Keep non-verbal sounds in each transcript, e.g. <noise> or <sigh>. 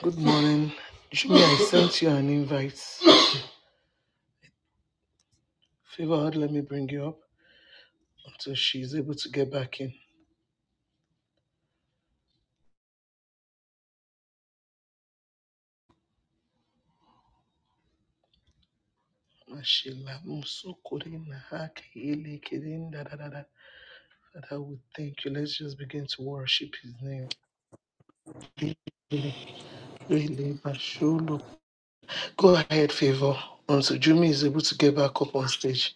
Good morning. Jimmy, I sent you an invite. Favor let me bring you up until she's able to get back in. Mashila Musukurina Hak Ili Kirin da da da da. Father, we thank you. Let's just begin to worship his name. Really, Mashulu. Go ahead, Favor, until Jimmy is able to get back up on stage.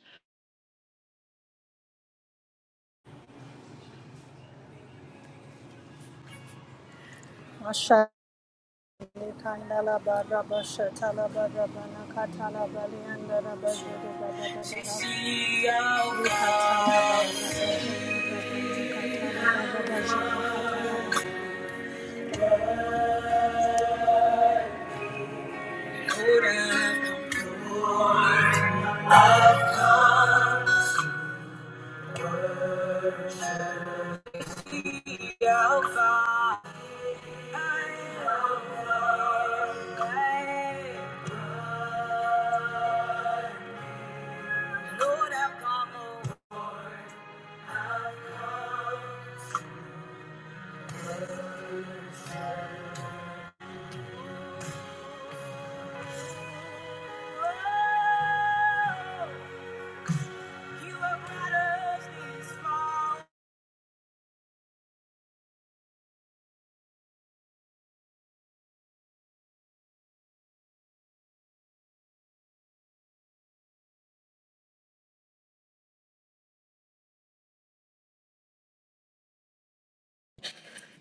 Mashali kandala bara basha tala katala bali andara bazuri bara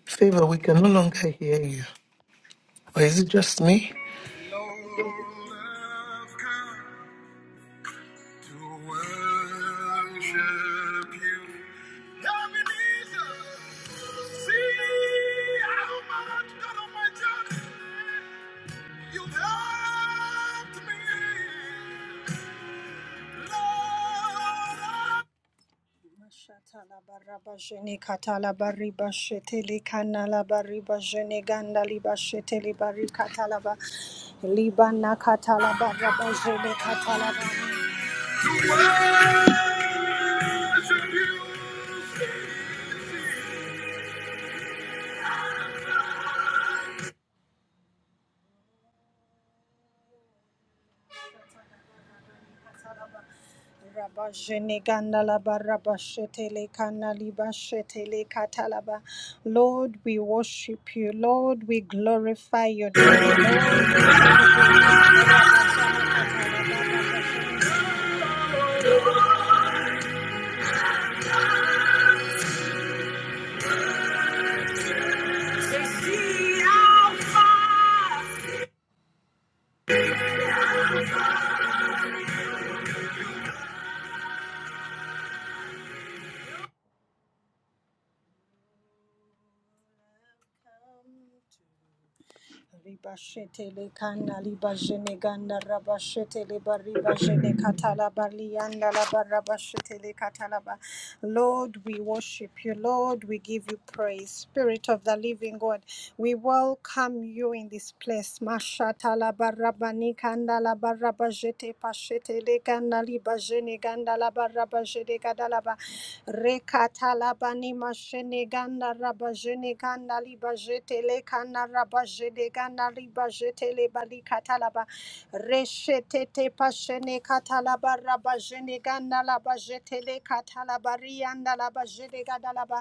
Favor, we can no longer hear you. Or is it just me? You've helped me, Lord. Mashatala baraba jene katala bariba shetele kanala bariba jene ganda liba shetele bari katala ba liba na katala baraba jene katala ba. Rabba jene ganda la baraba shetele kana liba shetele katala ba. Lord, we worship you. Lord, we glorify your name. Lord, we glorify your name. Ribashetele kana libajene ganda rabashetele baribajene katala balianda la barabashetele katalaba. Lord, we worship you. Lord, we give you praise. Spirit of the living God, we welcome you in this place. Mashatala barabani kanda la barabajete pashetele kana libajene ganda la barabajene kadalaba. Rekatalabani masheneganda rabajeneganda libajete lekana rabajeneganda libajete lebali katalaba. Reshetete pashene katalaba rabajeneganda labajete lekatalaba rianda labajeneganda laba.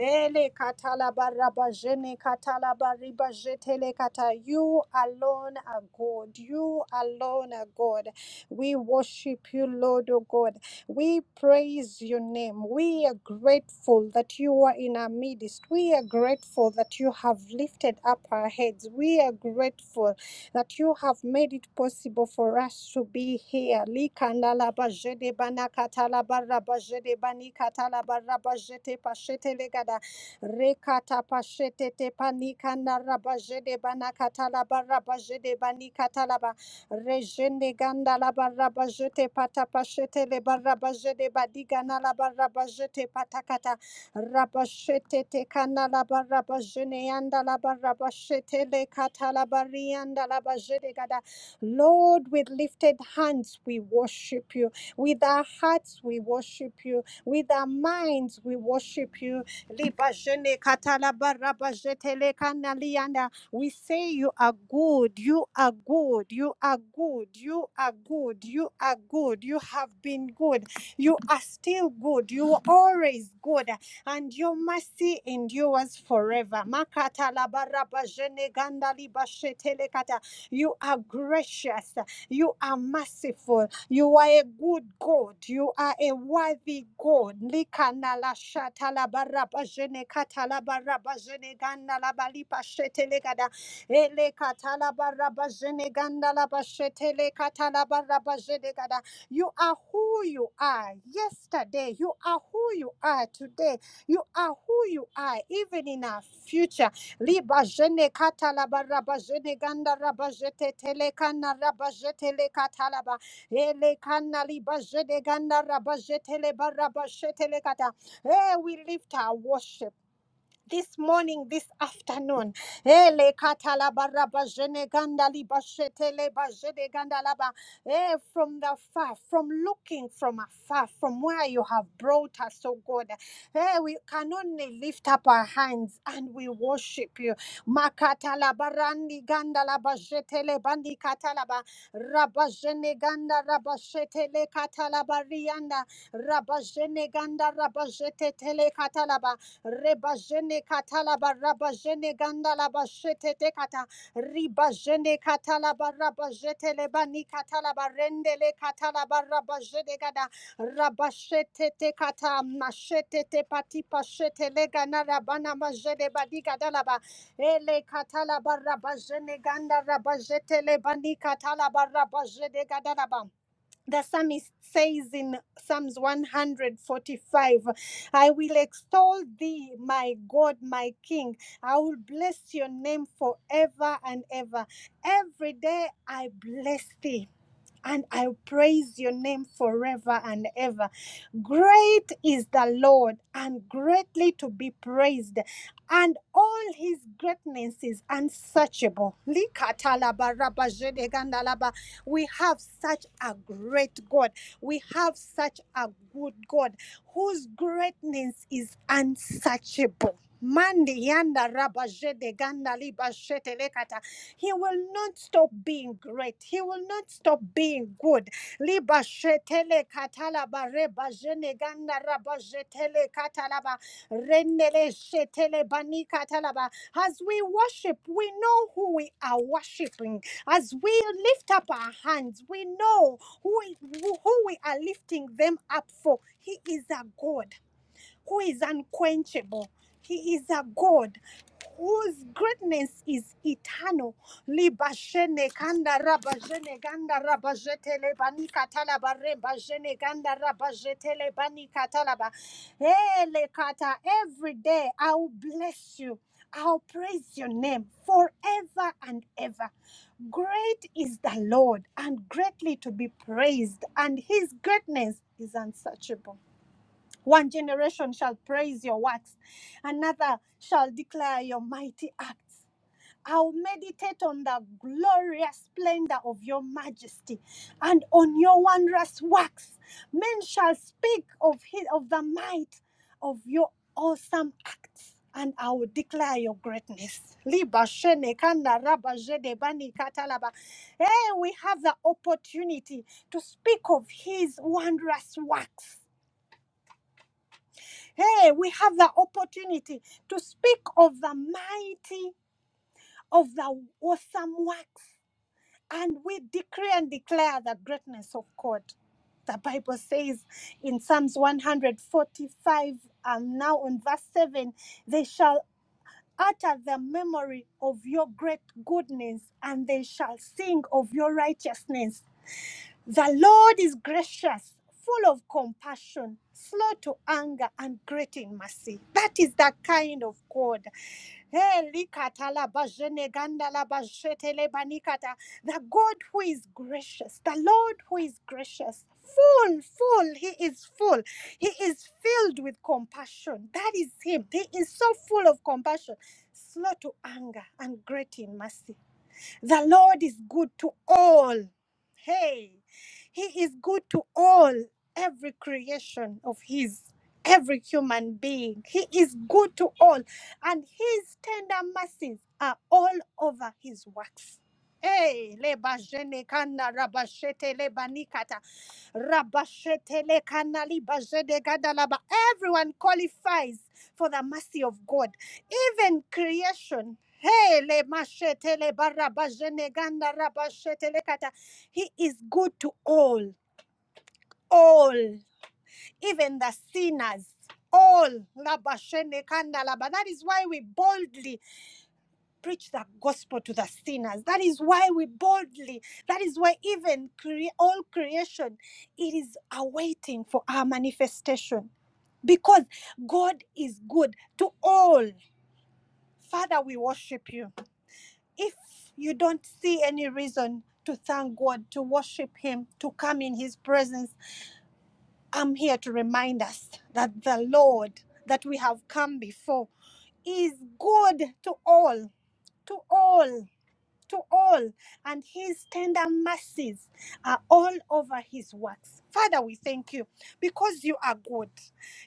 Ele katalaba rabajene katalaba ribajete lekata. You alone are God. You alone are God. We worship you, Lord, O God. We praise your name. We are grateful that you are in our midst. We are grateful that you have lifted up our heads. We are grateful that you have made it possible for us to be here. Likandala bajede banakatala barabajede banikatala barabajete pashete legada rekata pashete tepanikana rabajede banakatala barabajede banikatala ba. Rejende ganda la baraba jete pata pashete le baraba jede badigana la baraba jete patakata. Rabashete te kana la baraba jene yanda la baraba shete le kata la barianda la bajede gada. Lord, with lifted hands we worship you. With our hearts we worship you. With our minds we worship you. Liba kata la baraba jete le kana lianda. We say you are good, you are good, you are good, you are good, you are good, you have been good, you are still good, you were always good, and your mercy endures forever. Makata labaraba jeneganda libashetelekata. You are gracious, you are merciful. You are a good God. You are a worthy God. Likana la shata la baraba jene kata la baraba jene ganda la balipa shete le gada. Ele kata la baraba jene ganda la bashete le kata la baraba jene gada. You are who you are yesterday. You are who you are today. You are who you are even in our future. Liba jene kata la baraba jene ganda raba jete tele kana raba jete le kata la ba. Ele kanali bajede ganda rabajete le barabashete le kata. Eh, we lift our worship this morning, this afternoon. Ele katalabaraba jeneganda liba sheteleba jeneganda laba. Eh, From the far, from looking from afar, from where you have brought us, oh God. Eh, We can only lift up our hands and we worship you. Makatalabarandi ganda laba jetelebandi katalaba. Rabba jeneganda rabba katalaba rianda. Rabba jeneganda rabba katalaba. Rebajene katalaba rabajene gandala bashete tekata. Ribajene katalaba rabajete lebani katalaba rendele katalaba rabajene gada. Rabashete tekata mashete tepati pashete legana rabana majene badiga dalaba. Ele katalaba rabajene ganda rabajete lebani katalaba rabajene gadalaba the psalmist says in Psalms 145, I will extol thee, my God, my King. I will bless your name forever and ever. Every day I bless thee and I praise your name forever and ever. Great is the Lord and greatly to be praised, and all his greatness is unsearchable. Likatalabarabazhedegandalaba. We have such a great God. We have such a good God whose greatness is unsearchable. Mandi yanda rabajede ganda liba lekata. He will not stop being great. He will not stop being good. Liba shetele katala bare bajene ganda ba jetele katalaba, renele shetele bani katalaba. As we worship, we know who we are worshiping. As we lift up our hands, we know who, who we are lifting them up for. He is a God who is unquenchable. He is a God whose greatness is eternal. Libashene kanda rabajene ganda rabajetele bani katalaba rebajene ganda rabajetele bani katalaba. Ele kata, Every day I'll bless you. I'll praise your name forever and ever. Great is the Lord and greatly to be praised, and his greatness is unsearchable. One generation shall praise your works, another shall declare your mighty acts. I'll meditate on the glorious splendor of your majesty and on your wondrous works. Men shall speak of, his, of the might of your awesome acts. And I will declare your greatness. Liba shene kanda raba jede bani katalaba. Hey, we have the opportunity to speak of his wondrous works Hey, we have the opportunity to speak of the mighty, of the awesome works, and we decree and declare the greatness of God. The Bible says in Psalms 145, um, now on verse 7, they shall utter the memory of your great goodness and they shall sing of your righteousness. The Lord is gracious, full of compassion, slow to anger, and great in mercy. That is the kind of God. Eh, The God who is gracious, the Lord who is gracious, full, full, He is full. He is filled with compassion. That is Him. He is so full of compassion, slow to anger, and great in mercy. The Lord is good to all. Hey, He is good to all, every creation of His, every human being. He is good to all, and His tender mercies are all over His works. Hey, leba jene kana rabashete leba nikata rabashete le kana liba jede everyone qualifies for the mercy of God. Even creation. Hey, le mashete le barabajene ganda rabashete le kata. He is good to all, all, even the sinners. All labashene kanda laba. That is why we boldly preach the gospel to the sinners. That is why we boldly, that is why even cre- all creation, it is awaiting for our manifestation. Because God is good to all. Father, we worship you. If you don't see any reason to thank God, to worship Him, to come in His presence, I'm here to remind us that the Lord that we have come before is good to all, to all to all, and his tender mercies are all over his works. Father, we thank you because you are good.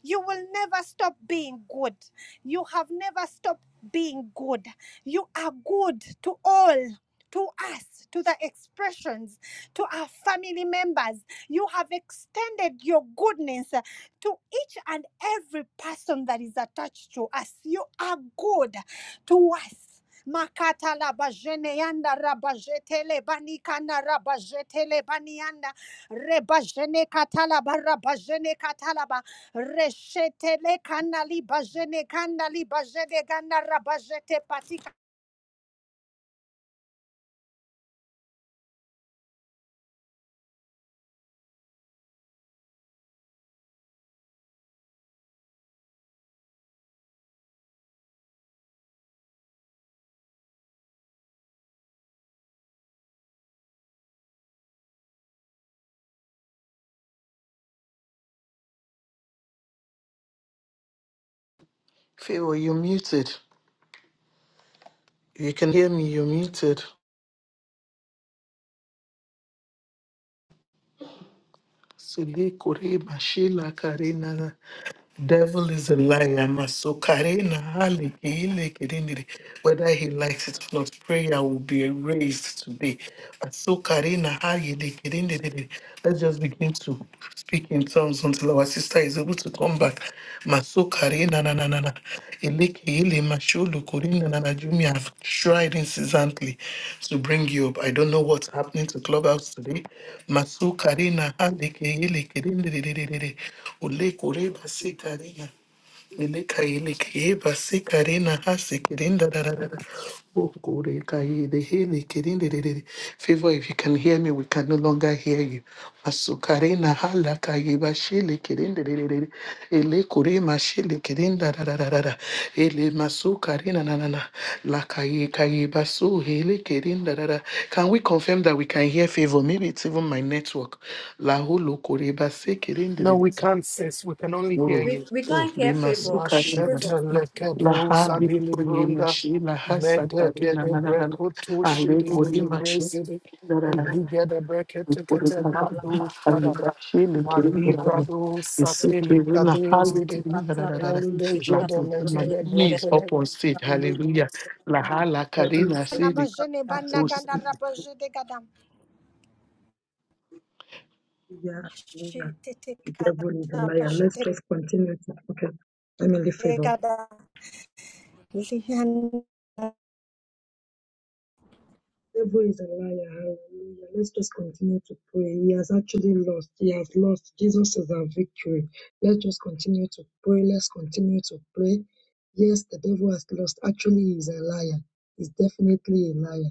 You will never stop being good. You have never stopped being good. You are good to all. To us, to the expressions, to our family members. You have extended your goodness uh, to each and every person that is attached to us. You are good to us. Makata la bajeneanda rabajetele banikana rabajetele banianda rebajene katala barabajene katalaba reshetele kanali bajene kanali bajene gana rabajete patika Favor, you're muted. You can hear me, you're muted. Sele kore mashila karena. Devil is a liar. Maso karena hali kile kirindiri. Whether he likes it or not, prayer will be raised today. Maso karena hali kirindiri. Let's just begin to speak in tongues until our sister is able to come back. Masokare na na na na na. Eleke ele masholo kore na na na Jumi. I've tried incessantly to bring you up. I don't know what's happening to Clubhouse today. Masokare na ha leke ele kere nde de de de de de. Ole kore base kare na. Ilikaile kiba sikarina hasi kirinda da da da da. Ukure kaide hele kirinde de de de. Favor, if you can hear me, we can no longer hear you. Masukarina hala kaiba shile kirinde de de de. de. Ele kurima shile kirinda da da da da da. Ele masukarina na na na. La kai kaiba su hele kirinda da da. Can we confirm that we can hear favor? Maybe it's even my network. La hulu kuriba se kirinde de No, de. we can't, sis. We can only hear Oh, We you. we oh, can't get Lima favor. Suka, Laha, Machete Favor. lekedo Lipo, zadili Lima brunda Shi, Laha, Sata, Lima, medegede La, La, brekutu Ale, shidili de Lima Shi, brezidi La, La, La, eligede brekete Lipo, kete La, madu shada Shi, Le, Ke, Le, La, La, La, malivrado Isi, Ke, satili Le, La, kadezidi Babu. and jeda Lima, He is legede up on stage, hallelujah. Laha, La, Karina, na Si, majene bana Si. gana rabajete gada Hallelujah. hallelujah. mashete The devil is a kata liar. Let's pashete just continue. To, okay. Emily le Favor. gada Devil is a liar. Hallelujah. Let's just continue to pray. He has actually lost. He has lost. Jesus is our victory. Let's just continue to pray. Let's continue to pray. Yes, the devil has lost. Actually, he is a liar. He's definitely a liar.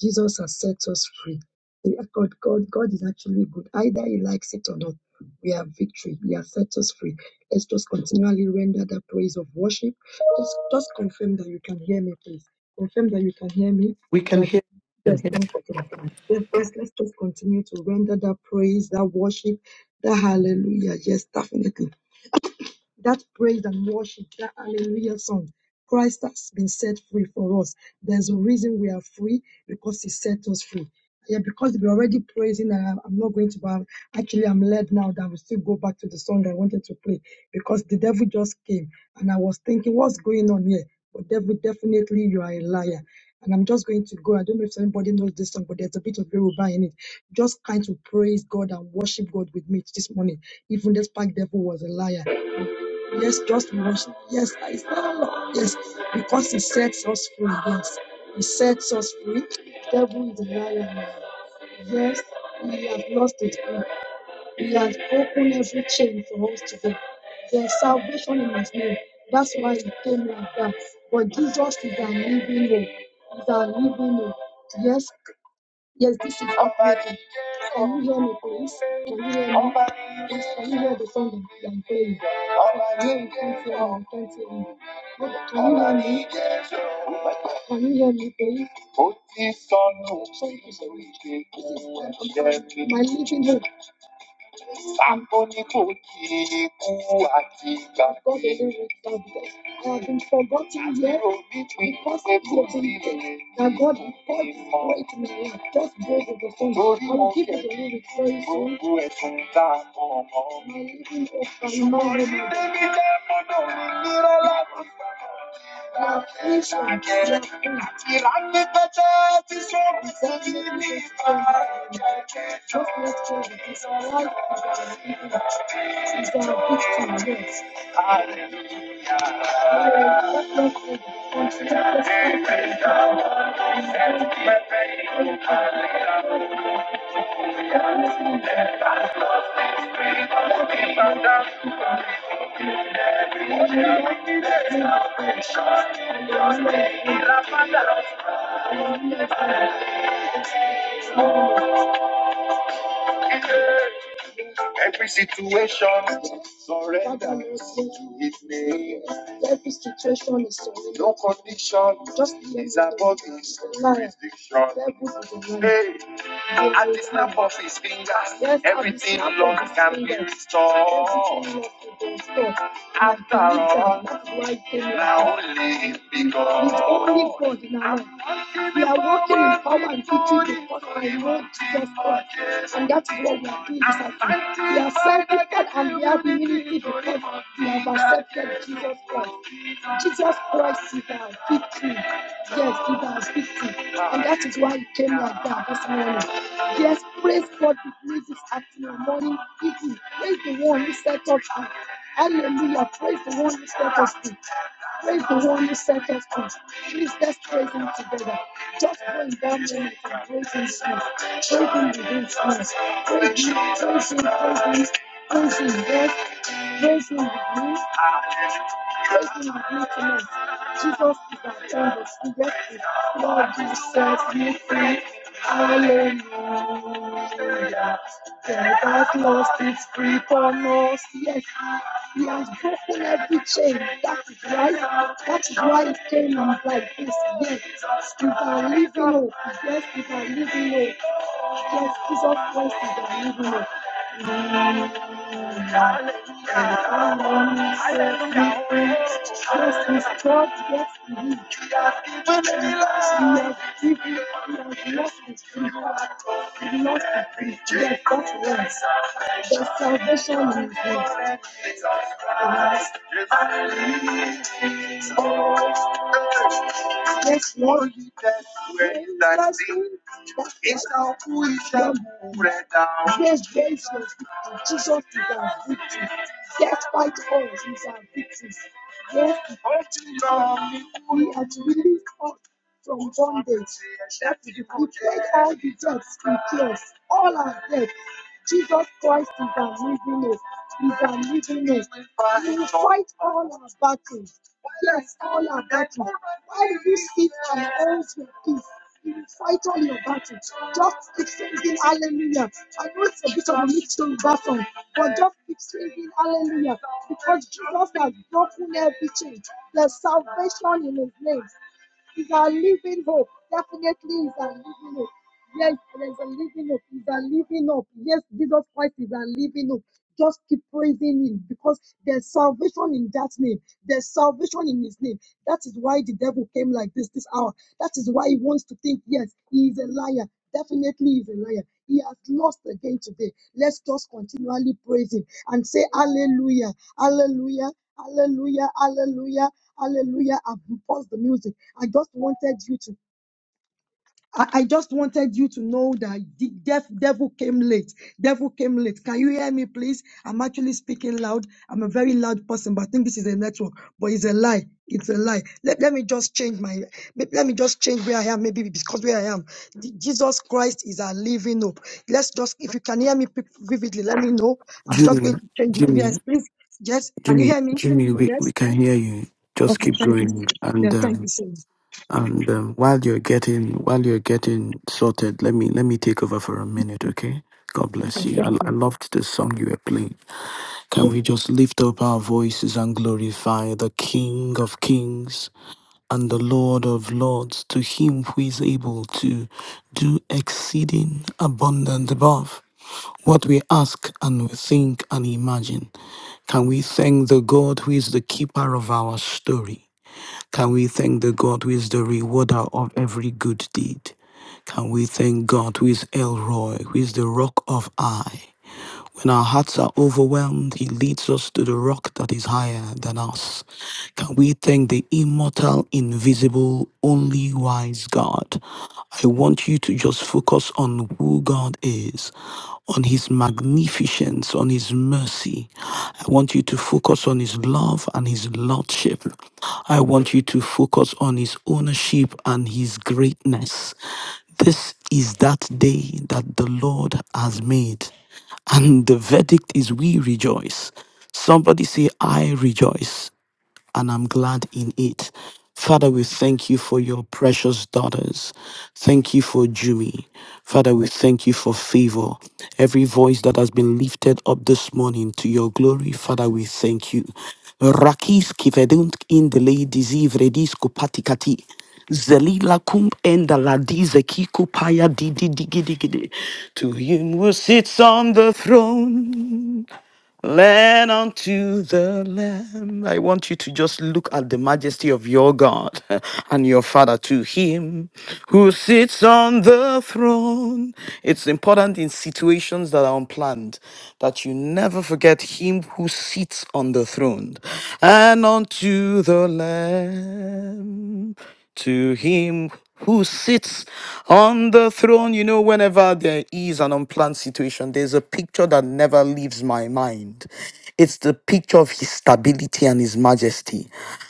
Jesus has set us free. The- God, God, God is actually good. Either he likes it or not, we have victory. He has set us free. Let's just continually render the praise of worship. Just, just confirm that you can hear me, please. Confirm that you can hear me. We so that can I can. hear, we can Yes, hear. thank you. Claire. Yes, please let's just continue to render that praise, that worship, that hallelujah. Yes, definitely that praise and worship, that hallelujah song. Christ has been set free for us. There's a reason we are free because He set us free. Yeah, because we're already praising, and I'm I'm not going to, but actually, I'm led now that we still go back to the song I wanted to play because the devil just came and I was thinking, what's going on here? But devil, definitely you are a liar. And I'm just going to go. I don't know if anybody knows this song, but there's a bit of Yoruba in it. Just kind to praise God and worship God with me this morning, even despite devil was a liar. Yes, just worship. Yes, I stand up. Yes, because He sets us free. Yes, He sets us free. Devil is a liar. Yes, we have lost it. all. He has broken every chain for us today. There's salvation in His name. That's why He came like that. But Jesus is our living hope. Is our living hope. Yes, Yes, this is uplifting. Can you hear me, please? Can you hear me? Please, can you hear the song that I'm playing? I you can't hear me. I can't hear me. Can you hear me? Can you hear me, please? Thank you, This is my, my living hope. Santo ni kò kí ikú àti gbàgbé. God is forgotten yet because he wasn't there. And God is quite great in my life. Just go to the phone. Torí mo give it a little praise. Gbogbo My living hope and my living hope. I'm gonna be your man. Every situation surrender to His name. Every situation is surrender. No condition Just be is above His jurisdiction. Hey, at the snap of His fingers, Yes, everything Lord can be restored. After all, now only because. It's only God in We are walking in power and victory because I know Jesus Christ. And that is what we are doing this afternoon. We are sanctified and we are humility because we have accepted Jesus Christ. Jesus Christ is our victory. Yes, He has victory. And that is why he came like that this morning. Yes, praise God with me this afternoon, morning, evening. Praise the one who set us up. Hallelujah. Praise the one who set us up. Praise the one who set us free. Please let's praise him together. Just praise that moment and praise him soon. Praise him within songs. Praise him, praise him, praise him, praise him, yes. Praise him with me praising his mighty name. Jesus is our canvas. We just say, Lord, you set me free. Hallelujah. Death has lost its grip on us. Yes, he has broken every chain. That is why, that is why it came out like this. Yes, it's our living hope. Yes, it's our living hope. Yes, Jesus Christ is our living hope. Yes, Lord. Yes, Lord. It's how cool Yes, grace Jesus is our victory. Death fight us is our victory. Yes, we cool. are to release us from bondage. That is the good. Take all the debts in us, all our debts. Jesus Christ is our millionaire. Is our millionaire. He will fight all our battles. Yes, all our battles. Why do you sit and hold your peace? He will fight all your battles. Just keep singing hallelujah. I know it's a bit of a mixed Yoruba song, but just keep singing hallelujah because Jesus has broken everything. There's salvation in his name. He's a living hope. Definitely, he's a living hope. Yes, there's a living hope. He's a living hope. Yes, Jesus Christ is a living hope. Just keep praising him because there's salvation in that name. There's salvation in his name. That is why the devil came like this this hour. That is why he wants to think, yes, he is a liar. Definitely, he is a liar. He has lost again today. Let's just continually praise him and say, Hallelujah, Hallelujah, Hallelujah, hallelujah, hallelujah. I've paused the music. I just wanted you to. I I just wanted you to know that the def, devil came late. Devil came late. Can you hear me, please? I'm actually speaking loud. I'm a very loud person, but I think this is a network. But it's a lie. It's a lie. Let, let me just change my. Let let me just change where I am. Maybe because where I am, J- Jesus Christ is our living hope. Let's just. If you can hear me pe- vividly, let me know. I'm just going Jimmy, to change my. Yes, Jimmy, please. Yes. Can you Jimmy, hear me? Jimmy, we, Yes. we can hear you. Just Okay, keep thank you. going. Yeah, And thank you, um sir. and um, while you're getting while you're getting sorted, let me let me take over for a minute, okay? God bless you. I, Thank I you. loved the song you were playing. Can we just lift up our voices and glorify the King of Kings? and the Lord of Lords, to him who is able to do exceeding abundant above what we ask and we think and imagine. Can we thank the God who is the keeper of our story? Can we thank the God who is the rewarder of every good deed? Can we thank God who is Elroy, who is the rock of I? When our hearts are overwhelmed, He leads us to the rock that is higher than us. Can we thank the immortal, invisible, only wise God? I want you to just focus on who God is, on His magnificence, on His mercy. I want you to focus on His love and His lordship. I want you to focus on His ownership and His greatness. This is that day that the Lord has made. And the verdict is we rejoice. Somebody say, I rejoice and I'm glad in it. Father, we thank you for your precious daughters. Thank you for Jumi. Father, we thank you for favor. Every voice that has been lifted up this morning to your glory, Father, we thank you. Rakis kivedunt in the ladies ivredis kupatikati. Zelila kum enda la dizeki kupaya didi digi digi To him who sits on the throne. Lean unto the Lamb. I want you to just look at the majesty of your God <laughs> and your Father to Him who sits on the throne. It's important in situations that are unplanned that you never forget Him who sits on the throne and unto the Lamb to him who sits on the throne. You know, whenever there is an unplanned situation, there's a picture that never leaves my mind. It's the picture of his stability and his majesty.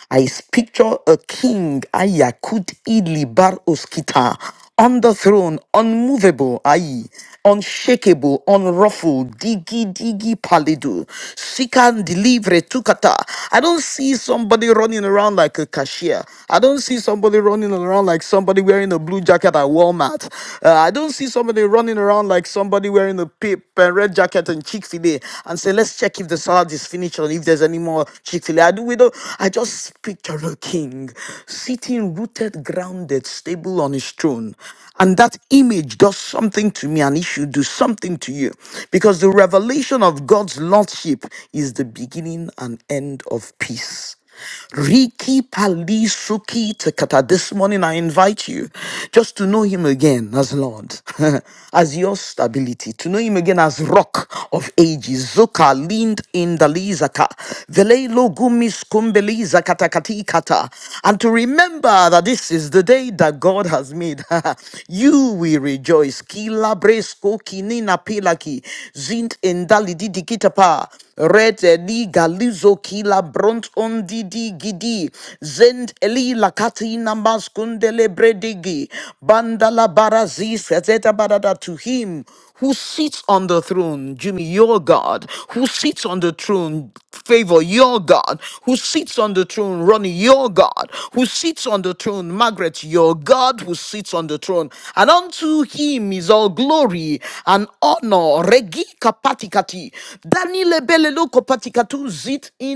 I picture a king, Ayakut Idli Bar Oskita, on the throne, unmovable, aye, unshakable, unruffled, diggy diggy palidu, sikan delivery tukata. I don't see somebody running around like a cashier. I don't see somebody running around like somebody wearing a blue jacket at Walmart. Uh, I don't see somebody running around like somebody wearing a pip and red jacket and Chick Fil A and say, let's check if the salad is finished or if there's any more Chick Fil A. I do we don't. I just picture a king sitting rooted, grounded, stable on his throne time. And that image does something to me, and it should do something to you. Because the revelation of God's Lordship is the beginning and end of peace. Riki Pali Suki Takata. This morning I invite you just to know him again as Lord, <laughs> as your stability, to know him again as rock of ages. Zoka leaned in the Lizaka. Velelo gumis kumbeli zakata kati kata. And to remember Remember that this is the day that God has made. <laughs> you will rejoice. Kila bresko kinina pilaki. Zint endali didi kitapa. Red eli galizo kila bront on didi gidi. Zend eli lakati namaskundele bredigi. Bandala barazis. Zeta barada To him who sits on the throne, Jimmy, your God, who sits on the throne, favor, your God, who sits on the throne, Ronnie, your God, who sits on the throne, Margaret, your God, who sits on the throne. And unto him is all glory and honor. Regi kapatikati. Daniele belelo kopatikatu zit in.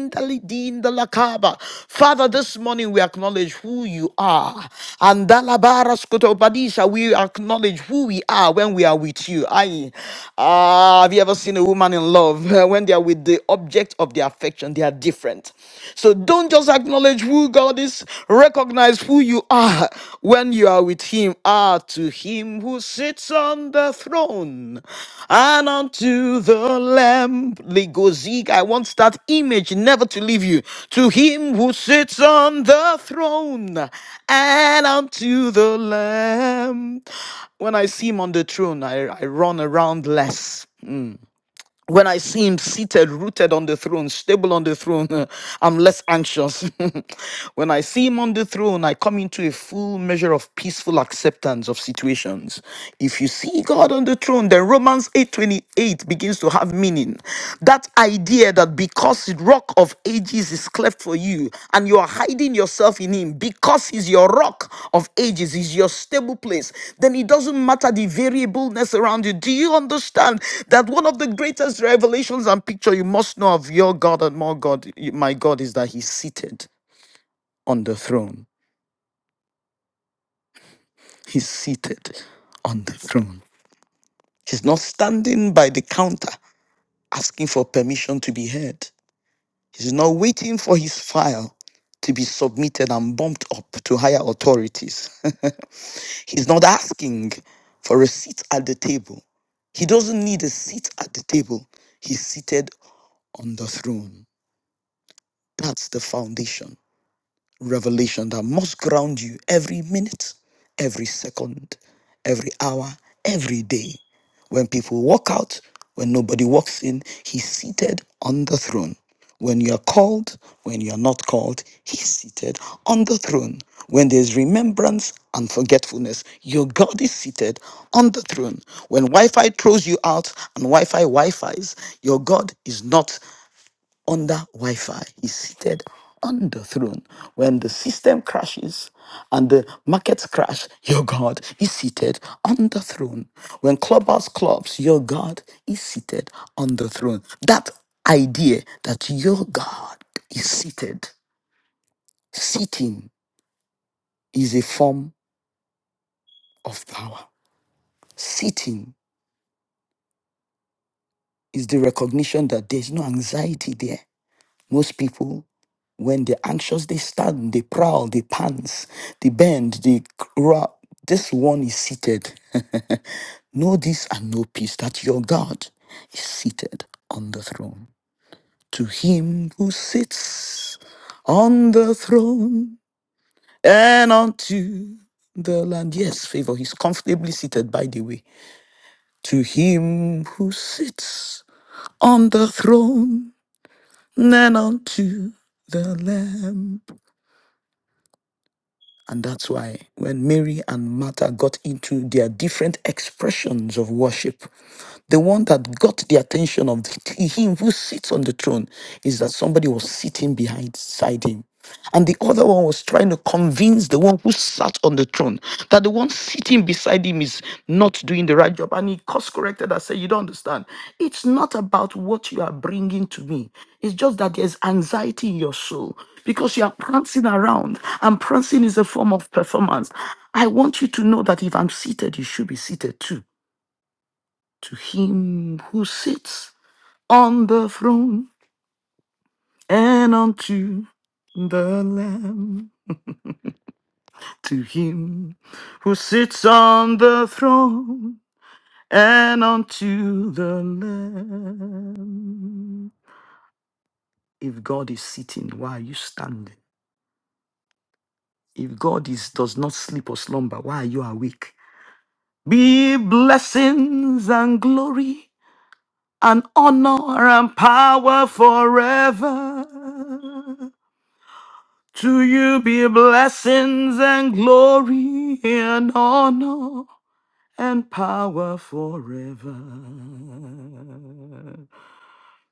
Father, this morning we acknowledge who you are. And Badisa, we acknowledge who we are when we are with you. Aye. Ah, have you ever seen a woman in love? <laughs> When they are with the object of their affection, they are different. So don't just acknowledge who God is, recognize who you are when when you are with him are to him who sits on the throne and unto the lamb Ligozig. i want that image never to leave you to him who sits on the throne and unto the lamb when i see him on the throne i, I run around less when I see him seated, rooted on the throne, stable on the throne, <laughs> I'm less anxious. <laughs> when I see him on the throne, I come into a full measure of peaceful acceptance of situations. If you see God on the throne, then Romans 8:28 begins to have meaning. That idea that because the rock of ages is cleft for you, and you are hiding yourself in him because he's your rock of ages, he's your stable place. Then it doesn't matter the variableness around you. Do you understand that one of the greatest revelations and picture you must know of your God and more God, my God, is that he's seated on the throne? He's seated on the throne. He's not standing by the counter asking for permission to be heard. He's not waiting for his file to be submitted and bumped up to higher authorities. <laughs> He's not asking for a seat at the table. He doesn't need a seat at the table. He's seated on the throne. That's the foundation revelation that must ground you every minute, every second, every hour, every day. When people walk out, when nobody walks in, he's seated on the throne. When you're called, when you're not called, he's seated on the throne. When there's remembrance and forgetfulness, your God is seated on the throne. When Wi Fi throws you out and Wi Fi Wi Fi's, your God is not under Wi Fi. He's seated on the throne. When the system crashes and the markets crash, your God is seated on the throne. When clubhouse clubs, your God is seated on the throne. That idea that your God is seated, sitting is a form of power. Sitting is the recognition that there's no anxiety there Most people, when they're anxious, they stand, they prowl, they pants, they bend, they crawl. This one is seated. <laughs> know this and know peace that your God is seated on the throne. To him who sits on the throne and unto the land. Yes, favor. He's comfortably seated, by the way. To him who sits on the throne and unto the Lamb. And that's why when Mary and Martha got into their different expressions of worship, the one that got the attention of the- him who sits on the throne is that somebody was sitting behind side him. And the other one was trying to convince the one who sat on the throne that the one sitting beside him is not doing the right job. And he course corrected and said, You don't understand. It's not about what you are bringing to me. It's just that there's anxiety in your soul because you are prancing around, and prancing is a form of performance. I want you to know that if I'm seated, you should be seated too to him who sits on the throne and unto the Lamb, to him who sits on the throne and unto the Lamb. If God is sitting, why are you standing? If God is, does not sleep or slumber, why are you awake? Be blessings and glory and honor and power forever To you be blessings and glory and honor and power forever.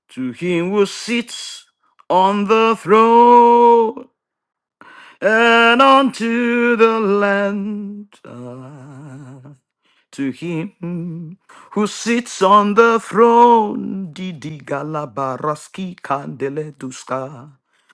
To him who sits on the throne and unto the land. Ah, To him who sits on the throne, Didi Galabaraski Kandele Duska.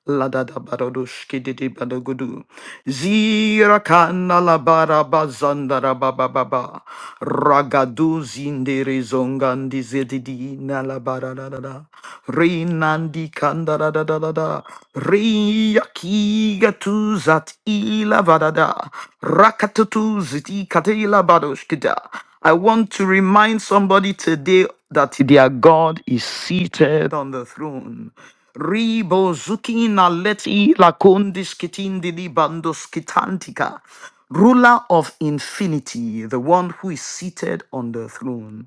Ladada baradush kididi badagudu. Zira kana la baraba zandara baba baba. Ragadu zindere zongandi zedidi na la baradada. Rinandi kandara da da da da. Riyakiga tu zat ila vadada. Rakatutu ziti katela badoshkida. I want to remind somebody today that their God is seated on the throne. Ribo zukina leti lakondis kitindi libandos kitantika. Ruler of infinity, the one who is seated on the throne.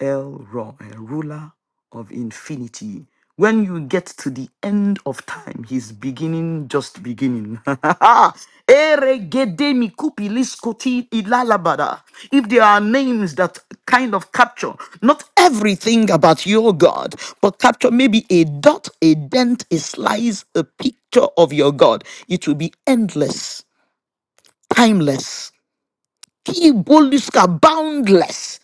El Roy, ruler of infinity. When you get to the end of time, he's beginning, just beginning. <laughs> Eregede mikupi liskoti ilalabada. If there are names that kind of capture not everything about your God, but capture maybe a dot, a dent, a slice, a picture of your God, it will be endless, timeless, Kiboliska boundless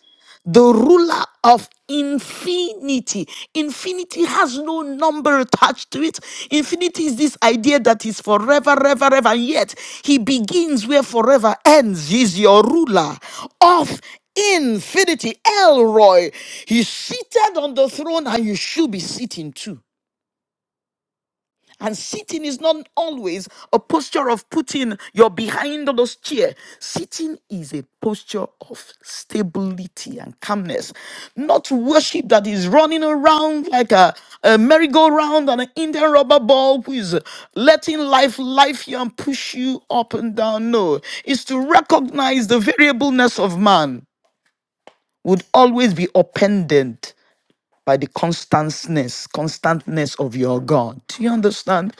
the ruler of infinity. Infinity has no number attached to it. Infinity is this idea that is forever, ever, ever, and yet he begins where forever ends. He's your ruler of infinity. Elroy, he's seated on the throne, and you should be sitting too. And sitting is not always a posture of putting your behind on those chair. Sitting is a posture of stability and calmness, not worship that is running around like a, a merry-go-round and an Indian rubber ball who is letting life life you and push you up and down. No, it's to recognize the variableness of man would always be upended by the constantness, constantness of your God. Do you understand?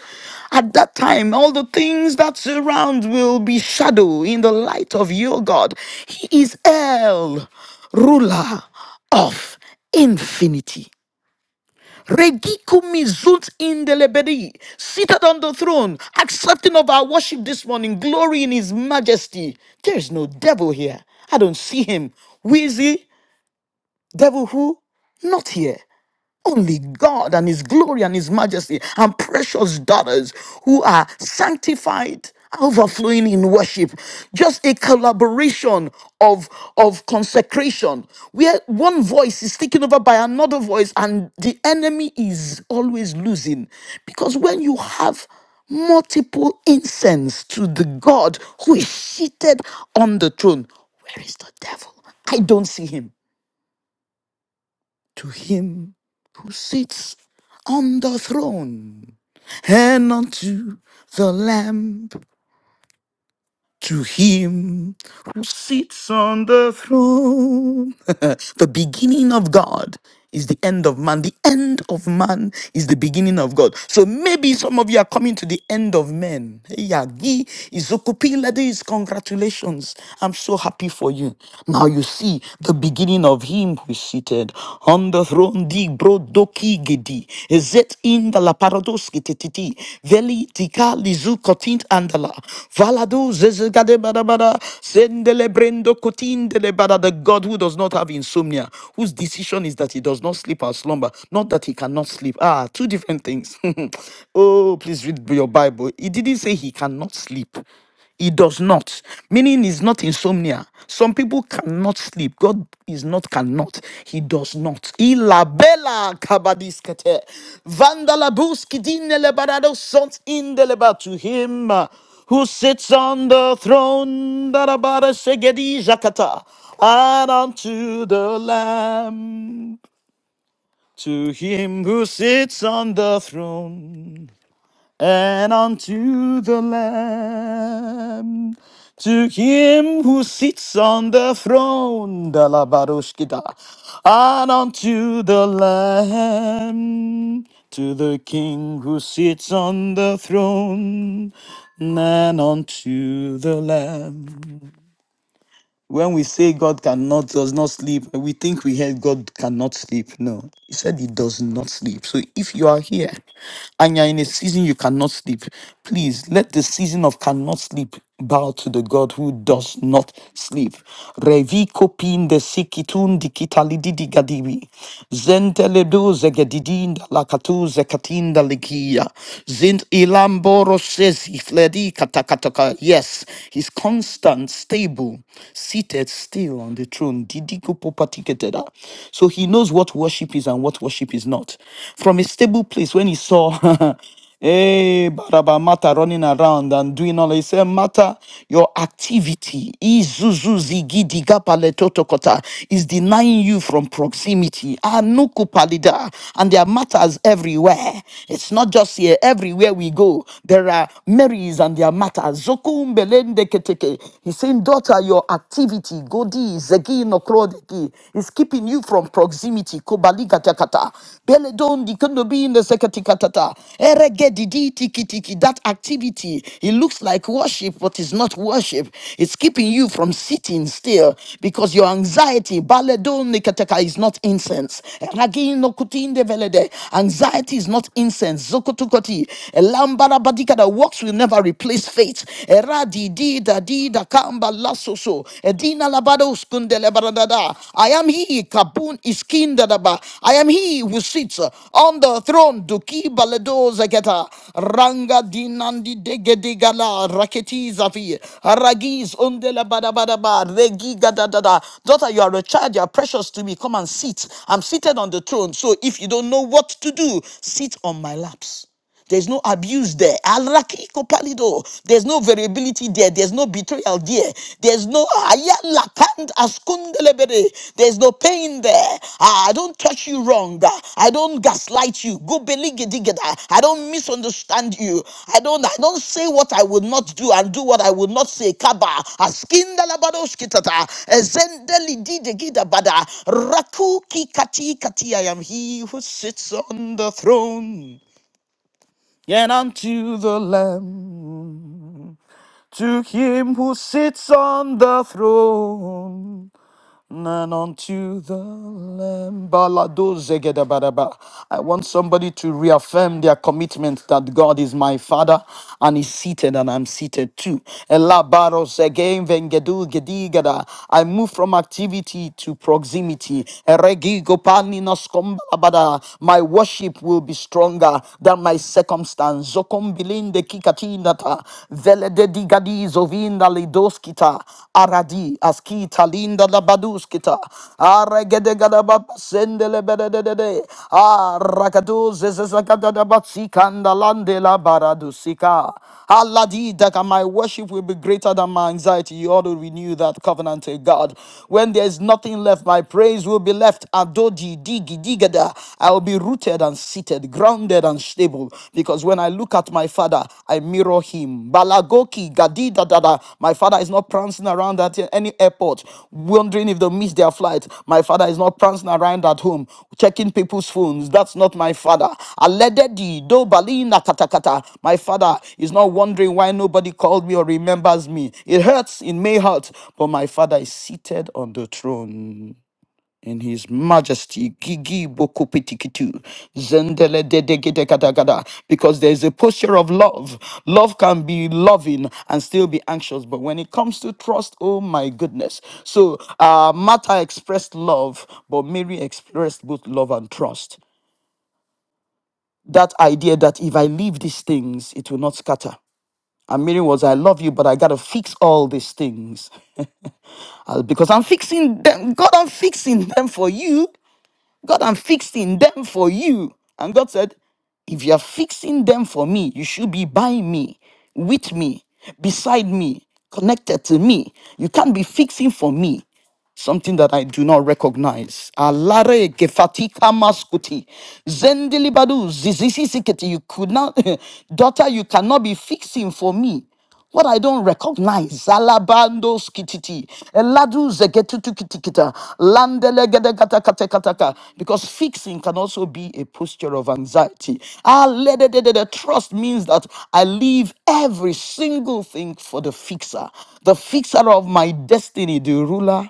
At that time, all the things that surround will be shadow in the light of your God. He is El, ruler of infinity. Regicum sunt in the lebedi, seated on the throne, accepting of our worship this morning, glory in his majesty. There is no devil here. I don't see him. Who is he? Devil who? Not here. Only God and His glory and His majesty and precious daughters who are sanctified, overflowing in worship. Just a collaboration of, of consecration where one voice is taken over by another voice and the enemy is always losing. Because when you have multiple incense to the God who is seated on the throne, where is the devil? I don't see him to him who sits on the throne and unto the lamb to him who sits on the throne <laughs> the beginning of god is the end of man the end of man is the beginning of god so maybe some of you are coming to the end of men Hey, Yagi, Izokupi, ladies congratulations i'm so happy for you now you see the beginning of him who is seated on the throne di bro doki gedi zet in da la veli tika lizu kotint andala valado zezegade bada bada sendele brendo kotindele bada the God who does not have insomnia whose decision is that he does not sleep or slumber not that he cannot sleep ah two different things <laughs> oh please read your Bible he didn't say he cannot sleep he does not. Meaning is not insomnia. Some people cannot sleep. God is not cannot. He does not. Ila bella kabadiskete. Vandalabuski dinelebarado sont indeleba to him uh, who sits on the throne. Darabara segedi jakata. And unto the Lamb, to him who sits on the throne and unto the Lamb. To him who sits on the throne, the la and unto the Lamb, to the King who sits on the throne, and unto the Lamb. When we say God cannot, does not sleep, we think we heard God cannot sleep. No, He said He does not sleep. So if you are here and you're in a season you cannot sleep, please let the season of cannot sleep bow to the God who does not sleep. Revi kopin de sikitun dikitalididi gadibi. Zenteledo zegedidin da lakatu zekatin da likia. Zint ilamboro sezi fledi katakataka. Yes, he's constant constant, stable, seated still on the throne. Didiko popatiketeda. So he knows what worship is and what worship is not. From a stable place, when he saw <laughs> Hey, Baraba Mata running around and doing all. He said, Mata, your activity Izuzu zigi diga paletotokota, is denying you from proximity. Anuku palida, And there are matters everywhere. It's not just here, everywhere we go. There are Marys and their matters. Kumbelende keteke. He's saying, daughter, your activity, godi, zegi no krodeki, is keeping you from proximity. Kobali katakata. Bele don di kondo bi in the sekati katata. Erege di di tiki tiki. That activity, it looks like worship, but it's not worship. It's keeping you from sitting still because your anxiety, bale don nekateka, is not incense. Eragi no kuti in velede. Anxiety is not incense. Zokotukoti. Elambara badika that works with will never replace faith. Era di di da di da kamba la so so. Edina labado skundele baradada. I am he, Kabun iskindadaba. I am he who sits on the throne. Duki baledo zeketa. Ranga dinandi degedegala. Raketi zafi. Ragis undele badabadaba. Regi gadadada. Daughter, you are a child. You are precious to me. Come and sit. I'm seated on the throne. So if you don't know what to do, sit on my laps. There's no abuse there. Alakiko palido. There's no variability there. There's no betrayal there. There's no ayala kand askundelebere. There's no pain there. Ah, I don't touch you wrong. Ah, I don't gaslight you. Go beligidigida. I don't misunderstand you. I don't I don't say what I would not do and do what I would not say. Kaba askindalabadoskitata. Ezendelididegidabada. Raku kikati kati. I am he who sits on the throne. And unto the Lamb, to him who sits on the throne. None unto the Lamb. Balado zegedabaraba. I want somebody to reaffirm their commitment that God is my Father and He's seated and I'm seated too. Elabaros again vengedu gedigada. I move from activity to proximity. Eregi gopani noskombalabada. My worship will be stronger than my circumstance. Zokombilinde kikatinata. Igedi gadi zovinda lidoskita aradi askita linda la baduskita aregede gada baba sende le bede de zezakada da batsikanda lande la baradusika aladi daga my worship will be greater than my anxiety you ought to renew that covenant to God when there is nothing left my praise will be left adodi digi digada I will be rooted and seated grounded and stable because when I look at my father, I mirror him. Balagoki, Gadida, Dada. My father is not prancing around at any airport, wondering if they'll miss their flight. My father is not prancing around at home, checking people's phones. That's not my father. Alededi, do balina katakata. My father is not wondering why nobody called me or remembers me. It hurts, it may hurt, but my father is seated on the throne in his majesty gigi bokopitikitu zendele dedegedekadagada, because there is a posture of love love can be loving and still be anxious but when it comes to trust oh my goodness so uh martha expressed love but mary expressed both love and trust that idea that if i leave these things it will not scatter and Mary was, I love you, but I gotta fix all these things. Uh, because I'm fixing them. God, I'm fixing them for you. God, I'm fixing them for you. And God said, If you're fixing them for me, you should be by me, with me, beside me, connected to me. You can't be fixing for me something that I do not recognize. Alare kefatika maskuti. Zendilibadu zizisisiketi. You could not, <laughs> daughter, you cannot be fixing for me. What I don't recognize, Alabando skititi, Eladu zegetutu kitikita, Landele gedegata katekataka, because fixing can also be a posture of anxiety. Ah, ledededede, Trust means that I leave every single thing for the fixer, the fixer of my destiny, the ruler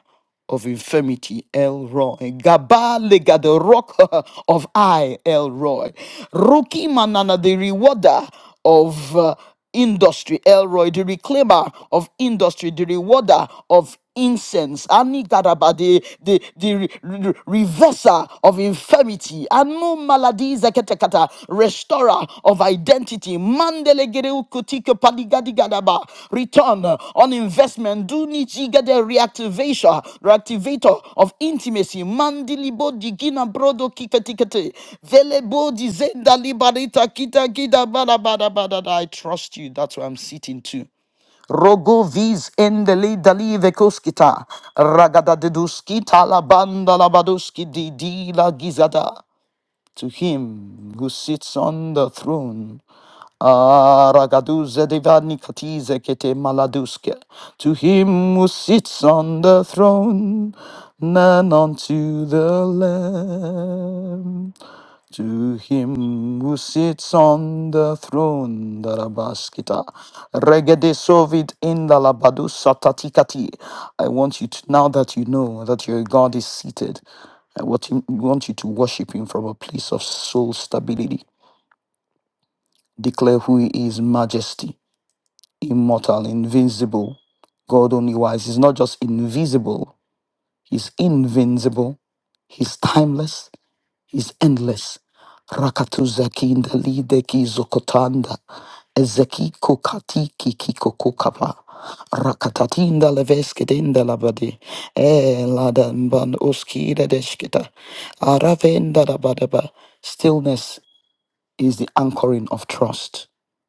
of infirmity, Elroy. Gabale ga the rock <laughs> of I, Elroy. Ruki manana the rewarder of uh, industry, Elroy. The reclaimer of industry, the rewarder of incense. Ani gadaba the the the re- re- reverser of infirmity. Anu Zeketekata, restorer of identity. Mandelegedeu kutike padigadigadaba. Return on investment. Do nijigade reactivation, reactivator of intimacy. Mandilibo digina brodo kiketikete. Velebo dizenda libarita kita gida bada bada bada. I trust you. That's where I'm sitting too. Rogo vis endele dali vekoskita, ragada deduskita la banda la baduski di di la gizada to him who sits on the throne. Aragaduze divani katize kete maladuske. To him who sits on the throne, and unto the Lamb. To him who sits on the throne, Darabaskita, Regede sovid in the Labadu Satatikati. I want you to, now that you know that your God is seated, I want, him, want you to worship him from a place of soul stability. Declare who he is majesty, immortal, invincible, God only wise. He's not just invisible, he's invincible, he's timeless, is endless. Rakatuzakinda lideki zokotanda. Ezeki kokati kikiko kokapa. Rakatatinda leveskedinda labade. E ladanban oskida deshkita. Aravenda labadaba. Stillness is the anchoring of trust.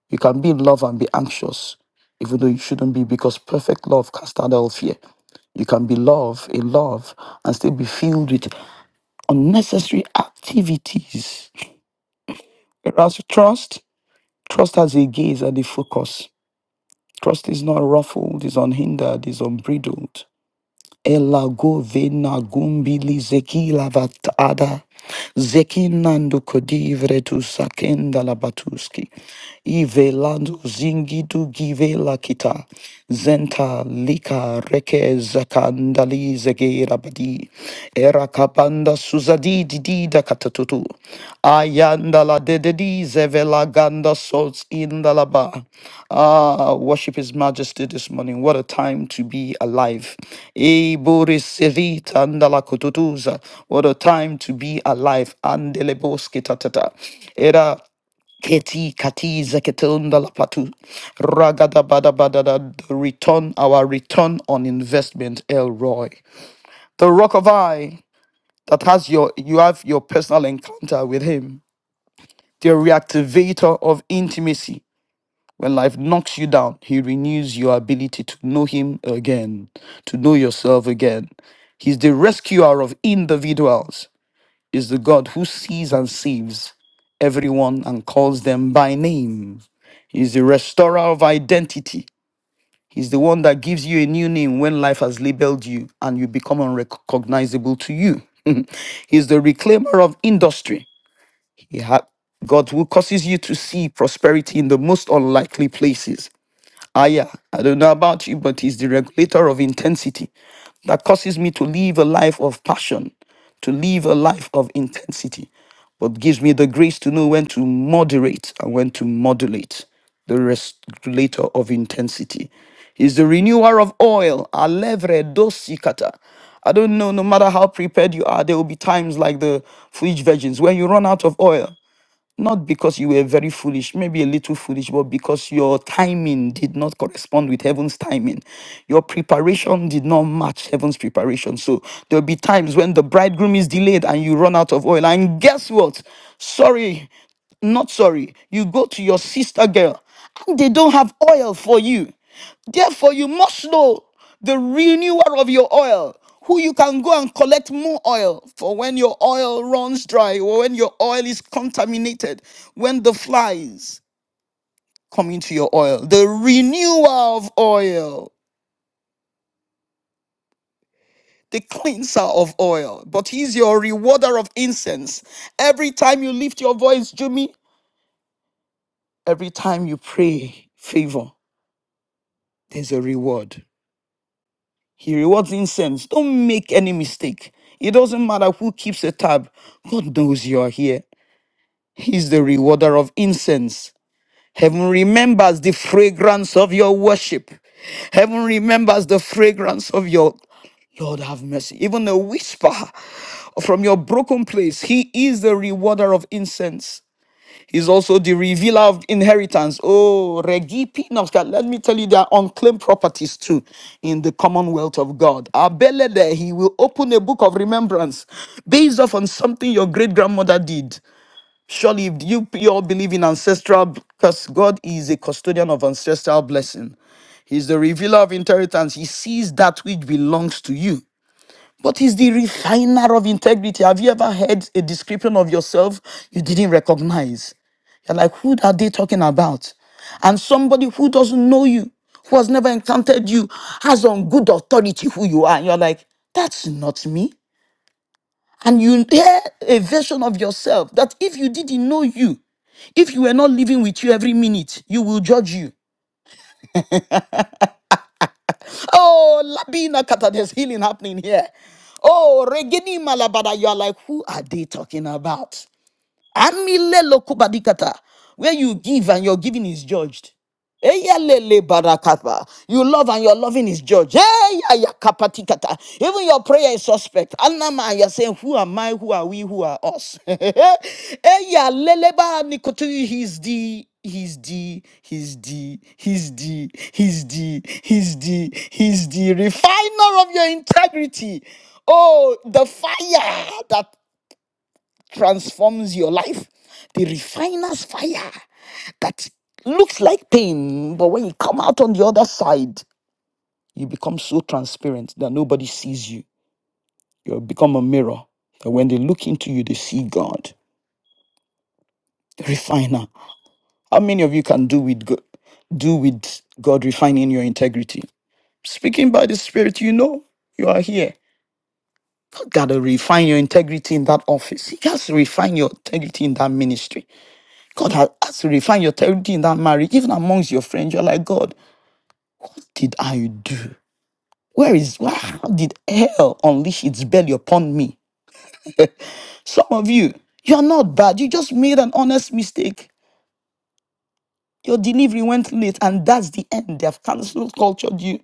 You can be in love and be anxious, even though you shouldn't be, because perfect love casts out all fear. You can be love in love and still be filled with unnecessary activities. Whereas trust, trust has a gaze and a focus. Trust is not ruffled, is unhindered, is unbridled. Ela go vena gumbili zeki lavatada. Zeki nando kodivre tu sakenda labatuski. Ive lando zingi tu give la kita. Zenta lika reke zakandali zege rabadi. Era kabanda suzadi didida katatutu. Yandala dededi zevela ganda sots indalaba. Ah, worship His Majesty this morning. What a time to be alive. Eh, Boris Sevit andala kututuza. What a time to be alive. Andeleboski tatata. Era Keti kati zeketunda la platu. Ragada bada bada da. The return, our return on investment, Elroy. The rock of I that has your, you have your personal encounter with him the reactivator of intimacy. When life knocks you down, He renews your ability to know Him again, to know yourself again. He's the rescuer of individuals, He's the God who sees and saves everyone and calls them by name. He's the restorer of identity. He's the one that gives you a new name when life has labeled you and you become unrecognizable to you. <laughs> He's the reclaimer of industry. He had God who causes you to see prosperity in the most unlikely places. Ah, yeah, I don't know about you, but he's the regulator of intensity that causes me to live a life of passion, to live a life of intensity, but gives me the grace to know when to moderate and when to modulate the regulator of intensity. is the renewer of oil, alevre dosikata. I don't know, no matter how prepared you are, there will be times like the foolish virgins when you run out of oil not because you were very foolish, maybe a little foolish, but because your timing did not correspond with heaven's timing. Your preparation did not match heaven's preparation. So there'll be times when the bridegroom is delayed and you run out of oil. And guess what? Sorry, not sorry. You go to your sister girl and they don't have oil for you. Therefore, you must know the renewal of your oil, who you can go and collect more oil for when your oil runs dry or when your oil is contaminated, when the flies come into your oil. The renewer of oil. The cleanser of oil, but he's your rewarder of incense. Every time you lift your voice, Jimmy, every time you pray favor, there's a reward. He rewards incense. Don't make any mistake. It doesn't matter who keeps a tab. God knows you are here. He's the rewarder of incense. Heaven remembers the fragrance of your worship. Heaven remembers the fragrance of your Lord have mercy. Even a whisper from your broken place. He is the rewarder of incense is also the revealer of inheritance. Oh, Regipi Noska, let me tell you, there are unclaimed properties too in the commonwealth of God. Abelede, he will open a book of remembrance based off on something your great grandmother did. Surely, if you, you all believe in ancestral, because God is a custodian of ancestral blessing, He's the revealer of inheritance. He sees that which belongs to you. But he's the refiner of integrity. Have you ever heard a description of yourself you didn't recognize? They're like, who are they talking about? And somebody who doesn't know you, who has never encountered you, has on good authority who you are. And you're like, that's not me. And you hear a version of yourself that if you didn't know you, if you were not living with you every minute, you will judge you. Oh, Labina Kata, there's healing happening here. Oh, Regeni Malabada, you are like, who are they talking about? Amilelo lokubadikata, where you give and your giving is judged. Eyalele barakata. You love and your loving is judged. Eyayakapatikata. Even your prayer is suspect. Anama, you're saying, Who am I? Who are we? Who are us? <laughs> Eyalele banikotui. He's the He's the, he's the, he's the, he's the, he's the, he's the refiner of your integrity. Oh, the fire that transforms your life. The refiner's fire that looks like pain, but when you come out on the other side, you become so transparent that nobody sees you. You become a mirror. That when they look into you, they see God. The refiner. How many of you can do with God, do with God refining your integrity? Speaking by the Spirit, you know you are here. God gotta refine your integrity in that office. He has to refine your integrity in that ministry. God has has to refine your territory in that marriage, even amongst your friends. You're like, God, what did I do? Where is why how did hell unleash its belly upon me? Some of you, you're not bad. You just made an honest mistake. Your delivery went late, and that's the end. They have cancelled, cultured you.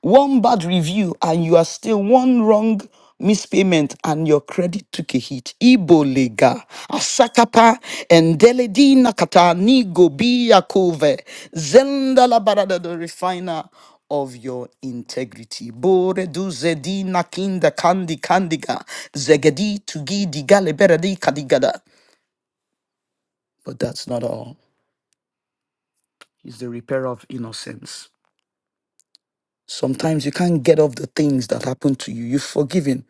One bad review, and you are still one wrong mispayment, and your credit took a hit. Ibo lega, asakapa, endeledi nakata, nigo biyakove, zendala barada, the refiner of your integrity. Bore du zedi nakinda kandi kandiga, zegedi tugi digale beredi kadigada. But that's not all. He's the repairer of innocence. Sometimes you can't get off the things that happened to you. You've forgiven.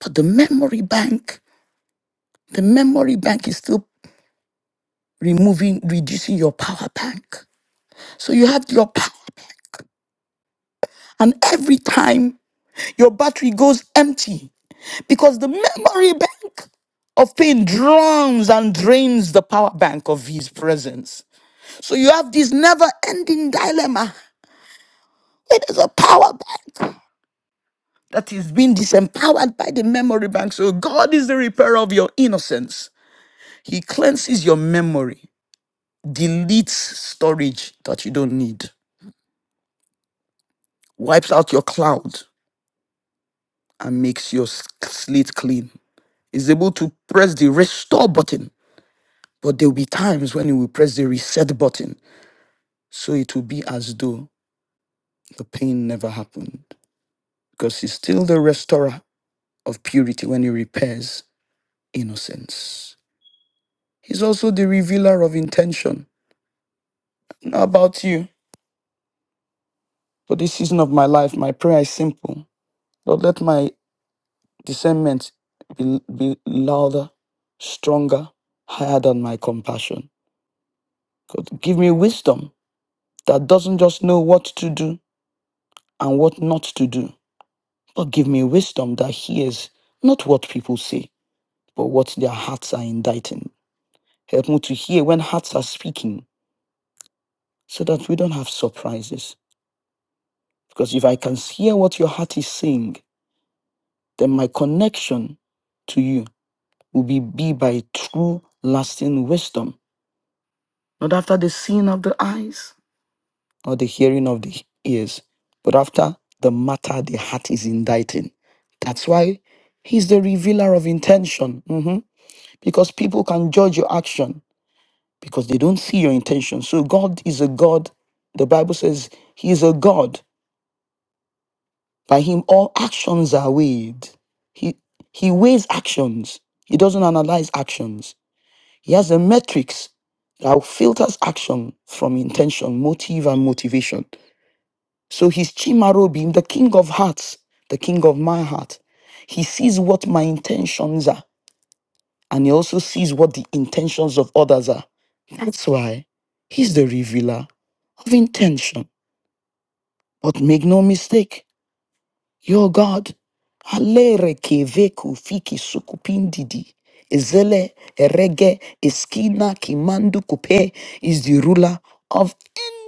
But the memory bank, the memory bank is still removing, reducing your power bank. So you have your power bank. And every time your battery goes empty because the memory bank of pain drowns and drains the power bank of his presence. So you have this never ending dilemma where there's a power bank that is being disempowered by the memory bank. So God is the repairer of your innocence. He cleanses your memory, deletes storage that you don't need, wipes out your cloud, and makes your s- slate clean. Is able to press the restore button, but there will be times when you will press the reset button. So it will be as though the pain never happened. Because he's still the restorer of purity when he repairs innocence. He's also the revealer of intention. Not about you. For this season of my life, my prayer is simple. Lord, let my Discernment be, be louder, stronger, higher than my compassion. God, give me wisdom that doesn't just know what to do and what not to do, but give me wisdom that hears not what people say, but what their hearts are inditing. Help me to hear when hearts are speaking so that we don't have surprises. Because if I can hear what your heart is saying, then my connection to you will be, be by true, lasting wisdom not after the seeing of the eyes or the hearing of the ears, but after the matter the heart is inditing. That's why he's the revealer of intention, mhm, because people can judge your action because they don't see your intention. So God is a God. The Bible says he is a God. By him, all actions are weighed. He he weighs actions. He doesn't analyze actions. He has a metrics that filters action from intention, motive, and motivation. So he's Chimarobim, the king of hearts, the king of my heart. He sees what my intentions are, and he also sees what the intentions of others are. That's why he's the revealer of intention. But make no mistake, your God, alere keveku fiki sukupindidi, ezele erege eskina kimandu kupe, is the ruler of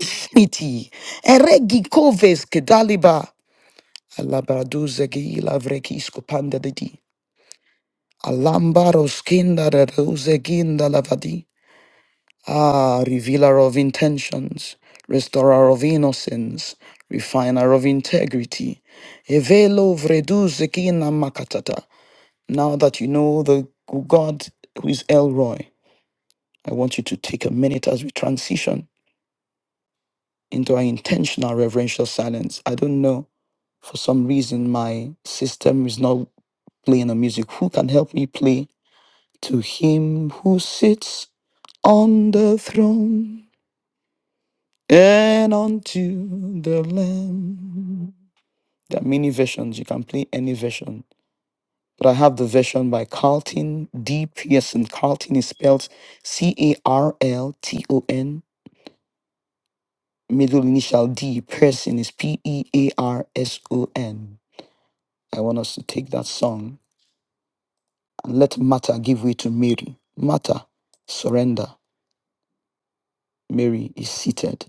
infinity. Eregi koves kedaliba. Alabraduze gila vrekisko panda de di. Alambaro skinda reduze ginda lavadi. Ah, revealer of intentions, restorer of innocence, refiner of integrity. Evelo vreduze gina makatata. Now that you know the God who is Elroy, I want you to take a minute as we transition into our intentional reverential silence. I don't know. For some reason, my system is not playing a music. Who can help me play to him who sits on the throne and unto the Lamb. There are many versions. You can play any version. But I have the version by Carlton D. Pearson. Carlton is spelled C A R L T O N. Middle initial D. Pearson is P E A R S O N. I want us to take that song and let Martha give way to Mary. Martha, surrender. Mary is seated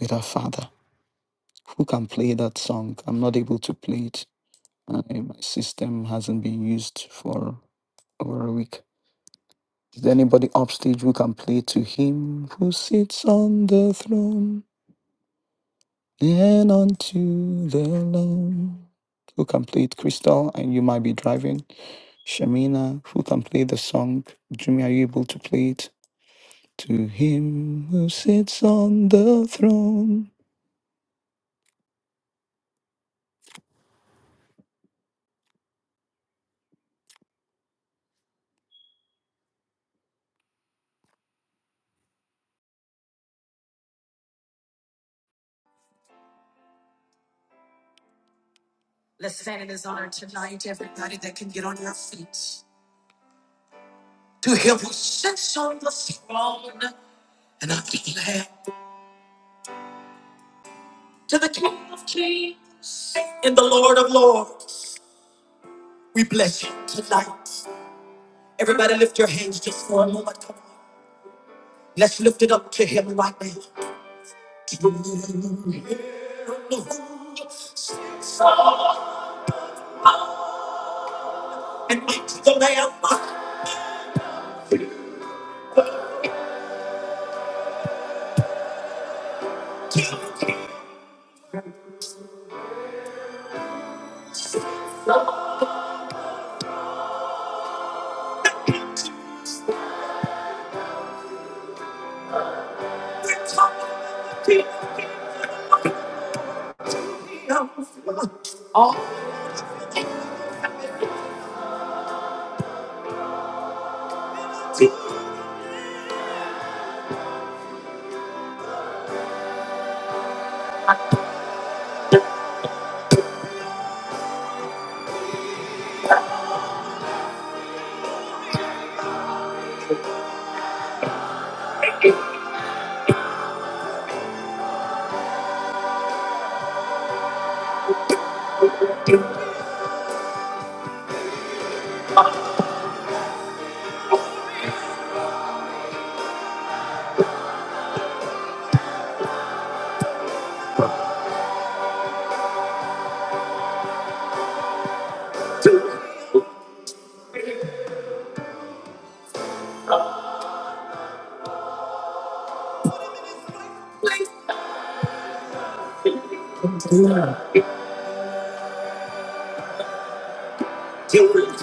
with her father. Who can play that song? I'm not able to play it. Uh, my system hasn't been used for over a week. Is there anybody upstage who can play to him who sits on the throne and unto the Lamb? Who can play it? Crystal, and you might be driving. Shamina, who can play the song? Jimmy, are you able to play it? To him who sits on the throne. Let's stand in His honor tonight, everybody that can get on your feet. To him who sits on the throne and i the Lamb To the King of Kings and the Lord of Lords, we bless him tonight. Everybody lift your hands just for a moment. Come on. Let's lift it up to him right now. To him who sits on and makes the Lamb. To him, all praise to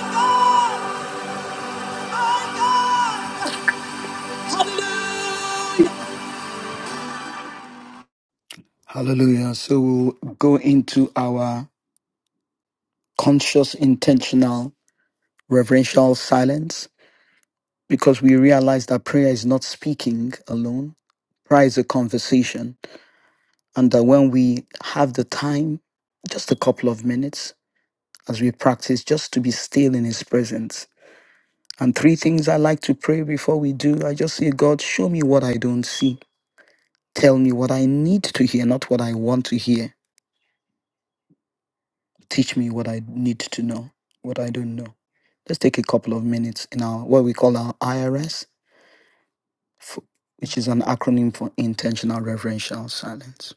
him. Hallelujah! Hallelujah. So we'll go into our conscious, intentional, reverential silence because we realize that prayer is not speaking alone. Prayer is a conversation. And that when we have the time, just a couple of minutes, as we practice, just to be still in His presence. And three things I like to pray before we do I just say, God, show me what I don't see. Tell me what I need to hear, not what I want to hear. Teach me what I need to know, what I don't know. Let's take a couple of minutes in our what we call our IRS f- which is an acronym for intentional reverential silence.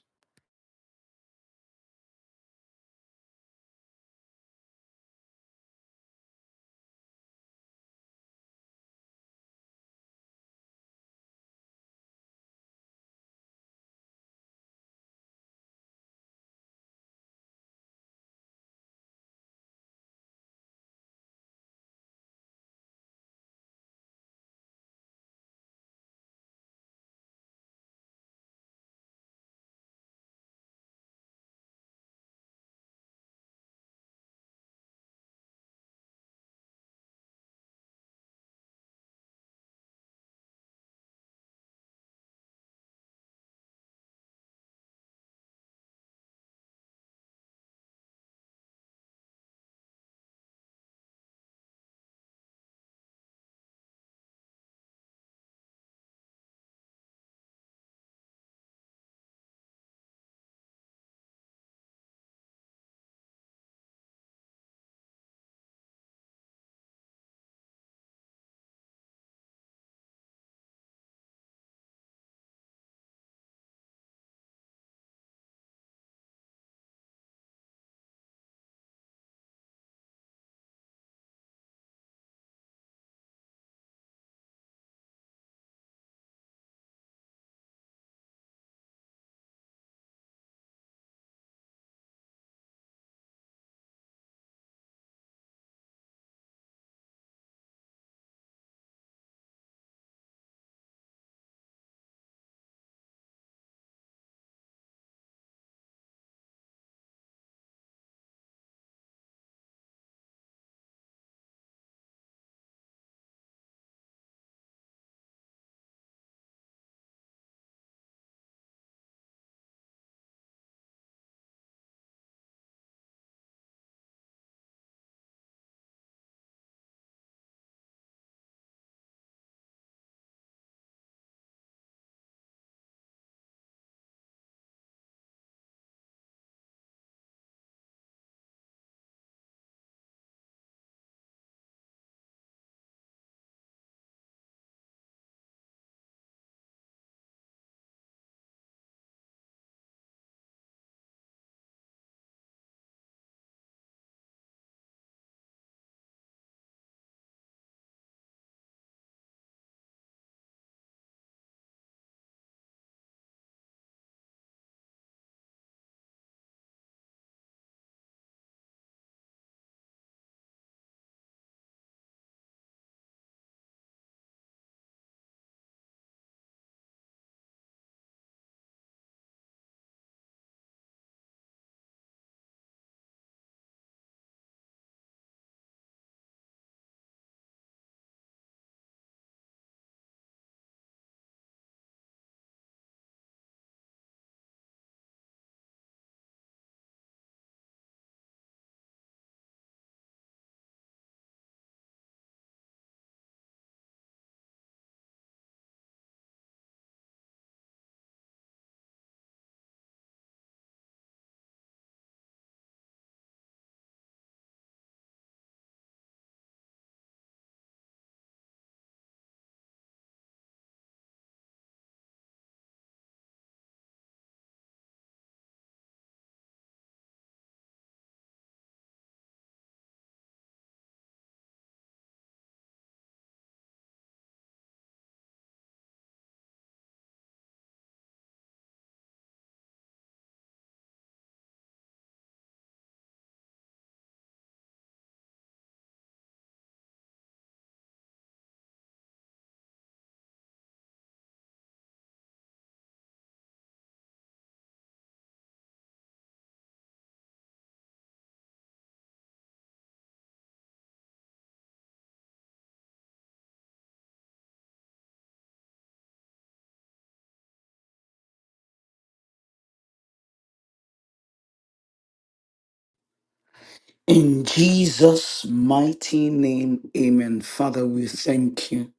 In Jesus' mighty name, amen. Father, we thank you.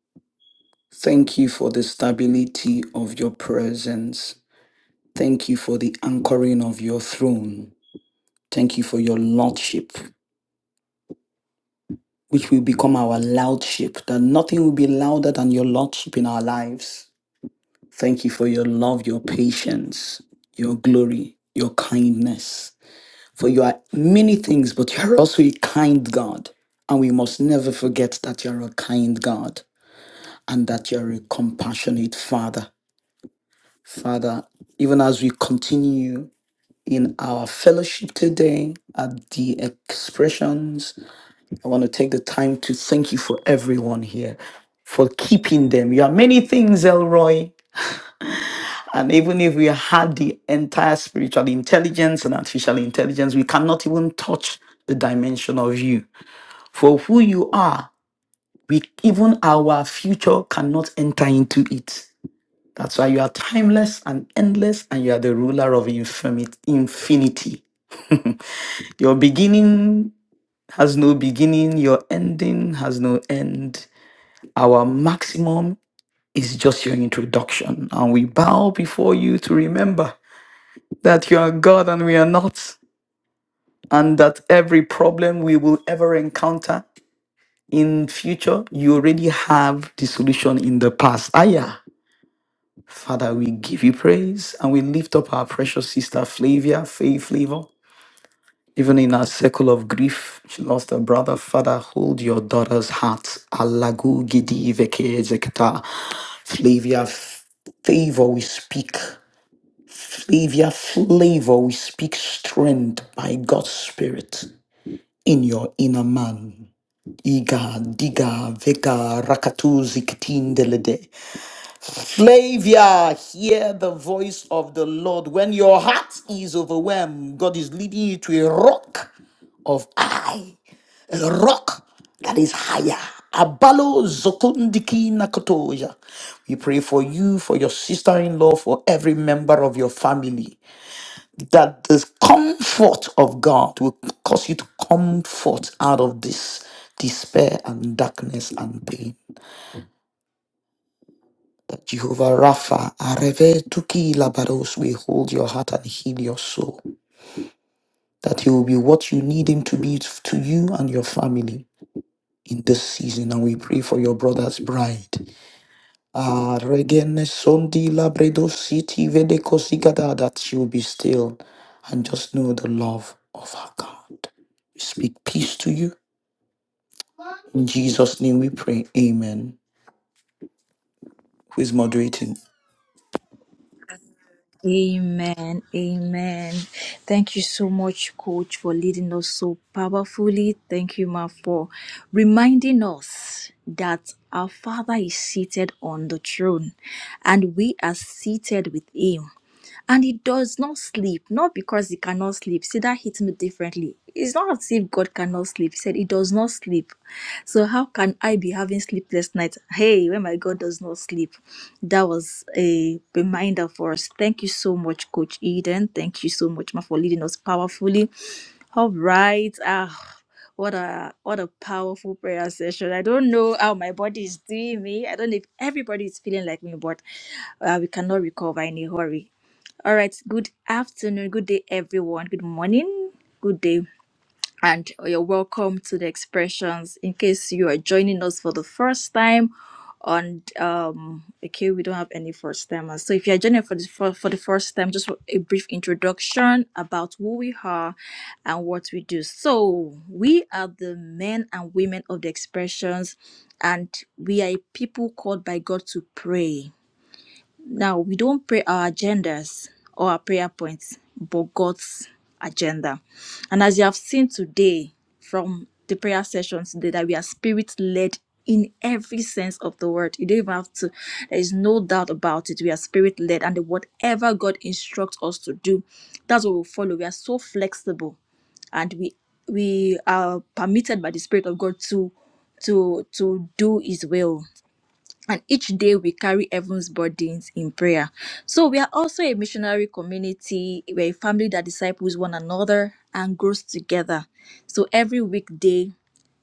Thank you for the stability of your presence. Thank you for the anchoring of your throne. Thank you for your lordship, which will become our loudship, that nothing will be louder than your lordship in our lives. Thank you for your love, your patience, your glory, your kindness. For you are many things, but you are also a kind God. And we must never forget that you are a kind God and that you are a compassionate Father. Father, even as we continue in our fellowship today at the expressions, I want to take the time to thank you for everyone here for keeping them. You are many things, Elroy. And even if we had the entire spiritual intelligence and artificial intelligence, we cannot even touch the dimension of you. for who you are, we even our future cannot enter into it. That's why you are timeless and endless, and you are the ruler of infimi- infinity. <laughs> Your beginning has no beginning, your ending has no end. Our maximum is just your introduction. And we bow before you to remember that you are God and we are not, and that every problem we will ever encounter in future you already have the solution in the past Aya, father we give you praise and we lift up our precious sister flavia faith flavor even in our circle of grief she lost her brother father hold your daughter's heart alagu gidi veke ezeketa. flavia favor we speak flavia flavor we speak strength by god's spirit in your inner man Iga, diga, vega, rakatuzi, katindelede. Flavia, hear the voice of the Lord. When your heart is overwhelmed, God is leading you to a rock of I, a rock that is higher. Abalo zokundiki nakotoja. We pray for you, for your sister-in-law, for every member of your family that the comfort of God will cause you to comfort out of this despair and darkness and pain. That Jehovah Rapha, Areve Tuki Labaros, will hold your heart and heal your soul. That He will be what you need Him to be to you and your family in this season. And we pray for your brother's bride. Ah, regene sondi labredo City, vede cosigada that you'll be still and just know the love of our God. We speak peace to you. In Jesus' name we pray. Amen. Who is moderating? Amen. Amen. Thank you so much, Coach, for leading us so powerfully. Thank you, Ma, for reminding us that our Father is seated on the throne and we are seated with Him. And he does not sleep, not because he cannot sleep. See, that hit me differently. It's not as if God cannot sleep. He said he does not sleep. So how can I be having sleepless nights? Hey, when my God does not sleep. That was a reminder for us. Thank you so much, Coach Eden. Thank you so much, Ma, for leading us powerfully. All right. Ah, what a what a powerful prayer session. I don't know how my body is doing me. I don't know if everybody is feeling like me, but uh, we cannot recover in a hurry. All right, good afternoon, good day, everyone. Good morning, good day, and you're welcome to the expressions. In case you are joining us for the first time, and um, okay, we don't have any first timers. So if you're joining for the for, for the first time, just a brief introduction about who we are and what we do. So we are the men and women of the expressions, and we are a people called by God to pray now, we don't pray our agendas or our prayer points, but God's agenda. And as you have seen today from the prayer sessions today, that we are spirit led in every sense of the word. You don't even have to, there is no doubt about it. We are spirit led, and whatever God instructs us to do, that's what we follow. We are so flexible and we we are permitted by the spirit of god to to to do his will and each day we carry heaven's burdens in prayer. So we are also a missionary community. We're a family that disciples one another and grows together. So every weekday,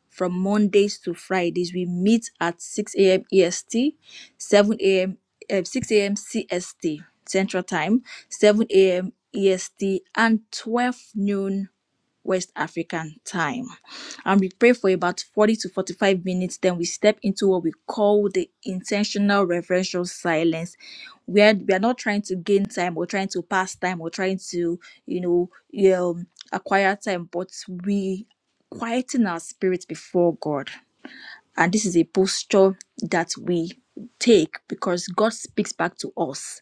from Mondays to Fridays, we meet at 6 a.m. EST, 7 a.m. eh, 6 a.m. CST Central Time, 7 a.m. EST, and 12 noon West African time. And we pray for about 40 to 45 minutes. Then we step into what we call the intentional reverential silence. where we are not trying to gain time or trying to pass time or trying to, you know, um, acquire time, but we quieten our spirit before God. And this is a posture that we take because God speaks back to us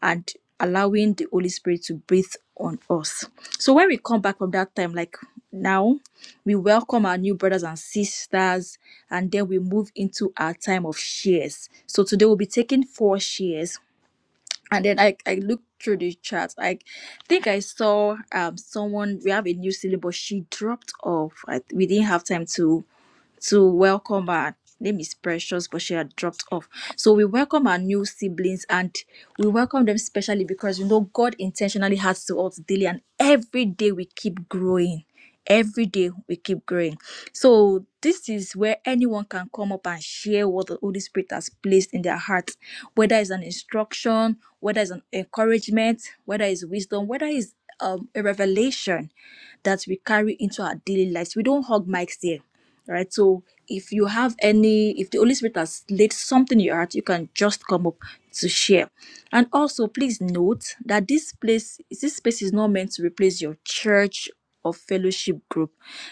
and allowing the Holy Spirit to breathe on us. So when we come back from that time, like now, we welcome our new brothers and sisters, and then we move into our time of shares. So today we'll be taking four shares. And then I, I looked through the chat. I think I saw um someone we have a new syllabus. She dropped off. I, we didn't have time to to welcome her. Name is precious, but she had dropped off. So we welcome our new siblings and we welcome them specially because we know God intentionally has to us daily, and every day we keep growing. Every day we keep growing. So this is where anyone can come up and share what the Holy Spirit has placed in their heart, whether it's an instruction, whether it's an encouragement, whether it's wisdom, whether it's um, a revelation that we carry into our daily lives. We don't hug mics here. All right so if you have any if the holy spirit has laid something in your heart you can just come up to share and also please note that this place this space is not meant to replace your church or fellowship group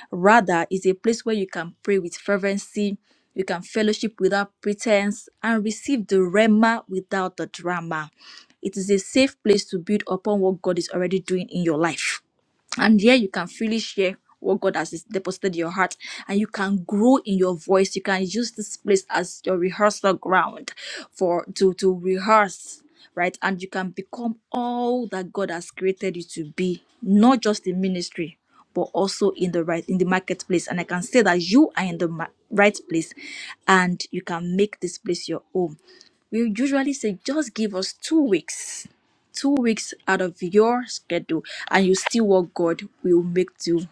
rather is a place where you can pray with fervency you can fellowship without pretense and receive the rema without the drama it is a safe place to build upon what god is already doing in your life and here you can freely share what God has deposited in your heart and you can grow in your voice you can use this place as your rehearsal ground for to to rehearse right and you can become all that God has created you to be not just in ministry but also in the right in the marketplace and I can say that you are in the ma- right place and you can make this place your home we usually say just give us 2 weeks two weeks out of your schedule and you see what God will make do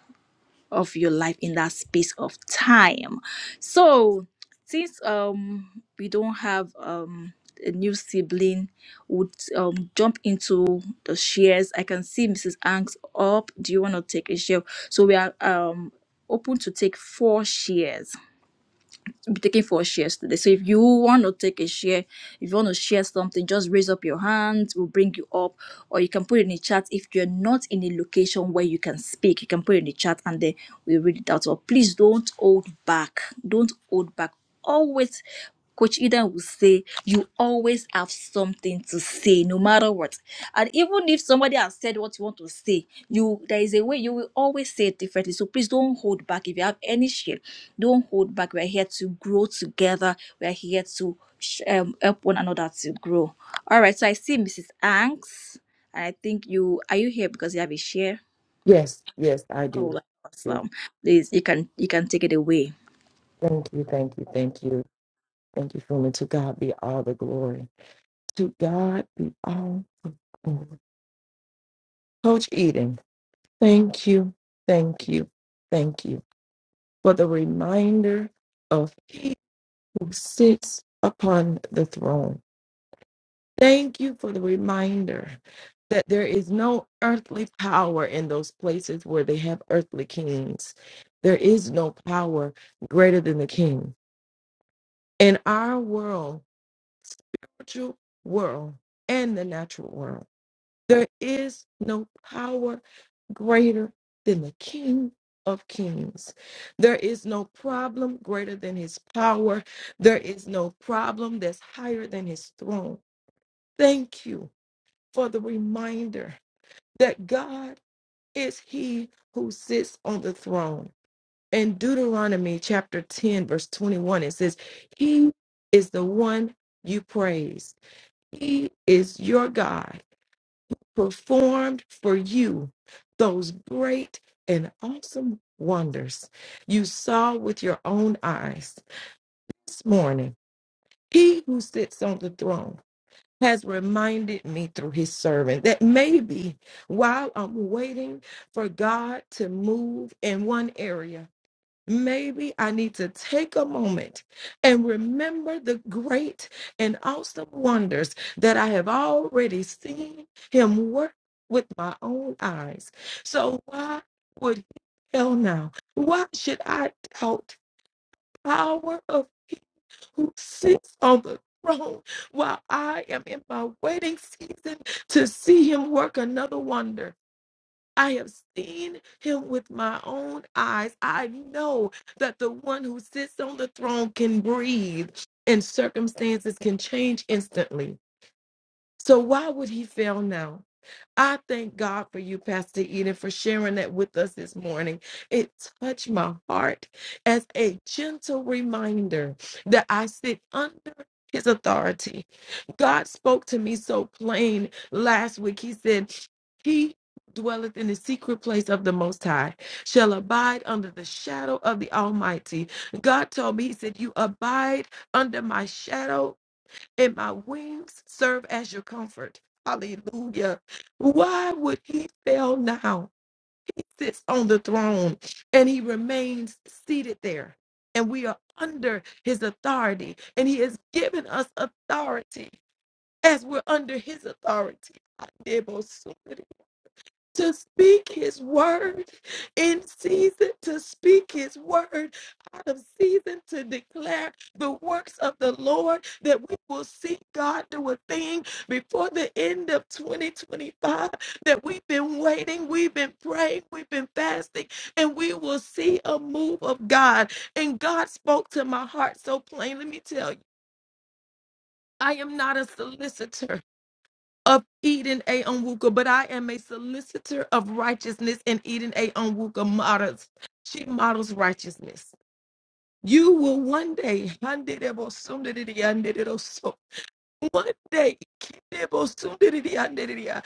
of your life in that space of time. So since um we don't have um a new sibling would um jump into the shares. I can see Mrs. Angst up. Do you want to take a share? So we are um open to take four shares be taking for shares today. So if you want to take a share, if you want to share something, just raise up your hand. We'll bring you up, or you can put it in the chat. If you're not in a location where you can speak, you can put it in the chat, and then we read it out. Or please don't hold back. Don't hold back. Always. Coach Eden will say, you always have something to say, no matter what. And even if somebody has said what you want to say, you there is a way you will always say it differently. So please don't hold back. If you have any share, don't hold back. We're here to grow together. We're here to sh- um, help one another to grow. All right. So I see Mrs. Angs, and I think you are you here because you have a share. Yes, yes, I do. Oh, do. awesome! Please, you can you can take it away. Thank you, thank you, thank you. Thank you, Freeman. To God be all the glory. To God be all the glory. Coach Eden, thank you, thank you, thank you for the reminder of He who sits upon the throne. Thank you for the reminder that there is no earthly power in those places where they have earthly kings. There is no power greater than the king. in our world, spiritual world, and the natural world, there is no power greater than the King of Kings. There is no problem greater than his power. There is no problem that's higher than his throne. Thank you for the reminder that God is he who sits on the throne. In Deuteronomy chapter 10, verse 21, it says, He is the one you praise. He is your God, performed for you those great and awesome wonders you saw with your own eyes this morning. He who sits on the throne has reminded me through his servant that maybe while I'm waiting for God to move in one area, maybe I need to take a moment and remember the great and awesome wonders that I have already seen him work with my own eyes. So why would you tell now? Why should I doubt the power of he who sits on the throne while I am in my waiting season to see him work another wonder? I have seen him with my own eyes. I know that the one who sits on the throne can breathe and circumstances can change instantly. So why would he fail now? I thank God for you, Pastor Eden, for sharing that with us this morning. It touched my heart as a gentle reminder that I sit under his authority. God spoke to me so plain last week. He said, He dwelleth in the secret place of the Most High, shall abide under the shadow of the Almighty. God told me, He said, You abide under my shadow and my wings serve as your comfort. Hallelujah. Why would he fail now? He sits on the throne and he remains seated there. And we are under his authority. And he has given us authority as we're under his authority to speak his word in season, to speak his word out of season, to declare the works of the Lord, that we will see God do a thing before the end of 2025, that we've been waiting, we've been praying, we've been fasting, and we will see a move of God. And God spoke to my heart so plain. Let me tell you. I am not a solicitor of Eden A. Onwuka, but I am a solicitor of righteousness, and Eden A. Onwuka models. She models righteousness. You will one day, handerebo-sunderidiyanderero-so, one day, kinebo-sunderidiyanderediya,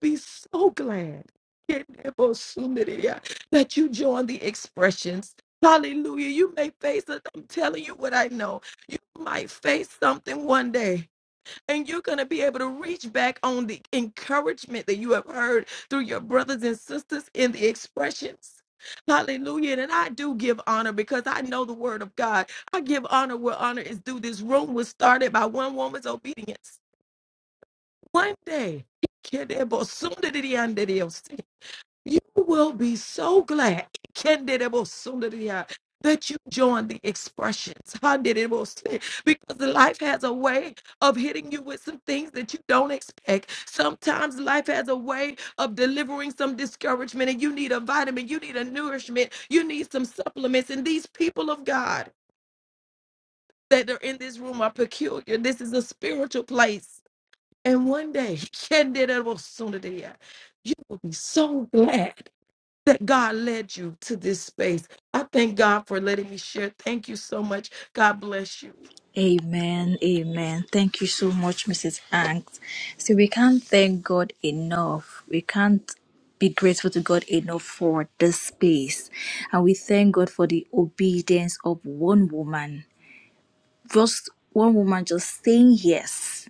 be so glad kinebo-sunderidiya, that you join the expressions. Hallelujah. You may face it. I'm telling you what I know. You might face something one day and you're going to be able to reach back on the encouragement that you have heard through your brothers and sisters in the expressions. Hallelujah. And I do give honor because I know the word of God. I give honor where honor is due. This room was started by one woman's obedience. One day. <laughs> You will be so glad Kenderebosunderia, that you join the expressions. Handerebose, Because life has a way of hitting you with some things that you don't expect. Sometimes life has a way of delivering some discouragement, and you need a vitamin, you need a nourishment, you need some supplements. And these people of God that are in this room are peculiar. This is a spiritual place. And one day, <laughs> Kenderebosunderia, you will be so glad that God led you to this space. I thank God for letting me share. Thank you so much. God bless you. Amen, amen. Thank you so much, Mrs. Hanks. See, we can't thank God enough. We can't be grateful to God enough for this space. And we thank God for the obedience of one woman. Just one woman just saying yes.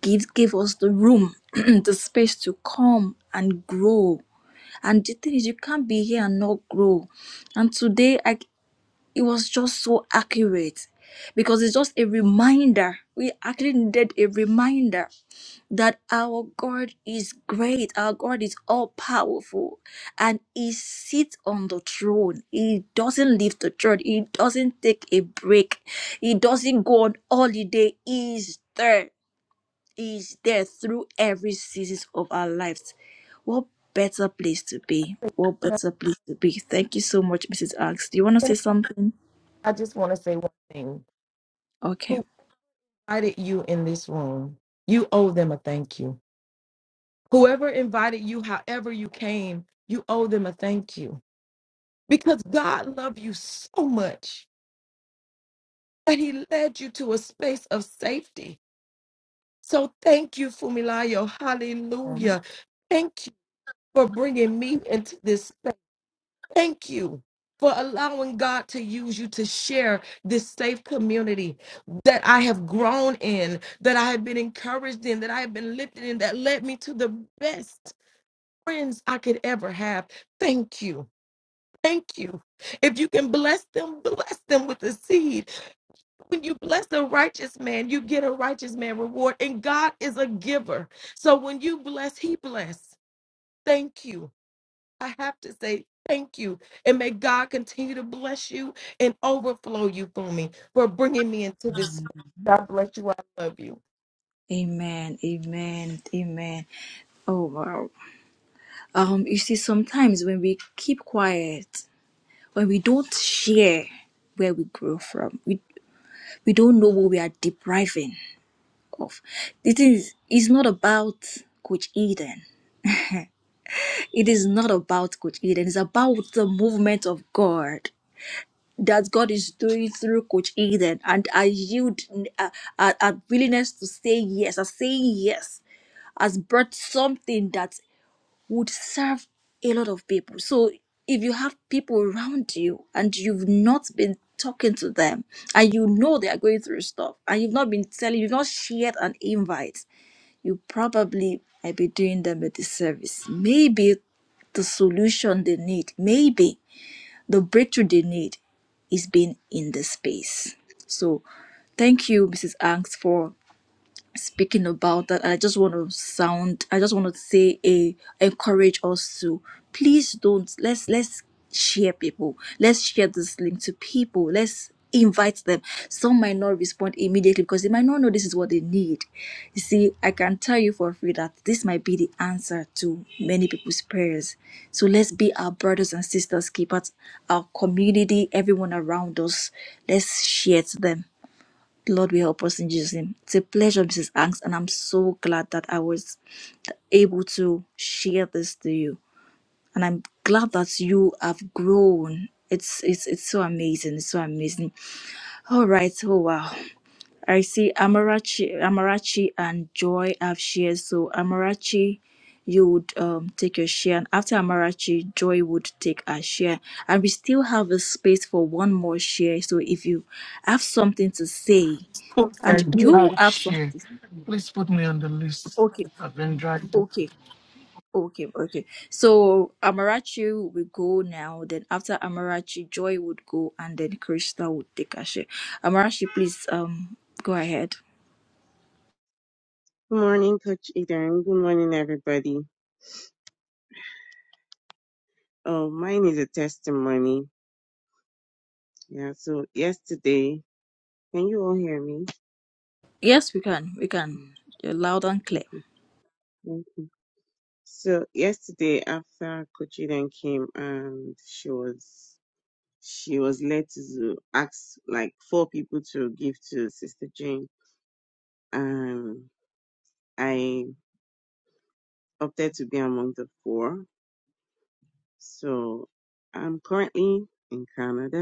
Give give us the room, <clears throat> the space to come and grow. And the thing is, you can't be here and not grow. And today I it was just so accurate because it's just a reminder. We actually needed a reminder that our God is great, our God is all powerful, and He sits on the throne. He doesn't leave the church, He doesn't take a break, He doesn't go on holiday. He's there, He's there through every season of our lives. What better place to be? Can What I better place to be? Thank you so much, Mrs. Axe. Do you want to can say something? I I just want to say one thing. Okay. Who invited you in this room? You owe them a thank you. Whoever invited you, however you came, you owe them a thank you because God loved you so much and He led you to a space of safety. So thank you, Fumilayo. Um, Hallelujah. Thank you for bringing me into this. Thank you for allowing God to use you to share this safe community that I have grown in, that I have been encouraged in, that I have been lifted in, that led me to the best friends I could ever have. Thank you. Thank you. If you can bless them, bless them with a seed. When you bless a righteous man, you get a righteous man reward. And God is a giver. So when you bless, He bless. Thank you. I have to say thank you. And may God continue to bless you and overflow you for me for bringing me into this. space. God bless you. I love you. Amen, amen, amen. Oh wow. Um, you see, sometimes when we keep quiet, when we don't share where we grow from, we we don't know what we are depriving of. It is it's not about Coach Eden. It is not about Coach Eden. It's about the movement of God that God is doing through Coach Eden. And I yield a, a, a willingness to say yes, a saying yes has brought something that would serve a lot of people. So if you have people around you and you've not been talking to them and you know they are going through stuff and you've not been telling, you've not shared an invite, you probably might be doing them a disservice. Maybe the solution they need, maybe the breakthrough they need is being in the space. So thank you, Mrs. Angst, for speaking about that i just want to sound i just want to say a encourage us to please don't let's let's share people let's share this link to people let's invite them some might not respond immediately because they might not know this is what they need you see i can tell you for free that this might be the answer to many people's prayers so let's be our brothers and sisters keep at our community everyone around us let's share to them Lord will help us in Jesus' name. It's a pleasure, Mrs. Angst, and I'm so glad that I was able to share this to you. And I'm glad that you have grown. It's it's it's so amazing. It's so amazing. All right. Oh wow. I see Amarachi Amarachi and Joy have shared. So Amarachi, you would um take your share. And after Amarachi, Joy would take a share. And we still have a space for one more share. So if you have something to say, I and do you have a have share. something. Please put me on the list. Okay, I've been driving. okay, okay, okay. So Amarachi will go now. Then after Amarachi, Joy would go, and then Krista would take a share. Amarachi, please, um, go ahead. Good morning, Coach Eden. Good morning, everybody. Oh, mine is a testimony. Yeah, so yesterday, can you all hear me? Yes, we can. We can. Mm, You're loud and clear. Okay, thank you. So yesterday, after Coach Eden came and she was she was led to ask like four people to give to Sister Jane, and I opted to be among the four. So I'm currently in Canada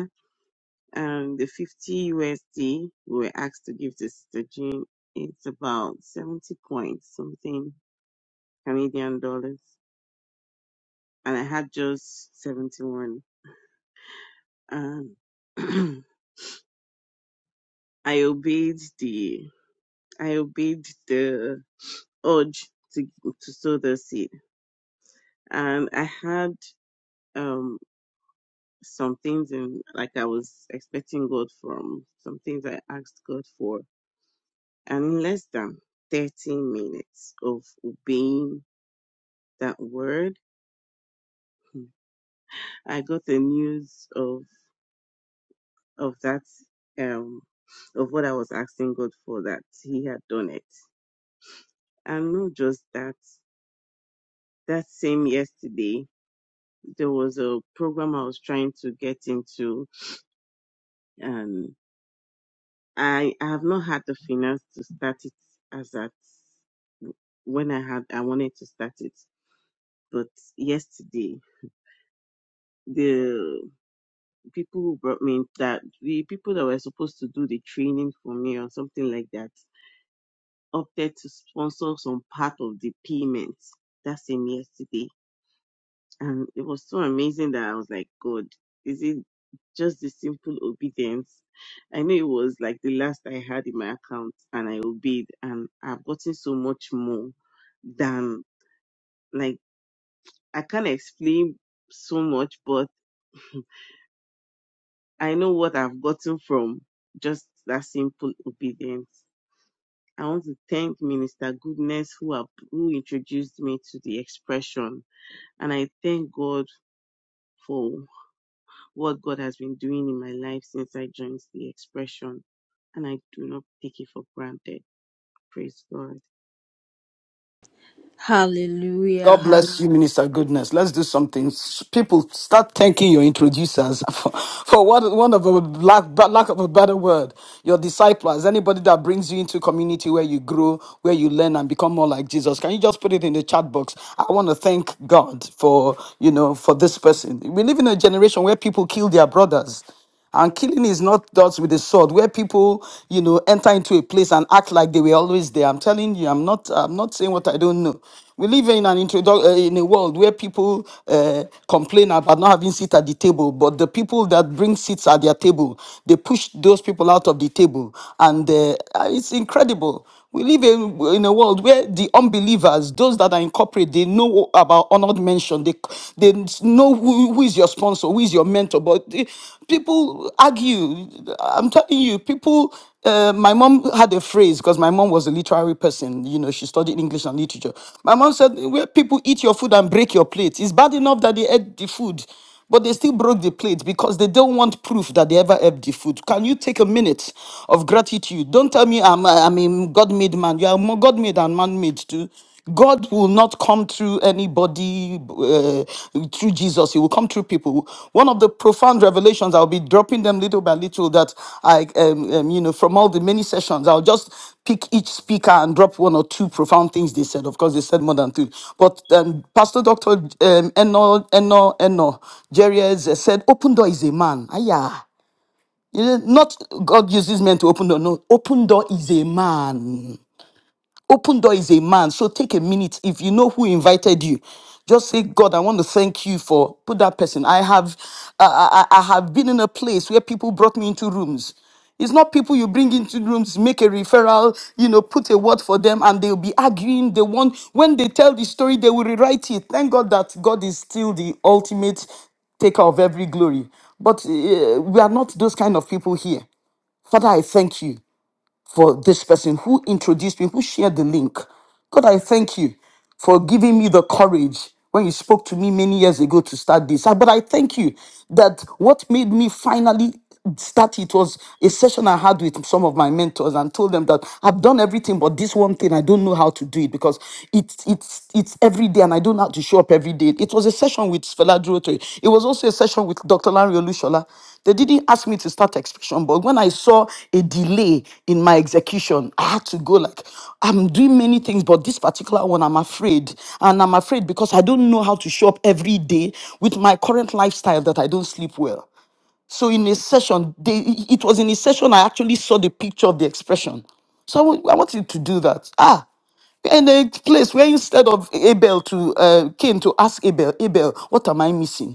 Um, the 50 USD we were asked to give to Sister Jean, it's about 70 points something Canadian dollars. And I had just 71. Um, <clears throat> I obeyed the, I obeyed the urge to, to sow the seed. And I had, um, some things and like I was expecting God from some things I asked God for. And in less than 30 minutes of obeying that word. Hmm. I got the news of of that um of what I was asking God for that He had done it, and not just that. That same yesterday, there was a program I was trying to get into, and I I have not had the finance to start it as at when I had I wanted to start it, but yesterday the people who brought me in, that the people that were supposed to do the training for me or something like that opted to sponsor some part of the payment that same yesterday. And it was so amazing that I was like, God, is it just the simple obedience? I know it was like the last I had in my account and I obeyed and I've gotten so much more than like I can't explain so much, but I know what I've gotten from just that simple obedience. I want to thank Minister Goodness who have, who introduced me to the expression, and I thank God for what God has been doing in my life since I joined the expression, and I do not take it for granted. Praise God. Hallelujah. God bless Hallelujah. you, Minister Goodness. Let's do something. S- People, start thanking your introducers <laughs> for, for what one of a lack, but lack of a better word, your disciples, anybody that brings you into community where you grow, where you learn and become more like Jesus. Can you just put it in the chat box? I want to thank God for you know for this person. We live in a generation where people kill their brothers. And killing is not dealt with the sword, where people, you know, enter into a place and act like they were always there. I'm telling you, I'm not, I'm not saying what I don't know. We live in an introdu- uh, in a world where people uh, complain about not having seats at the table, but the people that bring seats at their table, they push those people out of the table, and uh, uh, it's incredible. We live in, in a world where the unbelievers, those that are incorporated, they know about honored mention. They they know who, who is your sponsor, who is your mentor. But the- people argue. I'm telling you, people. Uh, my mom had a phrase because my mom was a literary person. You know, she studied English and literature. My mom said, "Where people eat your food and break your plate, it's bad enough that they ate the food." But they still broke the plate because they don't want proof that they ever ate the food. Can you take a minute of gratitude? Don't tell me I'm, I- am i am a God made man. You are more God made and man made too. God will not come through anybody uh, through Jesus. He will come through people. One of the prof- found revelations i'll be dropping them little by little that i um, um, you know from all the many sessions i'll just pick each speaker and drop one or two profound things they said of course they said more than two but um, pastor dr um, eno eno eno jerry's uh, said open door is a man Aya. You know, not God uses men to open door. No, open door is a man. Open door is a man. So take a minute. If you know who invited you, just say, God, I want to thank you for put that person. I have, I, I I have been in a place where people brought me into rooms. It's not people you bring into rooms, make a referral, you know, put a word for them, and they'll be arguing. They want when they tell the story, they will rewrite it. Thank God that God is still the ultimate taker of every glory. But uh, we are not those kind of people here. Father, I thank you for this person who introduced me, who shared the link. God, I thank you for giving me the courage when you spoke to me many years ago to start this. Ah, But I thank you that what made me finally start it was a session I had with some of my mentors and told them that I've done everything but this one thing I don't know how to do it because it's it's it's every day and I don't know how to show up every day. It was a session with Sfela Rotary. It was also a session with Dr. Larry Olushola. They didn't ask me to start execution, but when I saw a delay in my execution, I had to go like, I'm doing many things, but this particular one, I'm afraid. And I'm afraid because I don't know how to show up every day with my current lifestyle that I don't sleep well. So in a session, they, it was in a session I actually saw the picture of the expression. So I wa- I wanted to do that. Ah, in a place where instead of Abel to uh, Cain to ask Abel, Abel, what am I missing?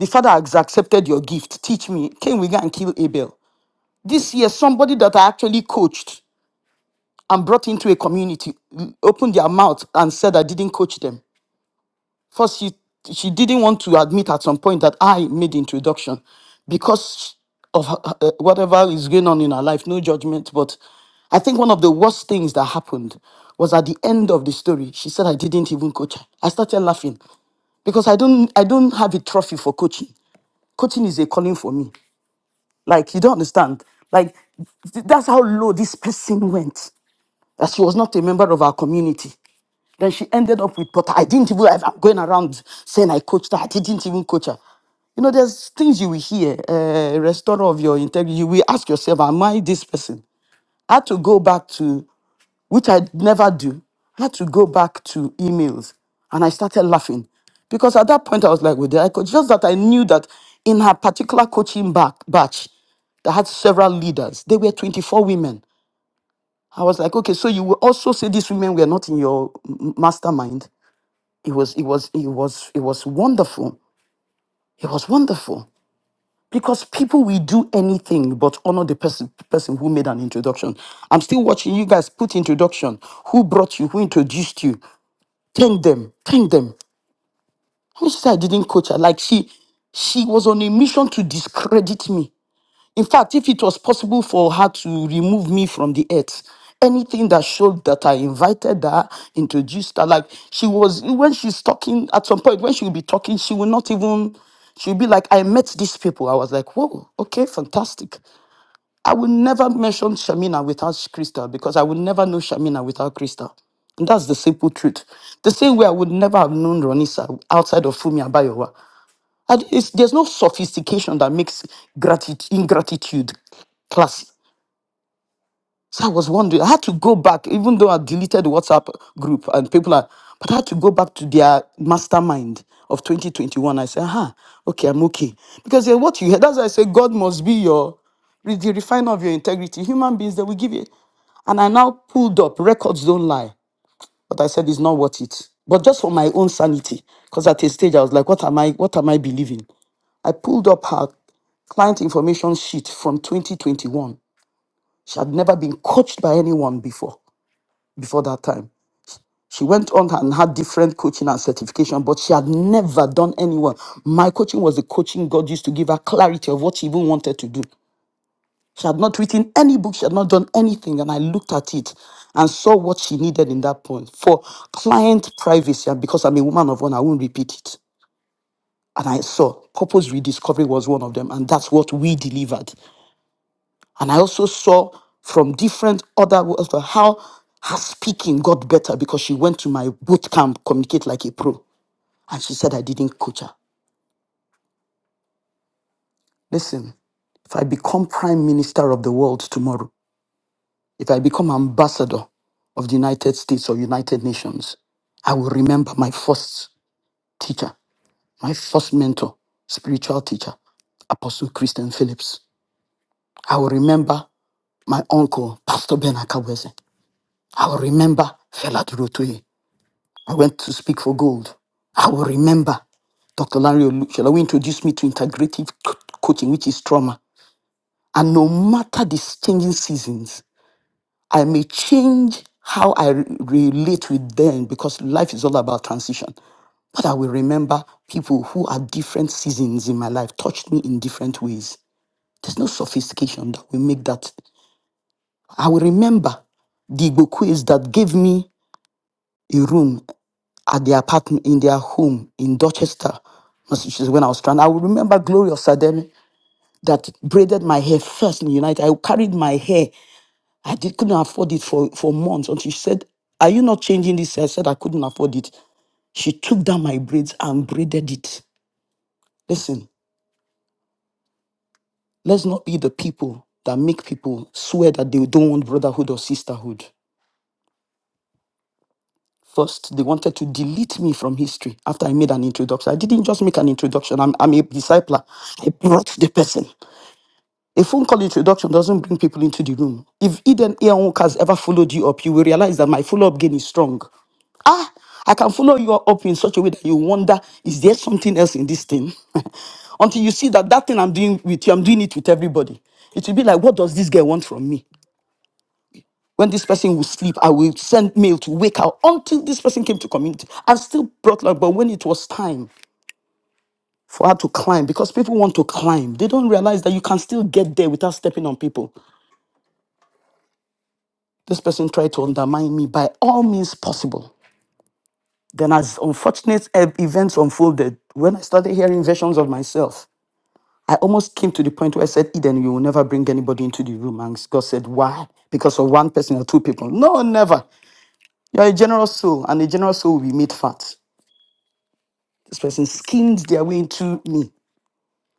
The father has accepted your gift. Teach me. Can we go and kill Abel? This year, somebody that I actually coached and brought into a community mm, opened their mouth and said I didn't coach them. First, she, she didn't want to admit at some point that I made the introduction because of her- her- whatever is going on in her life. No judgment, but I think one of the worst things that happened was at the end of the story. She said I didn't even coach her. I started laughing because I don't I don't have a trophy for coaching. Coaching is a calling for me. Like, you don't understand. Like, th- that's how low this person went. That she was not a member of our community. Then she ended up with Potter. I didn't even, I'm going around saying I coached her. I didn't even coach her. You know, there's things you will hear, uh, restorer of your integrity. You will ask yourself, am I this person? I had to go back to, which I never do, I had to go back to emails and I started laughing because at that point I was like, with the coach, just that I knew that in her particular coaching back, batch that had several leaders, they were 24 women. I was like, okay, so you will also say these women were not in your m- mastermind. It was, it was, it was, it was wonderful. It was wonderful. Because people will do anything but honor the person person who made an introduction. I'm still watching you guys put introduction. Who brought you? Who introduced you? Thank them. Thank them. Who said I didn't coach her? Like she she was on a mission to discredit me in fact, if it was possible for her to remove me from the earth, anything that showed that I invited her, introduced her, like she was, when she's talking, at some point, when she will be talking, she will not even, she'll be like, I met these people. I was like, whoa, okay, fantastic. I will never mention Shamina without Crystal because I would never know Shamina without Crystal. And that's the simple truth. The same way I would never have known Ronisa outside of Fumi Abayowa. And it's, there's no sophistication that makes gratitude ingratitude classy. So I was wondering. I had to go back, even though I deleted the WhatsApp group and people are, but I had to go back to their mastermind of 2021. I said, "Aha, okay, I'm okay." Because eh, what you hear, that's why I say God must be your re- the refiner of your integrity. Human beings, they will give you. And I now pulled up records don't lie, but I said it's not worth it. But just for my own sanity, because at a stage I was like, "What am I? What am I believing?" I pulled up her client information sheet from 2021. She had never been coached by anyone before, before that time. She went on and had different coaching and certification, but she had never done anyone. My coaching was the coaching God used to give her clarity of what she even wanted to do. She had not written any book, she had not done anything, and I looked at it and saw what she needed in that point for client privacy. And because I'm a woman of honor, I won't repeat it. And I saw purpose rediscovery was one of them, and that's what we delivered. And I also saw from different other words of how her speaking got better because she went to my boot camp, communicate like a pro. And she said I didn't coach her. Listen, if I become prime minister of the world tomorrow, if I become ambassador of the United States or United Nations, I will remember my first teacher, my first mentor, spiritual teacher, Apostle Christian Phillips. I will remember my uncle, Pastor Ben Akaweze. I will remember Fela Durotoye. I went to speak for gold. I will remember Dr. Larry Olushela, who introduced me to integrative co- coaching, which is trauma. And no matter the changing seasons, I may change how I re- relate with them because life is all about transition. But I will remember people who are different seasons in my life, touched me in different ways. There's no sophistication that will make that. I will remember the Igbo quiz that gave me a room at their apartment in their home in Dorchester, Massachusetts, when I was stranded. I would remember Gloria Sademi that braided my hair first in the United. I carried my hair. I did, couldn't afford it for, for months until she said, Are you not changing this? I said I couldn't afford it. She took down my braids and braided it. Listen, let's not be the people that make people swear that they don't want brotherhood or sisterhood. First, they wanted to delete me from history after I made an introduction. I didn't just make an introduction, I'm, I'm a discipler. I brought the person. A phone call introduction doesn't bring people into the room. If Eden Eonk has ever followed you up, you will realize that my follow up game is strong. Ah, I can follow you up in such a way that you wonder, is there something else in this thing? <laughs> Until you see that that thing I'm doing with you, I'm doing it with everybody. It will be like, what does this girl want from me? When this person will sleep, I will send mail to wake her until this person came to community. I still brought luck, but when it was time for her to climb, because people want to climb, they don't realize that you can still get there without stepping on people. This person tried to undermine me by all means possible. Then, as unfortunate ev- events unfolded, when I started hearing versions of myself, I almost came to the point where I said, Eden, you will never bring anybody into the room. And God said, Why? Because of one person or two people. No, never. You're a generous soul, and a generous soul will be made fat. This person skimmed their way into me.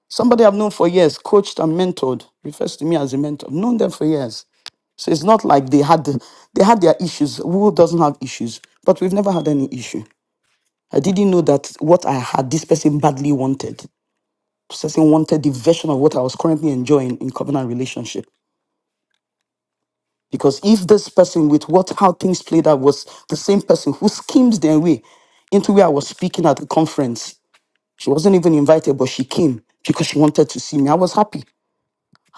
Somebody I've known for years, coached and mentored, refers to me as a mentor. I've known them for years. So it's not like they had they had their issues. Who doesn't have issues? But we've never had any issue. I didn't know that what I had, this person badly wanted. This person wanted the version of what I was currently enjoying in covenant relationship. Because if this person, with what how things played out, was the same person who schemed their way into where I was speaking at the conference, she wasn't even invited, but she came because she wanted to see me. I was happy.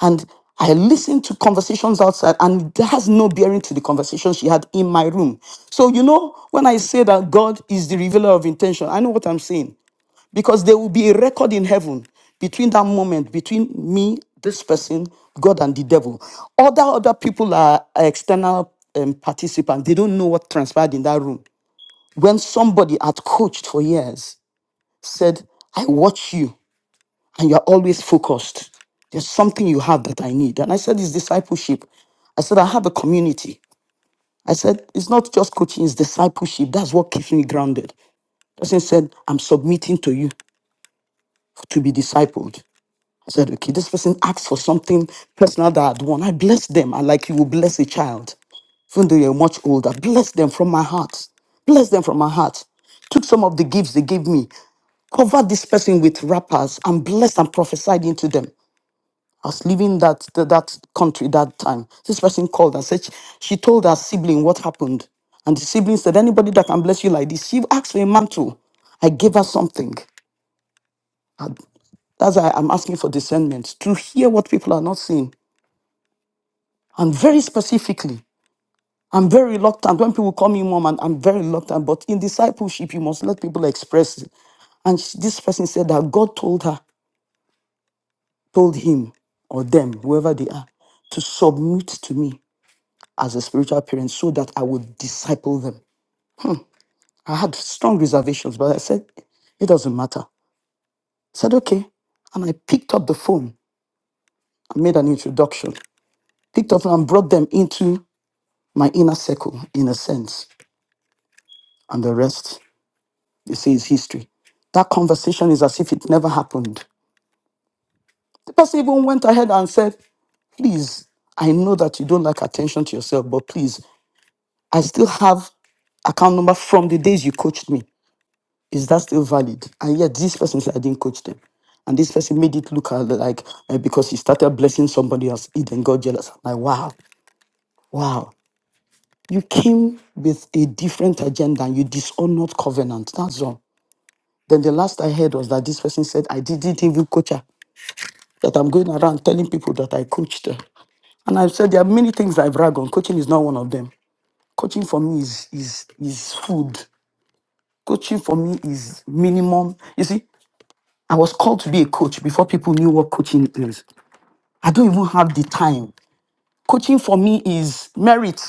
and I listened to conversations outside, and that has no bearing to the conversation she had in my room. So, you know, when I say that God is the revealer of intention, I know what I'm saying because there will be a record in heaven between that moment between me this person god and the devil other other people are external um, participants they don't know what transpired in that room when somebody had coached for years said i watch you and you're always focused. There's something you have that I need. And I said, it's discipleship. I said, I have a community. I said, it's not just coaching, it's discipleship. That's what keeps me grounded. Person said, I'm submitting to you to be discipled. I said, okay, this person asked for something personal that I'd want. I bless them. I like you will bless a child even though you're much older, bless them from my heart. Bless them from my heart. Took some of the gifts they gave me, covered this person with wrappers, and blessed and prophesied into them. I was leaving that, that that country that time. This person called and said she, she told her sibling what happened, and the sibling said, "Anybody that can bless you like this." She asked for a mantle. I gave her something. And That's why I'm asking for discernment to hear what people are not seeing, and very specifically. I'm very reluctant when people call me mom, and I'm very reluctant. But in discipleship, you must let people express it. And she- this person said that God told her, told him or them, whoever they are, to submit to me. as a spiritual parent so that I would disciple them. I had strong reservations, but I said, it doesn't matter. I said, okay. And I picked up the phone. I made an introduction, picked up and brought them into my inner circle, in a sense. And the rest, you see, is history. That conversation is as if it never happened. The person even went ahead and said, please, I know that you don't like attention to yourself, but please, I still have account number from the days you coached me. is that still valid? And yet this person said I didn't coach them. And this person made it look at like uh, because he started blessing somebody else, he then got jealous. I'm like, wow, wow. You came with a different agenda and you dishonored covenant. That's all. Then the last I heard was that this person said, I didn't even coach her, that I'm going around telling people that I coached her. And I've said there are many things I brag on. Coaching is not one of them. Coaching for me is is is food. Coaching for me is minimum. You see, I was called to be a coach before people knew what coaching is. I don't even have the time. Coaching for me is merit.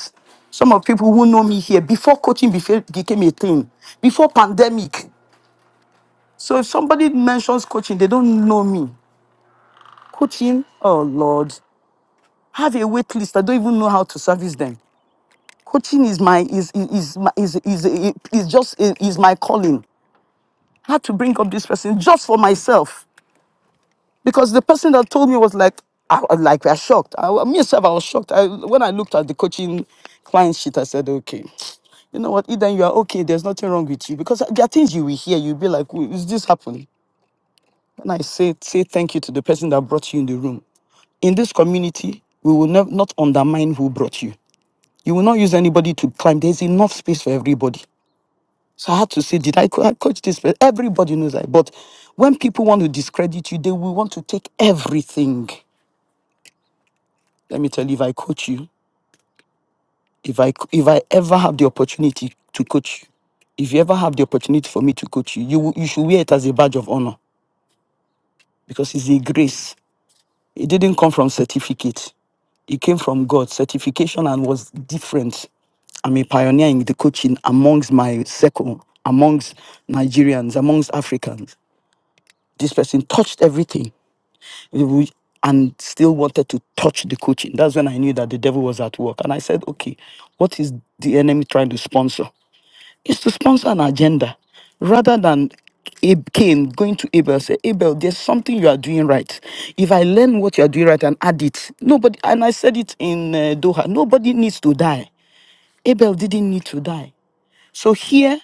Some of people who know me here before coaching befe- became a thing, before pandemic. So if somebody mentions coaching, they don't know me. Coaching, oh Lord, I have a wait list. I don't even know how to service them. Coaching is my is is is my- is is, is just is my calling. I had to bring up this person just for myself because the person that told me was like, I was like, I shocked. I, me myself, I was shocked. I, when I looked at the coaching client sheet, I said, okay, you know what, Eden, you are okay. There's nothing wrong with you because there are things you will hear. You'll be like, "Wait, is this happening? And I say, say thank you to the person that brought you in the room. In this community, we will nev- not undermine who brought you. You will not use anybody to climb. There's enough space for everybody. So I had to say, did I, co- I coach this? person? Everybody knows that. But when people want to discredit you, they will want to take everything. Let me tell you, if I coach you, if I if I ever have the opportunity to coach you, if you ever have the opportunity for me to coach you, you will- you should wear it as a badge of honor because it's a grace. It didn't come from certificate. It came from God. Certification and was different. I'm a pioneer in the coaching amongst my circle, amongst Nigerians, amongst Africans. This person touched everything It and still wanted to touch the coaching. That's when I knew that the devil was at work. And I said, okay, what is the enemy trying to sponsor? It's to sponsor an agenda rather than Ab- Cain going to Abel say, Abel, there's something you are doing right. If I learn what you are doing right and add it, nobody, and I said it in uh, Doha, nobody needs to die. Abel didn't need to die. So here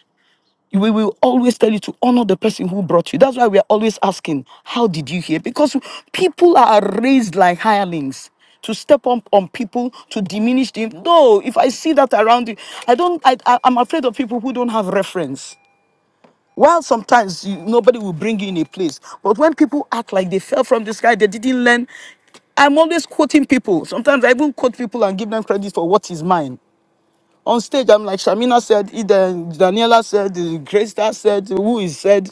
we will always tell you to honor the person who brought you. That's why we are always asking, How did you hear? Because people are raised like hirelings to step up on people, to diminish them. No, if I see that around you, I don't, I, I, I'm afraid of people who don't have reference. While sometimes you, nobody will bring you in a place, but when people act like they fell from the sky, they didn't learn. I'm always quoting people. Sometimes I even quote people and give them credit for what is mine on stage, I'm like Shamina said, Eden, Daniela said, Grace Star said, who is said.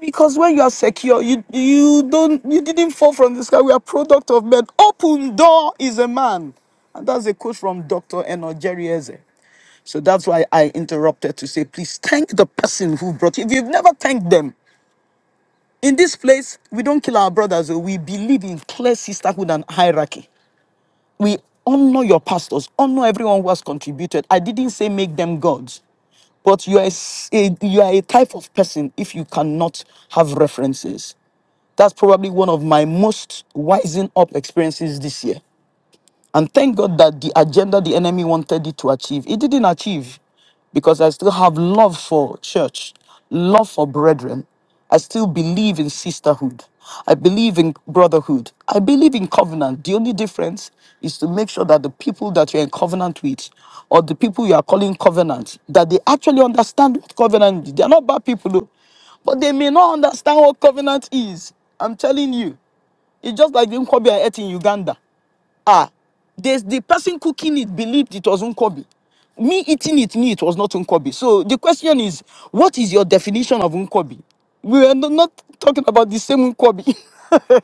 Because when you are secure, you you don't you didn't fall from the sky. We are product of men. Open door is a man. And that's a quote from Dr. Eno Jerry Eze. So that's why I interrupted to say, please thank the person who brought you. If you've never thanked them, in this place, we don't kill our brothers. oh, We believe in clear sisterhood and hierarchy. We honor your pastors, honor everyone who has contributed. I didn't say make them gods, but you are a, s- a- you are a type of person if you cannot have references. That's probably one of my most wising up experiences this year. And thank God that the agenda the enemy wanted it to achieve, it didn't achieve because I still have love for church, love for brethren. I still believe in sisterhood. I believe in brotherhood. I believe in covenant. The only difference is to make sure that the people that you're in covenant with or the people you are calling covenant, that they actually understand what covenant is. They're not bad people, though, but they may not understand what covenant is. I'm telling you. It's just like the Nkwobi I ate in Uganda. Ah, this the person cooking it believed it was unkobi. Me eating it knew it was not unkobi. So the question is, what is your definition of unkobi? We are no- not talking about the same unkobi. <laughs>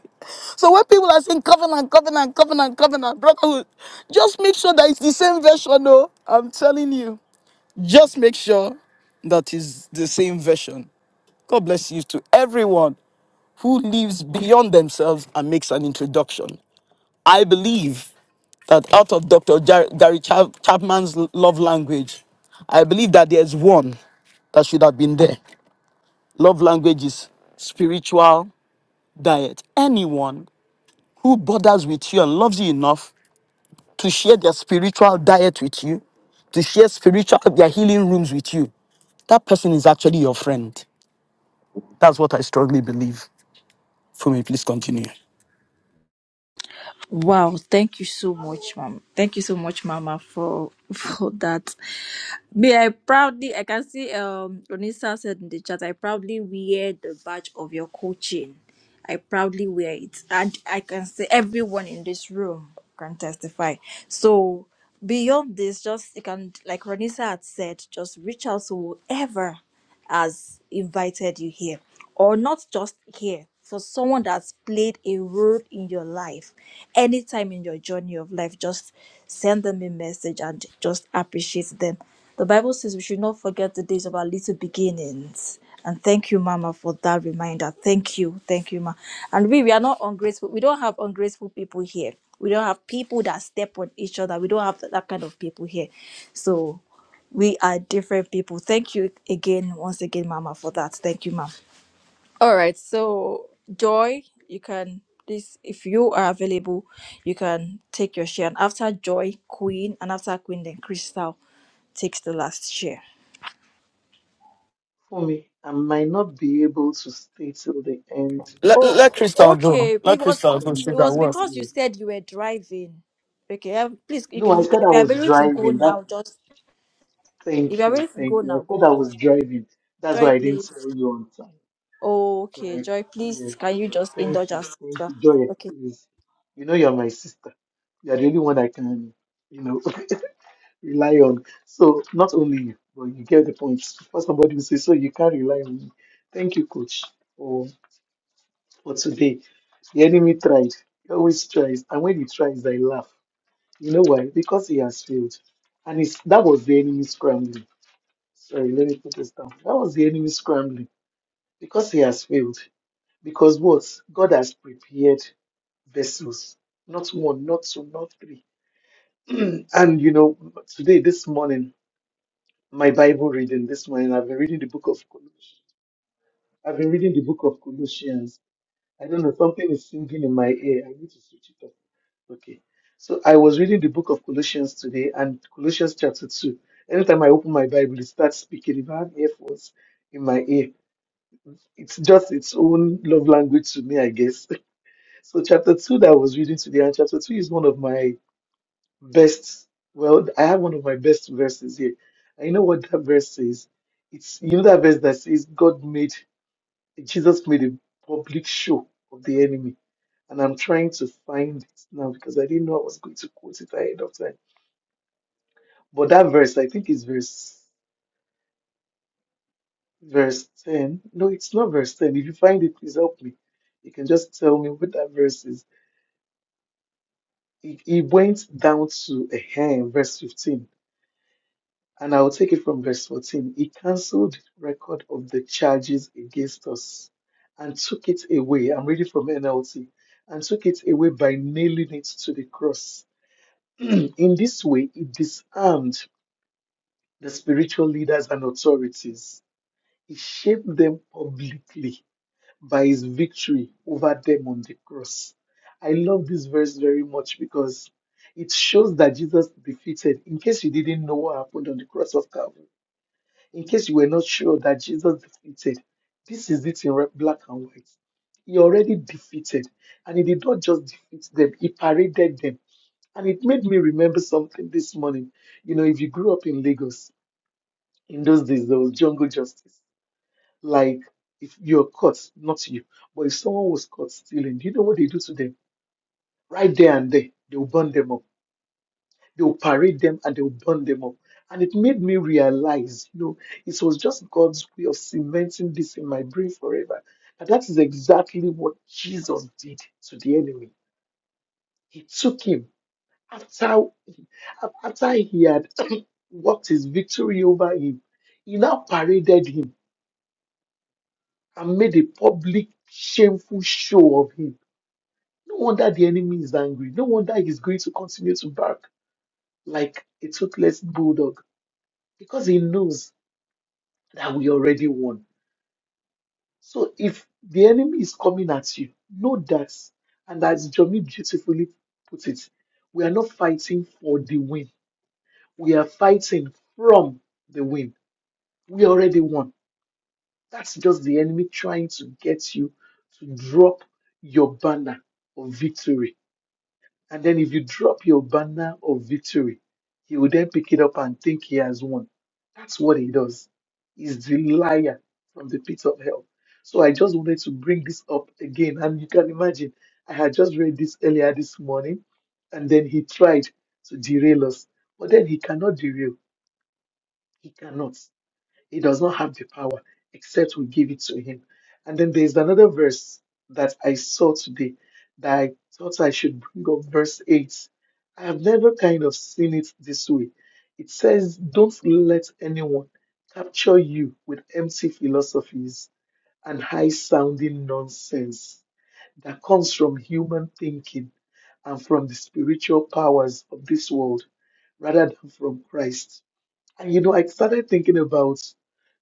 so when people are saying covenant, covenant, covenant, covenant, brotherhood, just make sure that it's the same version. No, I'm telling you, just make sure that is the same version. God bless you to everyone who lives beyond themselves and makes an introduction. I believe that out of Dr. Jar- Gary Chap- Chapman's love language, I believe that there's one that should have been there. Love language is spiritual diet. Anyone who bothers with you and loves you enough to share their spiritual diet with you, to share spiritual their healing rooms with you, that person is actually your friend. That's what I strongly believe. For me, please continue. Wow. Thank you so much, Mom. Thank you so much, Mama, for <laughs> for that. Me, I proudly, I can see um Onisa said in the chat, I proudly wear the badge of your coaching. I proudly wear it. And I can say everyone in this room can testify. So beyond this, just you can like Ronisa had said, just reach out to whoever has invited you here or not just here for someone that's played a role in your life anytime in your journey of life just send them a message and just appreciate them the bible says we should not forget the days of our little beginnings and thank you mama for that reminder thank you thank you ma and we we are not ungrateful we don't have ungrateful people here we don't have people that step on each other we don't have that kind of people here so we are different people. Thank you again, once again, Mama, for that. Thank you, Mom. All right. So, Joy, you can please, if you are available, you can take your share. And after Joy, Queen, and after Queen, then Crystal takes the last share. For me, I might not be able to stay till the end to Let, Oh, talk let about Crystal go. okay. Let It was what Crystal go. I'm it Sugar, was what? because you doing. said you were driving. Okay, um, please, if No, I you said if I you are was able to go driving. That now, just if you thank are you, ready to go thank you. I now, said go. I was driving. That's Joy, why I didn't please. tell you on time. Okay, Right. Joy, Yes. please. Can you just Thank indulge you. us, Thank you. sister? Joy, Okay. please. You know you're my sister. You're the only one I can, you know, <laughs> rely on. So not only you, but you get the point. For somebody who says so you can't rely on me. Thank you, coach, for But today, the enemy tried. He always tries. And when he tries, I laugh. You know why? Because he has failed. And it's, that was the enemy scrambling. Sorry, let me put this down. That was the enemy scrambling. Because he has failed. Because what? God has prepared vessels. Not one, not two, not three. <clears throat> and you know, today, this morning, my Bible reading this morning, I've been reading the book of Colossians. I've been reading the book of Colossians. I don't know, something is singing in my ear. I need to switch it off. Okay. So I was reading the book of Colossians today and Colossians chapter 2. Anytime I open my Bible, it starts speaking. If I have earphones in my ear, it's just its own love language to me, I guess. <laughs> So chapter 2 that I was reading today, and chapter 2 is one of my best, well, I have one of my best verses here. And you know what that verse says? It's, you know that verse that says God made, Jesus made a public show of the enemy. And I'm trying to find it now because I didn't know I was going to quote it ahead of time But that verse, I think, is verse verse 10. No, it's not verse 10. If you find it, please help me. You can just tell me what that verse is. He it went down to a verse 15, and I'll take it from verse 14. He cancelled the record of the charges against us and took it away. I'm reading from NLT. And took it away by nailing it to the cross. <clears throat> In this way, he disarmed the spiritual leaders and authorities. He shaped them publicly by his victory over them on the cross. I love this verse very much because it shows that Jesus defeated, in case you didn't know what happened on the cross of Calvary, in case you were not sure that Jesus defeated, this is it in red- black and white. He already defeated, and he did not just defeat them, he paraded them. And it made me remember something this morning. You know, if you grew up in Lagos, in those days, there was jungle justice like if you're caught, not you, but if someone was caught stealing, do you know what they do to them? Right there and there, they will burn them up. They will parade them and they will burn them up. And it made me realize, you know, it was just God's way of cementing this in my brain forever. And that is exactly what Jesus did to the enemy. He took him after after he had <coughs> <clears throat> worked his victory over him. He now paraded him and made a public shameful show of him No wonder the enemy is angry. No wonder he's going to continue to bark like a toothless bulldog because he knows that we already won. So if the enemy is coming at you, know that. And as Jomi beautifully put it, we are not fighting for the win. We are fighting from the win. We already won. That's just the enemy trying to get you to drop your banner of victory And then if you drop your banner of victory, he will then pick it up and think he has won. That's what he does. He's the liar from the pit of hell. So I just wanted to bring this up again. And you can imagine, I had just read this earlier this morning, and then he tried to derail us. But then he cannot derail. He cannot. He does not have the power except we give it to him. And then there's another verse that I saw today that I thought I should bring up, verse 8. I have never kind of seen it this way. It says, Don't let anyone capture you with empty philosophies and high sounding nonsense that comes from human thinking and from the spiritual powers of this world rather than from Christ. And you know, I started thinking about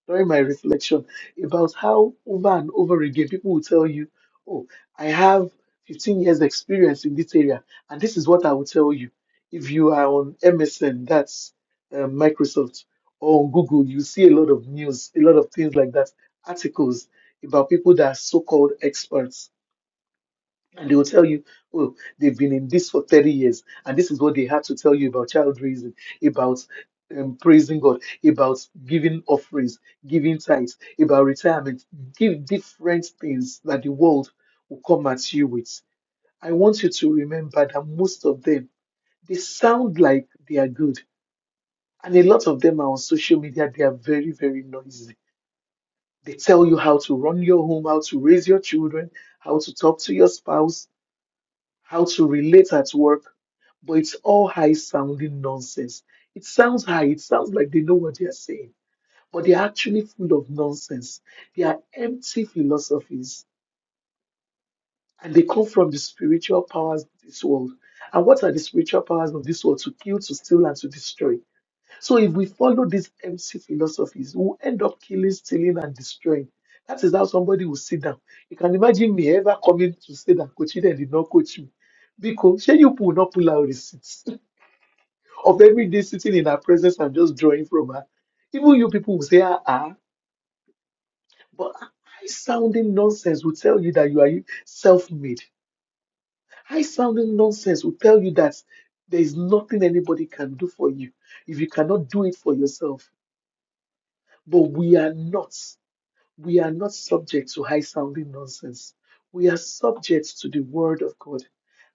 during my reflection about how over and over again people will tell you, Oh, I have 15 years experience in this area, and this is what I will tell you. If you are on MSN, that's um, Microsoft, or on Google, you see a lot of news, a lot of things like that, articles about people that are so called experts and they will tell you, oh, they've been in this for 30 years, and this is what they had to tell you about child raising, about um, praising God, about giving offerings, giving tithes, about retirement. Give different things that the world will come at you with. I want you to remember that most of them, they sound like they are good. And a lot of them are on social media, they are very, very noisy. They tell you how to run your home, how to raise your children, how to talk to your spouse, how to relate at work but it's all high sounding nonsense. It sounds high, it sounds like they know what they are saying, but they are actually full of nonsense. They are empty philosophies and they come from the spiritual powers of this world. And what are the spiritual powers of this world? To kill, to steal, and to destroy. So if we follow these empty philosophies, we'll end up killing, stealing, and destroying. That is how somebody will sit down. You can imagine me ever coming to say that Coach Eden did not coach me. Because shey you people will not pull out receipts. of every day sitting in her presence and just drawing from her. Even you people will say, ah, ah. but high sounding nonsense will tell you that you are self made. High sounding nonsense will tell you that there is nothing anybody can do for you if you cannot do it for yourself. But we are not. we are not subject to high sounding nonsense. We are subject to the Word of God.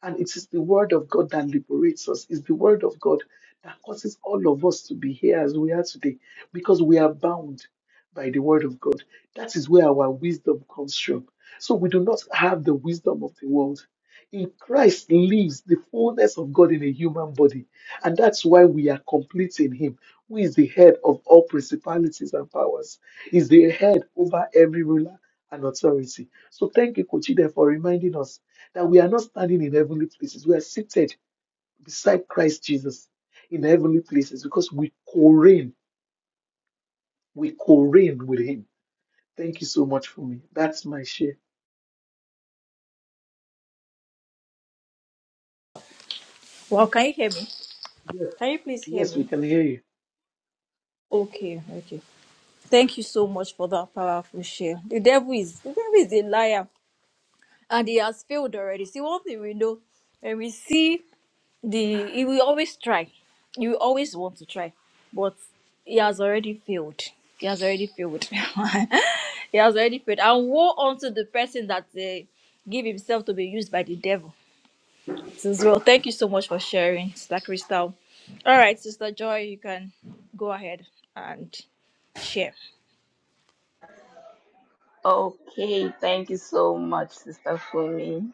And it is the Word of God that liberates us, it's the Word of God that causes all of us to be here as we are today because we are bound by the Word of God. That is where our wisdom comes from. So we do not have the wisdom of the world. In Christ lives the fullness of God in a human body. And that's why we are complete in Him, who is the head of all principalities and powers is the head over every ruler and authority. So thank you, Kochide, for reminding us that we are not standing in heavenly places. We are seated beside Christ Jesus in heavenly places because we co-reign. We co-reign with him. Thank you so much for me. That's my share. Well, can you hear me? Yes, Can you please hear yes, we me? can hear you. Okay, okay. Thank you so much for that powerful share. The devil is the devil is a liar, and he has failed already. See, one thing we know, and we see the he will always try. He will always want to try, but he has already failed. He has already failed. <laughs> he has already failed. And woe unto the person that uh, give himself to be used by the devil. As well, thank you so much for sharing, Sister Crystal. All right, Sister Joy, you can go ahead and share. Okay, thank you so much, Sister Fumi.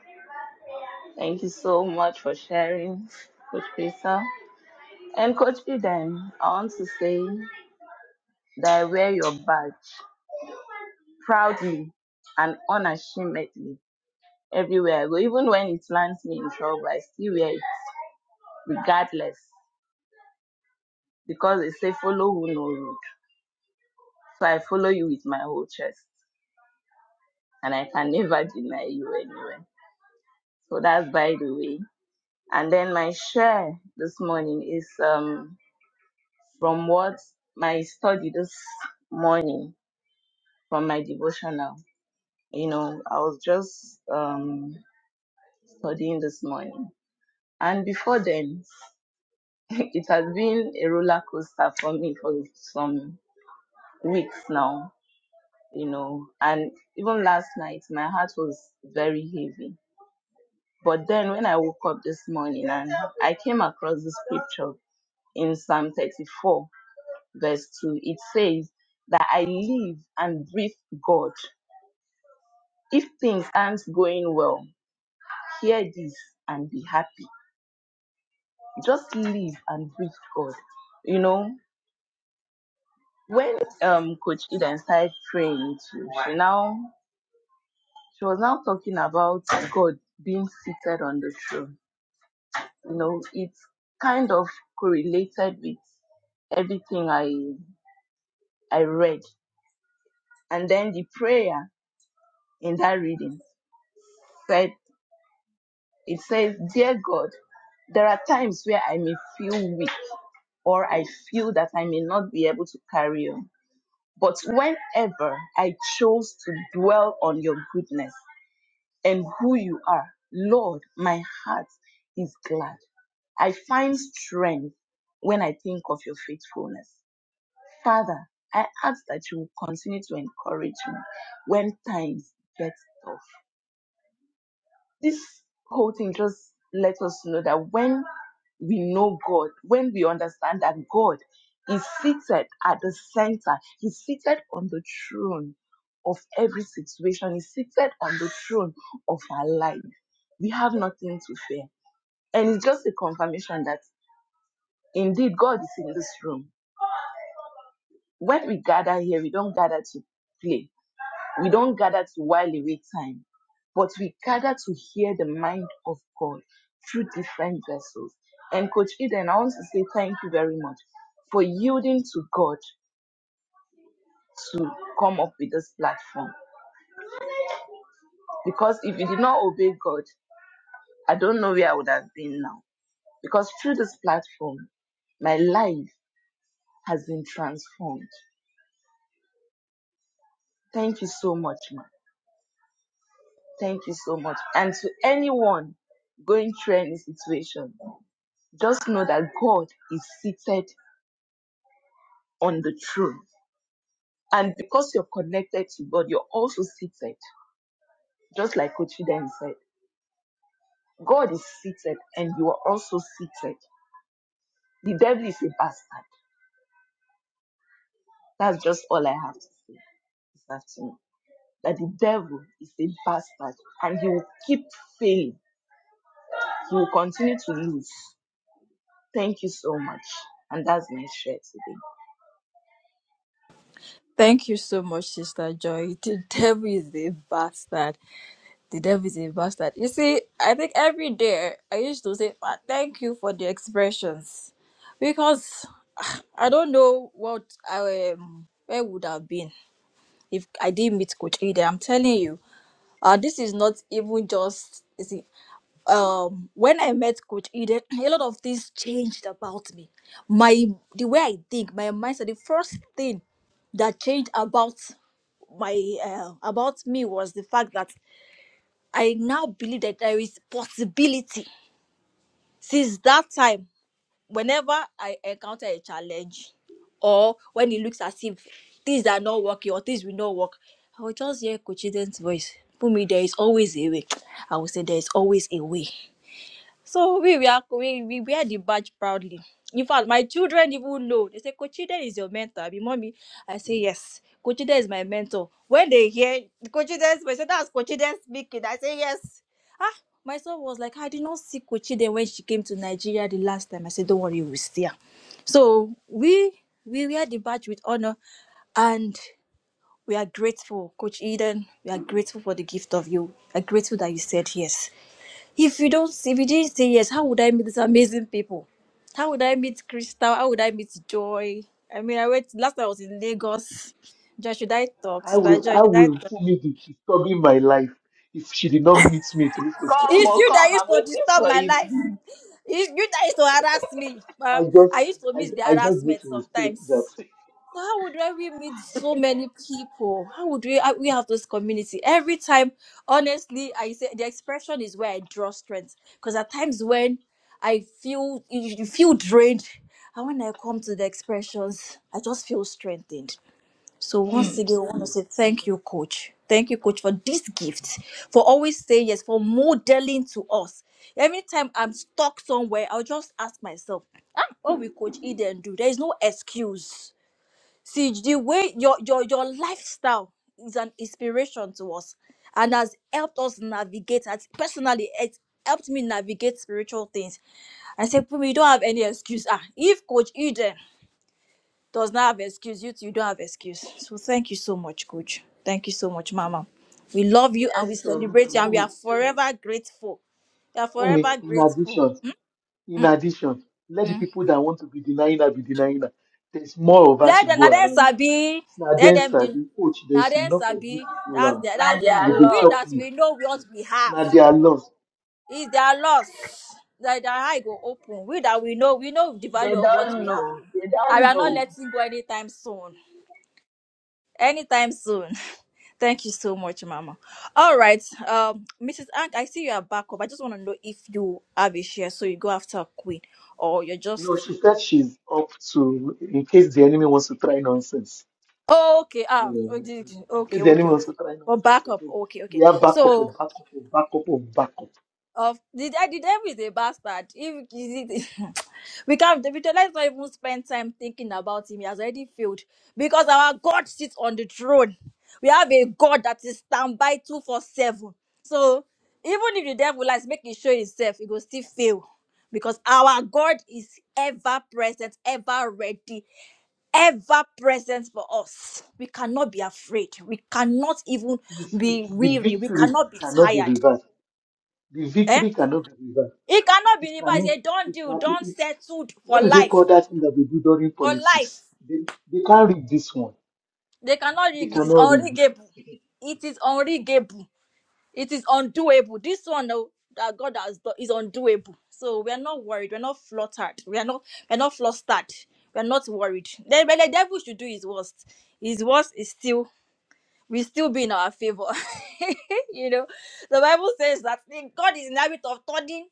Thank you so much for sharing, Coach Peter. And Coach Eden, I want to say that I wear your badge proudly and unashamedly everywhere I go. Even when it lands me in trouble, I still wear it regardless because they say follow who no road. So I follow you with my whole chest and I can <laughs> never deny you anywhere. So that's by the way. And then my share this morning is um, from what my study this morning from my devotional. You know, I was just um, studying this morning. And before then, <laughs> it has been a roller coaster for me for some weeks now, you know. And even last night, my heart was very heavy. But then when I woke up this morning and I came across the scripture in Psalm 34, verse 2, it says that I live and breathe God. If things aren't going well, hear this and be happy. Just live and breathe God. You know, when um Coach Eden started praying, she, she now she was now talking about God being seated on the throne. You know, it's kind of correlated with everything I I read. And then the prayer in that reading said. It says, Dear God, there are times where I may feel weak or I feel that I may not be able to carry on. But whenever I chose to dwell on your goodness and who you are, Lord, my heart is glad. I find strength when I think of your faithfulness. Father, I ask that you will continue to encourage me when times get tough this whole thing just lets us know that when we know God, when we understand that God is seated at the center, He's seated on the throne of every situation, He's seated on the throne of our life. We have nothing to fear. And it's just a confirmation that indeed God is in this room. When we gather here, we don't gather to play We don't gather to while away time, but we gather to hear the mind of God through different vessels. And Coach Eden, I want to say thank you very much for yielding to God to come up with this platform. Because if you did not obey God, I don't know where I would have been now. Because through this platform, my life has been transformed. Thank you so much, ma. Thank you so much. And to anyone going through any situation. Just know that God is seated on the throne. And because you're connected to God, you're also seated. Just like Kochiden said, God is seated and you are also seated. The devil is a bastard. That's just all I have to say this afternoon. That the devil is a bastard and he will keep failing. He will continue to lose. Thank you so much. And that's my share today. Thank you so much, Sister Joy. The <laughs> devil is a bastard. The devil is a bastard. You see, I think every day I used to say, "Ah, thank you for the expressions. Because ah, I don't know what I um, where would I have been if I didn't meet Coach Ida. I'm telling you, uh, this is not even just. You see, um when I met Coach Eden, <clears throat> a lot of things changed about me. My the way I think, my mindset, the first thing that changed about my uh, about me was the fact that I now believe that there is possibility. Since that time, whenever I encounter a challenge or when it looks as if things are not working or things will not work, I will just hear Coach Eden's voice. Put me there is always a way. I will say there is always a way. So we were we, we wear the badge proudly. In fact, my children even know. They say, Coachide is your mentor. Be mommy. I say yes. Coachide is my mentor. When they hear Coachide, they say that's Coachide speaking. I say yes. Ah, my son was like, I did not see Coachide when she came to Nigeria the last time. I said, don't worry, we'll see her. So we we wear the badge with honor, and we are grateful, Coach Eden. We are grateful for the gift of you. We are grateful that you said yes if you don't, if you didn't say yes, how would I meet these amazing people? How would I meet Crystal? How would I meet Joy? I mean, I went last time I was in Lagos. Joy, should I talk, I sister will Joy? I Should I will talk? Fumi be disturbing my life if she did not meet me through Come, Kochide. It's oh, you come. that used I'm to waiting disturb for my you. life. It's you that used to harass me. I But just I used to I, miss the I just need harassment to respect sometimes. that So how would I we meet so many people? How would we I- we have this community every time? Honestly, I say the expression is where I draw strength because at times when I feel you you feel drained, and when I come to the expressions, I just feel strengthened. So once again, I want to say thank you, coach. Thank you, coach, for this gift, for always saying yes, for modeling to us. Every time I'm stuck somewhere, I'll just ask myself, ah, what will Coach Eden do? There is no excuse See, the way your your your lifestyle is an inspiration to us and has helped us navigate. And personally, it helped me navigate spiritual things. I said, Pumi, you don't have any excuse. Ah, if Coach Eden does not have excuse, you two, you don't have excuse. So thank you so much, Coach. Thank you so much, Mama. We love you and we Yes, so. celebrate you and we Fumi, are forever grateful. We are Fumi, forever in grateful. addition, In addition, let the people that want to be denying her be denying her. There's more of her to Let them, go na them around. sabi. Now, Let then, them, sir, de- the coach, na there's them enough of you sabi. to go That's around. their, Now that's they their Who are will dey own. We chop lost. that you. we know what we have Now, they are lost. is their loss. That their eye go open. We that we know, we know the They value of what don't we have. know. They I don't are not know. letting go anytime soon. Anytime soon. <laughs> Thank you so much, Mama. All right, um, Mrs. Ank, I see you are back up. I just want to know if you have a share, so you go after Queen, or you're just No, she said she's up to, in case the enemy wants to try nonsense. Oh, okay. You Ah, oh, know, did- in case okay, the enemy okay, wants okay. to try Well, nonsense back up. again, Okay, we okay. have backup of So, backup of backup of backup. of did I did everything bastard? If is it, <laughs> we can't, Victor, let's not even spend time thinking about him. He has already failed because our God sits on the throne. We have a God that is standby two four seven. So, even if the devil likes making sure himself, it will still fail because our God is ever present, ever ready ever present for us. We cannot be afraid. We cannot even You see, be the weary. We victory cannot be cannot be tired. reversed. The Eh? victory cannot be reversed. It cannot be It reversed. cannot. They don't It do, don't can. settle for What do they life. call that thing that they do during For life. politics? They, they can't read this one. They cannot They rig it. It is cannot read unregable. it. It is unregable. It is undoable. This one oh, that God has done is undoable. So we are not worried. We're not fluttered. We are not we're not flustered. We're not worried. The, the devil should do his worst. His worst is still will still be in our favor. <laughs> you know, the Bible says that God is in the habit of turning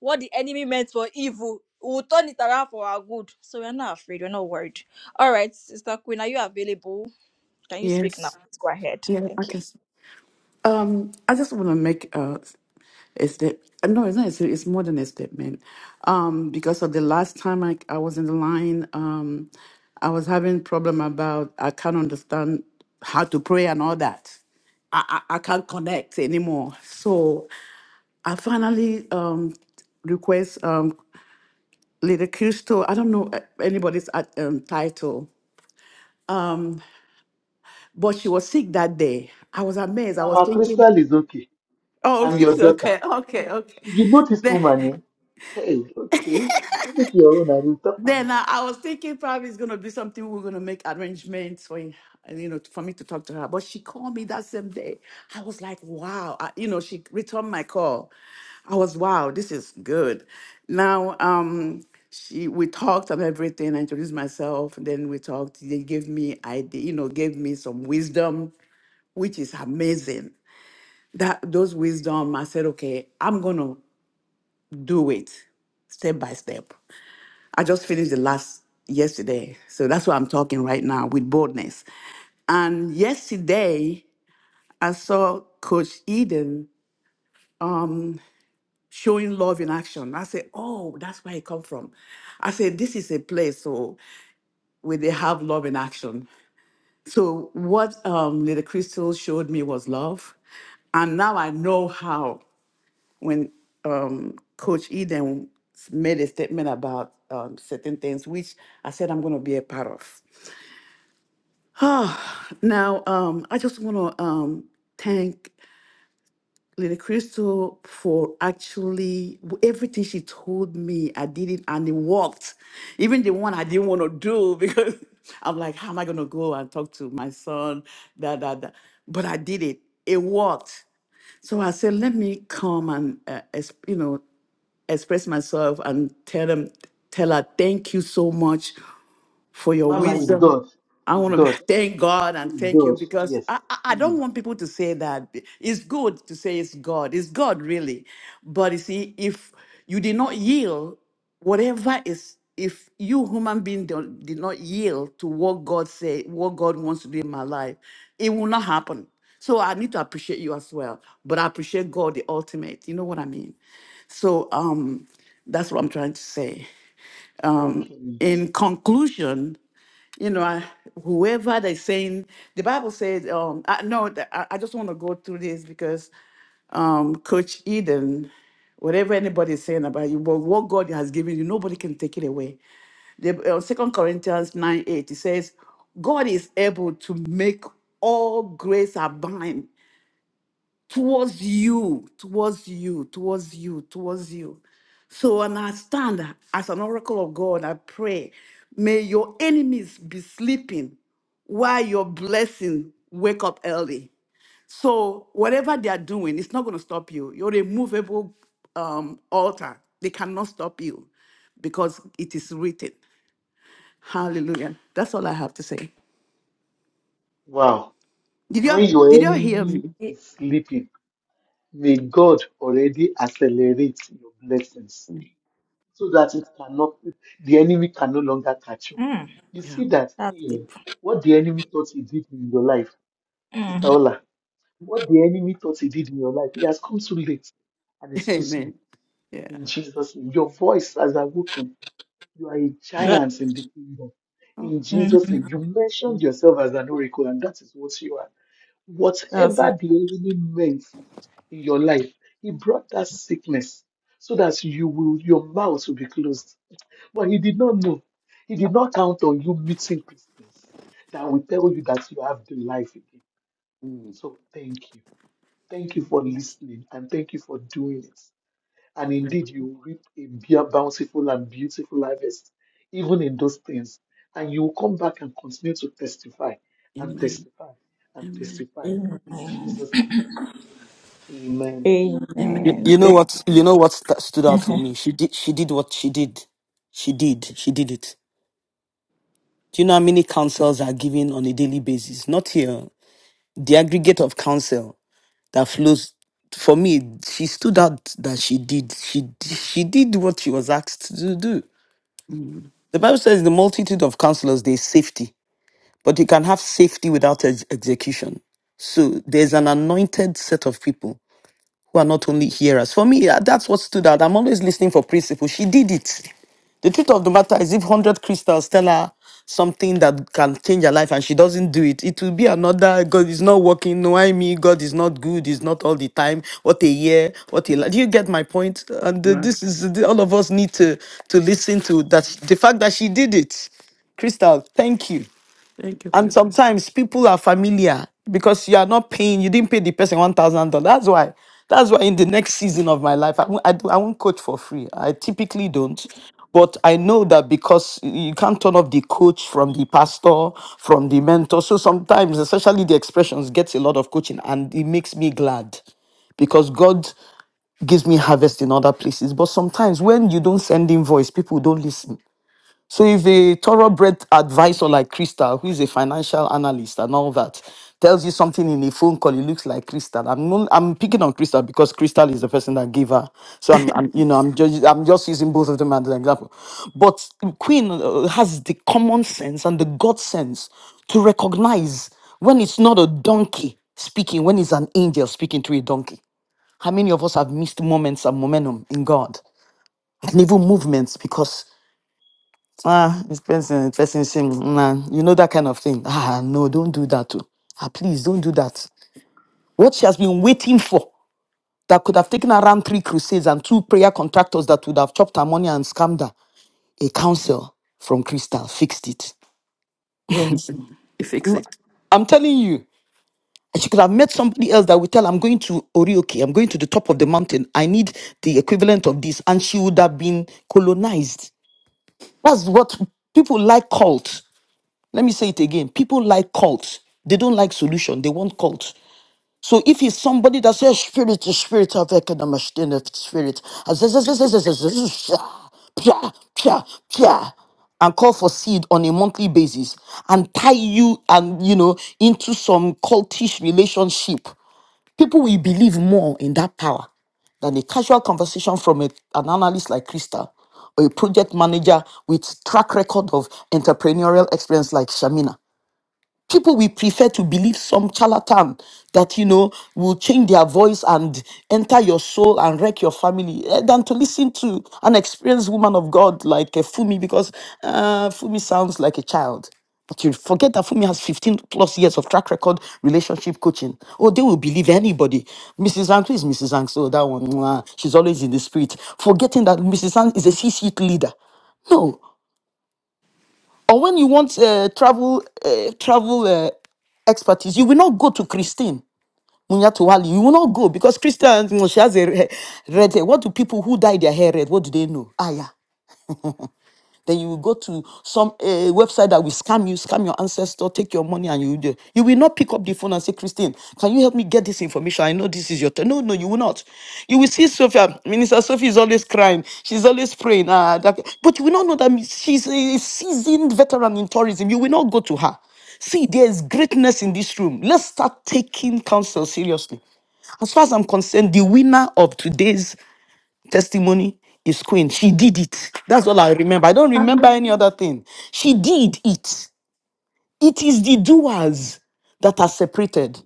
what the enemy meant for evil. He will turn it around for our good. So we're not afraid. We're not worried. All right, Sister Queen, are you available? Can you speak now? Yes. Let's go ahead. Yeah, I Thank you. guess. Um, I just want to make a, a step. No, it's not. A, sta- it's more than a statement. Um, because of the last time I, I was in the line, um, I was having problem about I can't understand how to pray and all that. I, I, I can't connect anymore. So I finally um, request um, Lady Crystal. I don't know uh, anybody's uh, um, title, but she was sick that day. I was <laughs> amazed. I was Mama thinking, Crystal is okay. Oh, I'm your <laughs> daughter. okay, okay, okay. You know this Then, woman, eh? Hey, okay. Take it your own and we'll talk for it. then uh, I was thinking probably it's gonna be something we're gonna make arrangements for, in- you know, for me to talk to her. But she called me that same day. I was like, wow, I, you know, she returned my call. I was wow, this is good. Now, um, she we talked and everything. I introduced myself, and then we talked. They gave me idea, you know, gave me some wisdom, which is amazing. That those wisdom, I said, okay, I'm gonna do it step by step. I just finished the last yesterday. So that's why I'm talking right now with boldness. And yesterday, I saw Coach Eden um, showing love in action. I said, Oh, that's where it come from. I said, This is a place so where they have love in action. So what um, Lady Crystal showed me was love. And now I know how. when um, Coach Eden made a statement about um, certain things, which I said I'm going to be a part of. <sighs> Ah, now, um, I just want to um, thank Lady Crystal for actually w- everything she told me. I did it and it worked. Even the one I didn't want to do <laughs> because I'm like, how am I going to go and talk to my son? Da, da, da. But I did it. It worked. So I said, let me come and, uh, exp- you know, express myself and tell them tell her thank you so much for your Mama is wisdom. God. I Is want to God. <laughs> thank God and Is thank you God. because Yes. I, I I don't Please. want people to say that. It's good to say it's God. It's God, really. But you see, if you did not yield, whatever is, if you human being don't, did not yield to what God say, what God wants to do in my life, it will not happen. So I need to appreciate you as well. But I appreciate God, the ultimate. You know what I mean? So um, that's what I'm trying to say. Thank Um, you. In conclusion, you know, I- whoever they're saying, the Bible says, um, I, no, th- I, I just want to go through this because um, Coach Eden, whatever anybody is saying about you, but what God has given you, nobody can take it away. The uh, Second Corinthians nine eight it says, God is able to make all grace abound towards you, towards you, towards you, towards you. So, and I stand as an oracle of God, I pray, may your enemies be sleeping while your blessing wake up early. So, whatever they are doing, it's not going to stop you. Your immovable um, altar, they cannot stop you because it is written. Hallelujah. That's all I have to say. Wow. Did you When your did you hear enemy me? is It- sleeping, may God already accelerate your blessings. so that it cannot, the enemy can no longer catch you. Mm, You Yeah. see that that's thing, deep. what the enemy thought he did in your life, Sister Mm. Ola, what the enemy thought he did in your life, it has come too late and <laughs> it's too small. Amen. Yeah. In Jesus' name, your voice has awoken. You are a That, giant in the kingdom. In Jesus' name, mhm, you mentioned yourself as an oracle, and that is what you are. that's it. Whatever the enemy meant in your life. He brought that sickness so that you will your mouth will be closed. But he did not know. He did not count on you meeting Christians that will tell you that you have the life again. Oh. So thank you. Thank you for listening and thank you for doing it. And indeed, you reap a bea- bountiful and beautiful harvest, even in those things. And you will come back and continue to testify and Amen. testify and Amen. testify in Amen. Jesus' name. Amen. You, Amen. Amen. you know what? You know what st- stood out for <laughs> me. She did. She did what she did. She did. She did it. Do you know how many counsels are given on a daily basis? Not here. The aggregate of counsel that flows. For me, she stood out that she did. She d- she did what she was asked to do. Mm. The Bible says, "The multitude of counselors, there is safety, but you can have safety without ex- execution." So there's an anointed set of people who are not only hearers. For me, uh, that's what stood out. I'm always listening for principle. She did it. The truth of the matter is, if 100 crystals tell her something that can change her life and she doesn't do it, it will be another God is not working. No, I mean, God is not good, is not all the time. What a year, what a life. Do you get my point? And uh, Right. this is the- all of us need to, to listen to that. The fact that she did it, Crystal, thank you. Thank you, And Krista. sometimes people are familiar because you are not paying, you didn't pay the person $1,000. That's why, that's why in the next season of my life, I won't, I, do, I won't coach for free. I typically don't. But I know that because you can't turn off the coach from the pastor, from the mentor. So sometimes, especially the expressions, gets a lot of coaching and it makes me glad because God gives me harvest in other places. But sometimes when you don't send invoice, people don't listen so if a thoroughbred advisor like Crystal, who is a financial analyst and all that, tells you something in a phone call, it looks like Crystal. I'm not, I'm picking on Crystal because Crystal is the person that gave her. So I'm, I'm you know I'm just I'm just using both of them as an example. But Queen uh, has the common sense and the God sense to recognize when it's not a donkey speaking, when it's an angel speaking to a donkey. How many of us have missed moments and momentum in God and even movements because Ah, it's person, person shame. Nah, you know that kind of thing. Ah, no, don't do that too. Ah, please don't do that. What she has been waiting for that could have taken around three crusades and two prayer contractors that would have chopped her money and scammed her. A counsel from Crystal fixed it. Yes. Mm. You fix it. I'm telling you, and she could have met somebody else that would tell, I'm going to Orioke, I'm going to the top of the mountain. I need the equivalent of this. And she would have been colonized. That's what people like cult. Let me say it again. People like cults. They don't like solution. They want cults. So if he's somebody that says spirit is spirit of economic spirit, and call for seed on a monthly basis and tie you and you know into some cultish relationship, people will believe more in that power than a casual conversation from a- an analyst like Krista or a project manager with track record of entrepreneurial experience like Shamina people will prefer to believe some charlatan that you know will change their voice and enter your soul and wreck your family eh, than to listen to an experienced woman of god like eh, fumi because uh, fumi sounds like a child but you forget that Fumi has 15 plus years of track record relationship coaching. Oh, they will believe anybody. Mrs. Zhang, who is Mrs. Zhang? So that one, mwah, she's always in the spirit. Forgetting that Mrs. Zhang is a CC leader. No or when you want uh, travel uh, travel uh, expertise, you will not go to Christine Munyatuwali. You will not go because Christine, you know, she has a re- red hair. What do people who dye their hair red? What do they know? Ah, yeah. Then you will go to some uh, website that will scam you, scam your ancestor, take your money, and you do. You will not pick up the phone and say, Christine, can you help me get this information? I know this is your turn. No, no, you will not. You will see Sophia, Minister Sophie is always crying. She's always praying. Ah, that, but you will not know that she's a seasoned veteran in tourism. You will not go to her. See, there is greatness in this room. Let's start taking counsel seriously. As far as I'm concerned, the winner of today's testimony is queen. She did it. That's all I remember. I don't remember any other thing. She did it. It is the doers that are separated.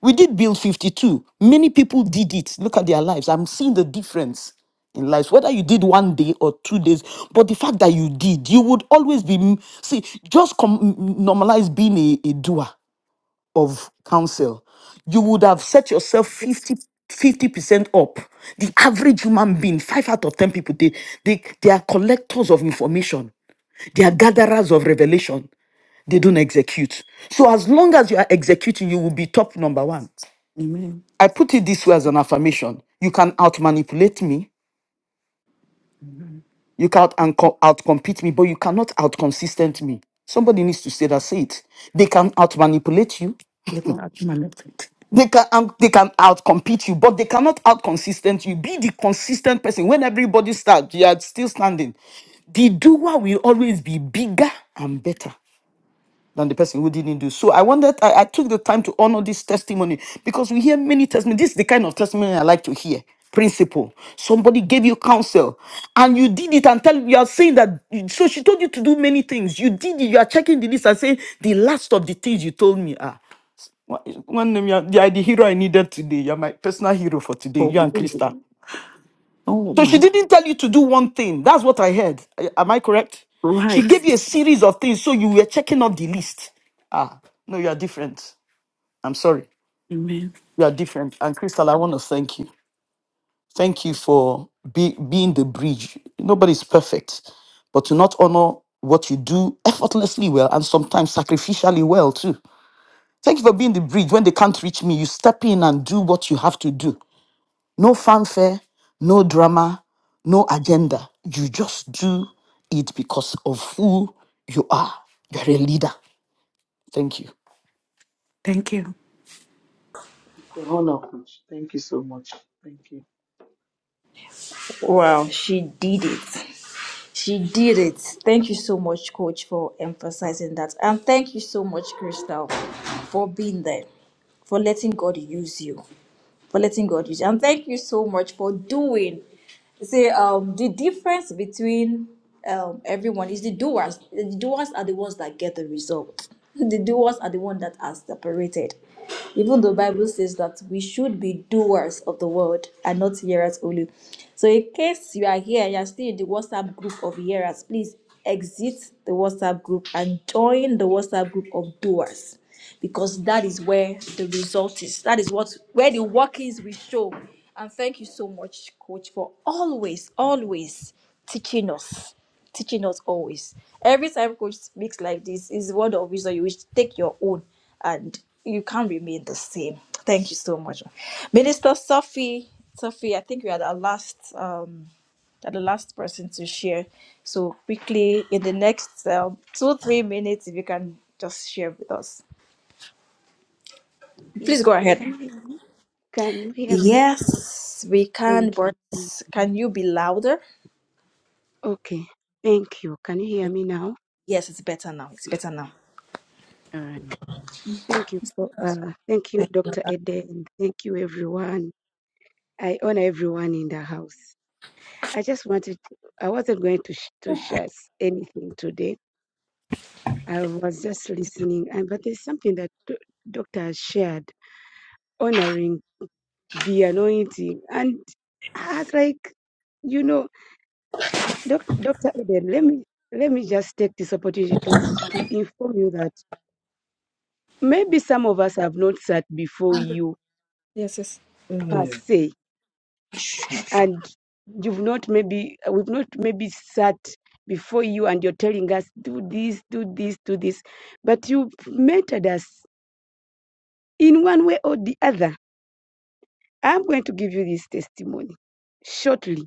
We did Bill 52. Many people did it. Look at their lives. I'm seeing the difference in lives, whether you did one day or two days, but the fact that you did, you would always be, see, just com- normalize being a, a doer of counsel, you would have set yourself 50 percent up. The average human being, five out of ten people, they, they they are collectors of information, they are gatherers of revelation. They don't execute. So as long as you are executing, you will be top number one. Amen. I put it this way as an affirmation. You can outmanipulate me, you can out outcompete me, but you cannot outconsistent me. Somebody needs to say that. Say it. They can outmanipulate you. You got out my left feet. They can um, they can outcompete you, but they cannot outconsistent you. Be the consistent person. When everybody starts, you are still standing. The doer will always be bigger and better than the person who didn't do. So I wanted I, I took the time to honor this testimony because we hear many testimonies. This is the kind of testimony I like to hear. Principle. Somebody gave you counsel and you did it and tell you are saying that so she told you to do many things. You did it, you are checking the list and saying the last of the things you told me. are. What is- One name, you're, you're the hero I needed today. You're my personal hero for today. Oh, You and Krista. oh So she man. didn't tell you to do one thing. That's what I heard. I- Am I correct? She Right. gave you a series of things, so you were checking off the list. Ah, no, you are different. I'm sorry. Amen. You are different. And Crystal, I want to thank you. Thank you for be, being the bridge. Nobody's perfect, but to not honor what you do effortlessly well and sometimes sacrificially well too. Thank you for being the bridge. When they can't reach me, you step in and do what you have to do. No fanfare, no drama, no agenda. You just do it because of who you are. You're a leader. Thank you. Thank you. It's an honor, coach. Thank you so much. Thank you. Wow, she did it. She did it. Thank you so much, Coach, for emphasizing that. And thank you so much, Crystal, for being there, for letting God use you for letting God use you. And thank you so much for doing. See, um, the difference between um, everyone is the doers. The doers are the ones that get the result. <laughs> The doers are the ones that are separated. Even the Bible says that we should be doers of the word and not hearers only. So, in case you are here, you are still in the WhatsApp group of hearers, please exit the WhatsApp group and join the WhatsApp group of doers because that is where the result is. That is what where the work is we show. And thank you so much, coach, for always, always teaching us. Teaching us always. Every time coach speaks like this, is word of wisdom. You will take your own and you can't remain the same. Thank you so much. Minister Sophie, Sophie, I think you are the last um are the last person to share. So quickly, in the next um, two three minutes, if you can just share with us. Yes, Please go I ahead. can you hear me? Can you hear me? Yes, we can, Thank you. but Mm. can you be louder? Okay, thank you. Can you hear me now? Yes, it's better now. It's better now. All right. Thank you. for- Uh, thank you, Thank Dr. Ede, and thank you, everyone. I honor everyone in the house. I just wanted. To, I wasn't going to sh- to share s- anything today. I was just listening, and but there's something that do- Doctor has shared, honoring the anointing, and I was like, you know. Doc- Dr. Eden, let me let me just take this opportunity to to inform you that maybe some of us have not sat before you you. per se, and you've not maybe we've not maybe sat before you, and you're telling us do this, do this, do this, but you've mentored us in one way or the other. I'm going to give you this testimony shortly,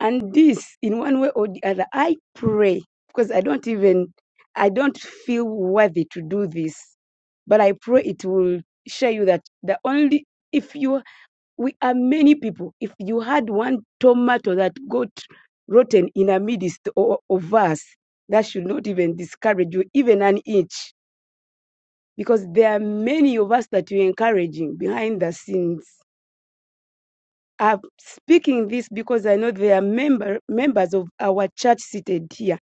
and this in one way or the other. I pray because I don't even I don't feel worthy to do this But I pray it will show you that the only if you we are many people. If you had one tomato that got rotten in the midst of us, that should not even discourage you, even an inch, because there are many of us that you're encouraging behind the scenes. I'm speaking this because I know there are member, members of our church seated here,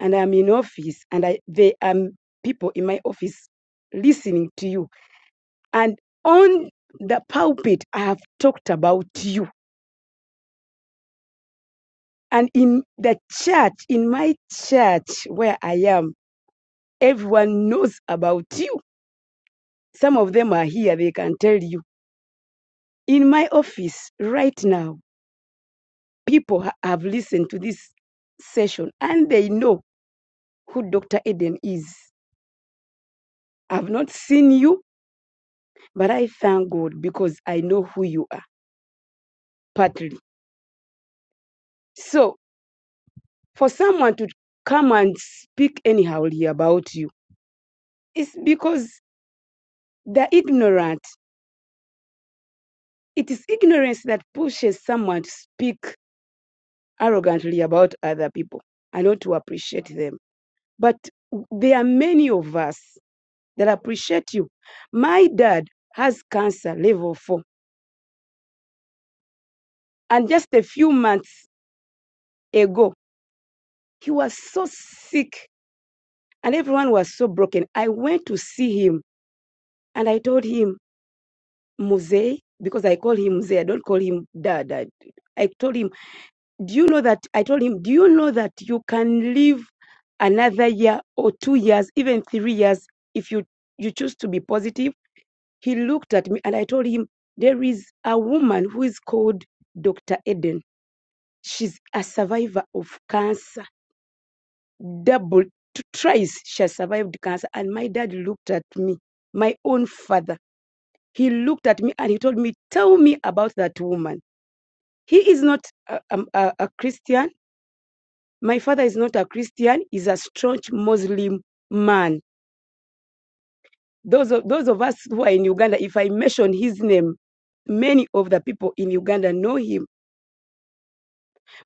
and I'm in office, and I, there are people in my office listening to you And on the pulpit, I have talked about you. And in the church, in my church where I am, everyone knows about you. Some of them are here, they can tell you. In my office right now, people have listened to this session and they know who Dr. Eden is. I've not seen you, but I thank God because I know who you are, partly. So, for someone to come and speak anyhow about you, It's because they're ignorant. It is ignorance that pushes someone to speak arrogantly about other people and not to appreciate them. But there are many of us that appreciate you. My dad has cancer level four. And just a few months ago, he was so sick and everyone was so broken. I went to see him and I told him, Muzee, because I call him Muzee, I don't call him dad. I, I told him do you know that I told him, do you know that you can live another year or two years, even three years, if you, you choose to be positive? He looked at me and I told him, there is a woman who is called Dr. Eden. She's a survivor of cancer, double, t- thrice she has survived cancer. And my dad looked at me, my own father. He looked at me and he told me, tell me about that woman. He is not a, a a Christian My father is not a Christian, he's a staunch Muslim man. Those of, those of us who are in Uganda, if I mention his name, many of the people in Uganda know him.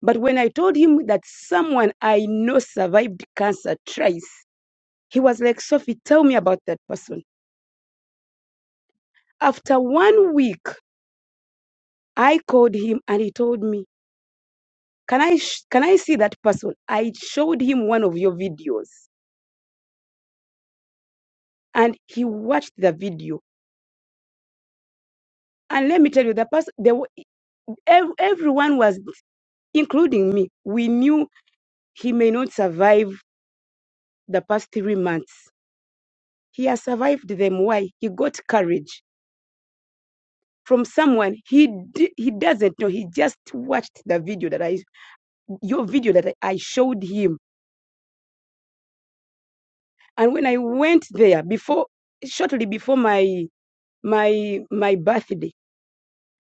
But when I told him that someone I know survived cancer twice, he was like, Sophie, tell me about that person. After one week, I called him and he told me, can I, sh- can I see that person? I showed him one of your videos and he watched the video. And let me tell you, the person, they, were- ev- everyone was including me, we knew he may not survive the past three months. He has survived them. Why? He got courage from someone he d- he doesn't know. He just watched the video that I your video that I showed him. And when I went there before shortly before my my my birthday,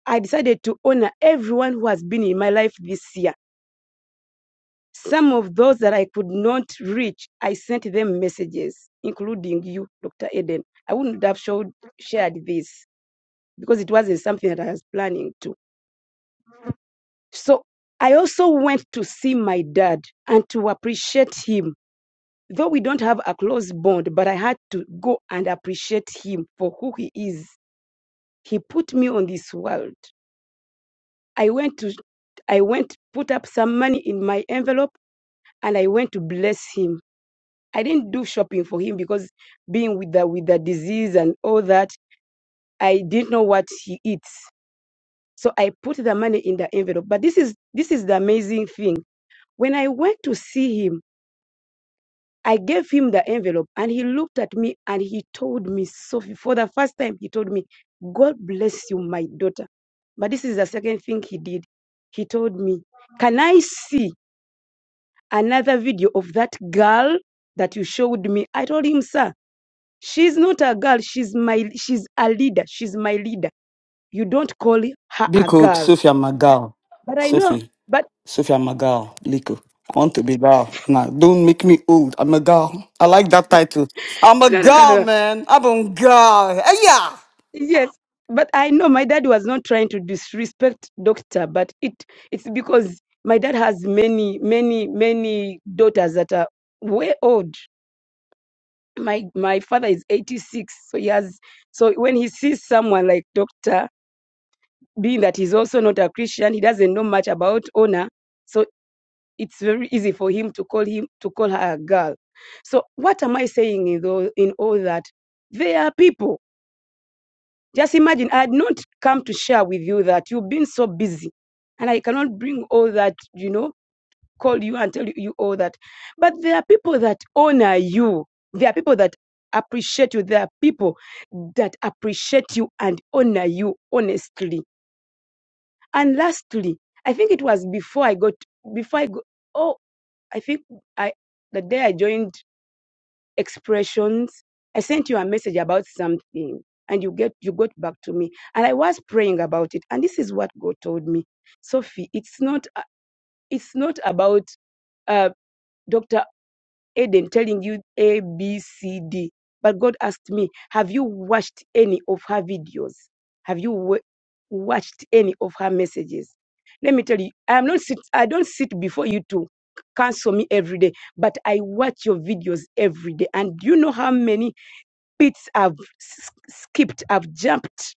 I decided to honor everyone who has been in my life this year Some of those that I could not reach, I sent them messages, including you, Dr. Eden. I wouldn't have showed, shared this because it wasn't something that I was planning to. So I also went to see my dad and to appreciate him. Though we don't have a close bond, but I had to go and appreciate him for who he is. He put me on this world. I went to I went put up some money in my envelope and I went to bless him I didn't do shopping for him because being with the with the disease and all that, I didn't know what he eats. So I put the money in the envelope. But this is this is the amazing thing. When I went to see him, I gave him the envelope and he looked at me and he told me, Sophie, for the first time, he told me, God bless you, my daughter. But this is the second thing he did. He told me, Can I see another video of that girl that you showed me? I told him, sir. She's not a girl. She's my she's a leader. She's my leader. You don't call her a Biko, girl. Sophia Magal. But I know. Sophie, But Sophia Magal, Liko. I want to be gal. Nah, don't make me old. I'm a gal. I like that title. I'm a no no no no. gal, no. man. I'm a gal. Hey, yeah. Yes. But I know my dad was not trying to disrespect doctor, but it it's because my dad has many, many, many daughters that are way old. My my father is 86. So he has so when he sees someone like doctor, being that he's also not a Christian, he doesn't know much about honor. So it's very easy for him to call him to call her a girl. So what am I saying in all, in all that? They are people. Just imagine I had not come to share with you that you've been so busy, and I cannot bring all that you know call you and tell you all that. But there are people that honor you. There are people that appreciate you. There are people that appreciate you and honor you honestly. And lastly, I think it was before I got before I got, oh. I think I the day I joined expressions, I sent you a message about something and you get you got back to me. And I was praying about it. And this is what God told me. Sophie, it's not a- it's not about uh, Dr. Eden telling you A, B, C, D. But God asked me, Have you watched any of her videos? Have you wa- watched any of her messages? Let me tell you, I'm not sit, I don't sit before you to cancel me every day, but I watch your videos every day. And do you know how many bits I've s- skipped, I've jumped,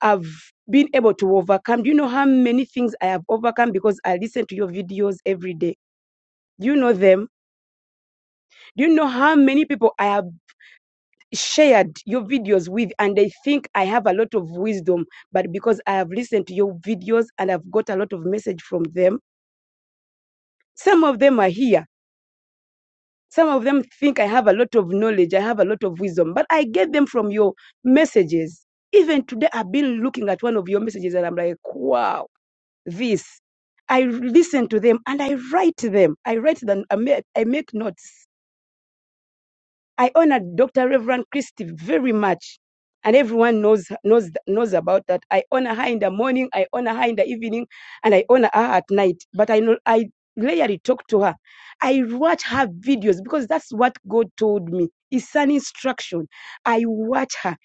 I've been able to overcome? Do you know how many things I have overcome because I listen to your videos every day? Do you know them? Do you know how many people I have shared your videos with and i think i have a lot of wisdom but because i have listened to your videos and i've got a lot of message from them some of them are here some of them think i have a lot of knowledge i have a lot of wisdom but i get them from your messages even today i've been looking at one of your messages and i'm like wow this i listen to them and i write them i write them i make, I make notes I honor Dr. Reverend Christie very much. And everyone knows knows knows about that. I honor her in the morning, I honor her in the evening, and I honor her at night. But I know I regularly talk to her. I watch her videos because that's what God told me. It's an instruction. I watch her.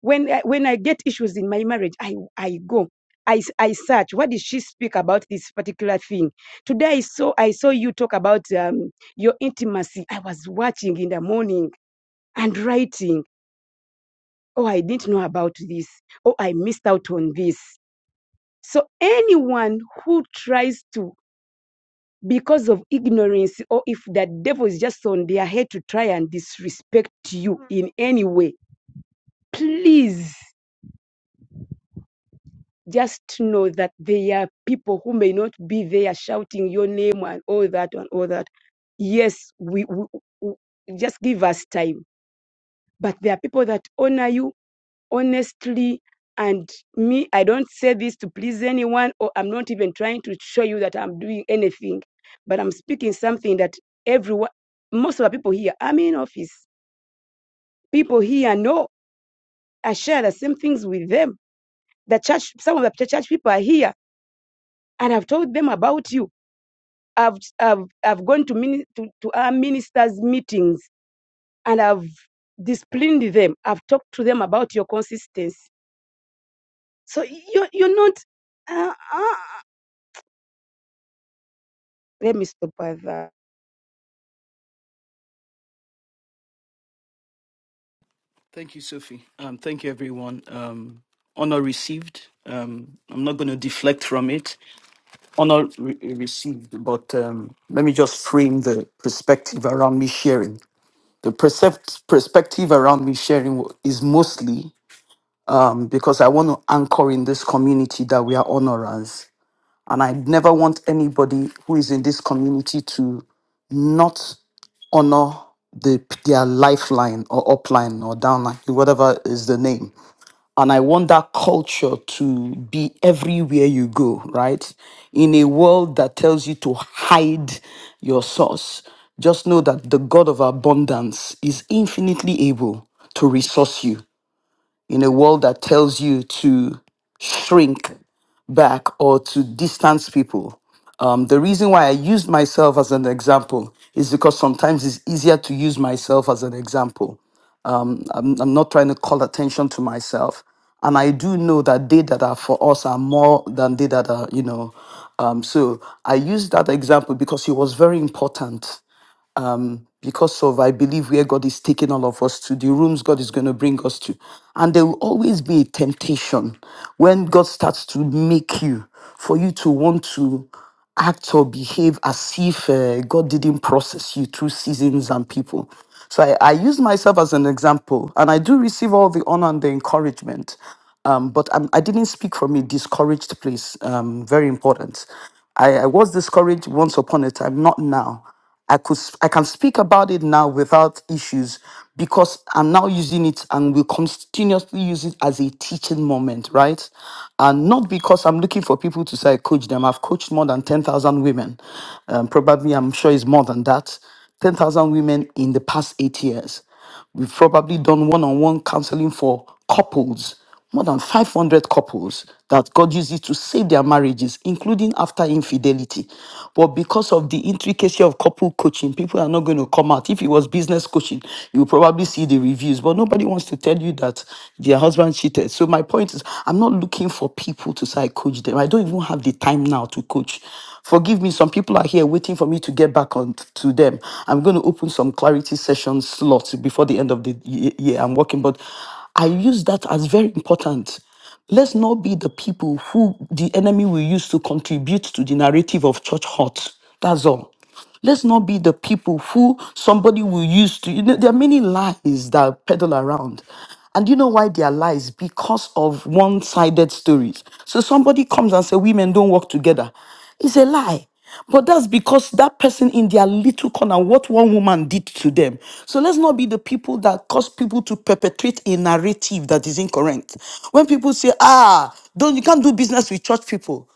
When I, when I get issues in my marriage, I I go. I I search. What did she speak about this particular thing? Today I saw I saw you talk about um, your intimacy. I was watching in the morning and writing, oh, I didn't know about this. Oh, I missed out on this. So anyone who tries to, because of ignorance, or if that devil is just on their head to try and disrespect you in any way, please just know that there are people who may not be there shouting your name and all that and all that. Yes, we, we, we just give us time. But there are people that honor you honestly and me i don't say this to please anyone or i'm not even trying to show you that i'm doing anything but i'm speaking something that everyone most of the people here i'm in office people here know i share the same things with them the church some of the church people are here and i've told them about you i've i've, I've gone to, mini, to to our ministers meetings and i've disciplined them i've talked to them about your consistency so you're, you're not Uh, uh, Let me stop the brother. Thank you, Sophie. Um, thank you, everyone. Um, honor received. Um, I'm not going to deflect from it. honor re- received, but um, let me just frame the perspective around me sharing. The percept- perspective around me sharing wa- is mostly um, because I want to anchor in this community that we are honorers. And I never want anybody who is in this community to not honor the their lifeline or upline or downline, whatever is the name. And I want that culture to be everywhere you go, right? In a world that tells you to hide your source, just know that the God of abundance is infinitely able to resource you. In a world that tells you to shrink back or to distance people, um, the reason why I used myself as an example is because sometimes it's easier to use myself as an example. I'm I'm not trying to call attention to myself. And I do know that they that are for us are more than they that are, you know. Um, so I use that example because it was very important because of, I believe, where God is taking all of us to, the rooms God is going to bring us to. And there will always be a temptation when God starts to make you for you to want to act or behave as if uh, God didn't process you through seasons and people. So I, I use myself as an example, and I do receive all the honor and the encouragement um, but I'm, I didn't speak from a discouraged place. Um, very important. I, I was discouraged once upon a time, not now. I could s- I can speak about it now without issues because I'm now using it and will continuously use it as a teaching moment, right? And not because I'm looking for people to say I coach them. I've coached more than ten thousand women. Um, probably, I'm sure it's more than that. Ten thousand women in the past eight years. We've probably done one on one counseling for couples, more than 500 couples that God uses to save their marriages, including after infidelity. But because of the intricacy of couple coaching, people are not going to come out. If it was business coaching, you will probably see the reviews, but nobody wants to tell you that their husband cheated. So, my point is, I'm not looking for people to say I coach them. I don't even have the have the time now to coach. Forgive me, some people are here waiting for me to get back on t- to them. I'm going to open some clarity session slots before the end of the y- year I'm working, but I use that as very important. Let's not be the people who the enemy will use to contribute to the narrative of church hurt. That's all. Let's not be the people who somebody will use to. You know, there are many lies that peddle around. And you know why they are lies? Because of one sided stories. So somebody comes and says, Women don't work together. It's a lie. But that's because that person in their little corner, what one woman did to them. So let's not be the people that cause people to perpetrate a narrative that is incorrect. When people say, ah, don't you can't do business with church people.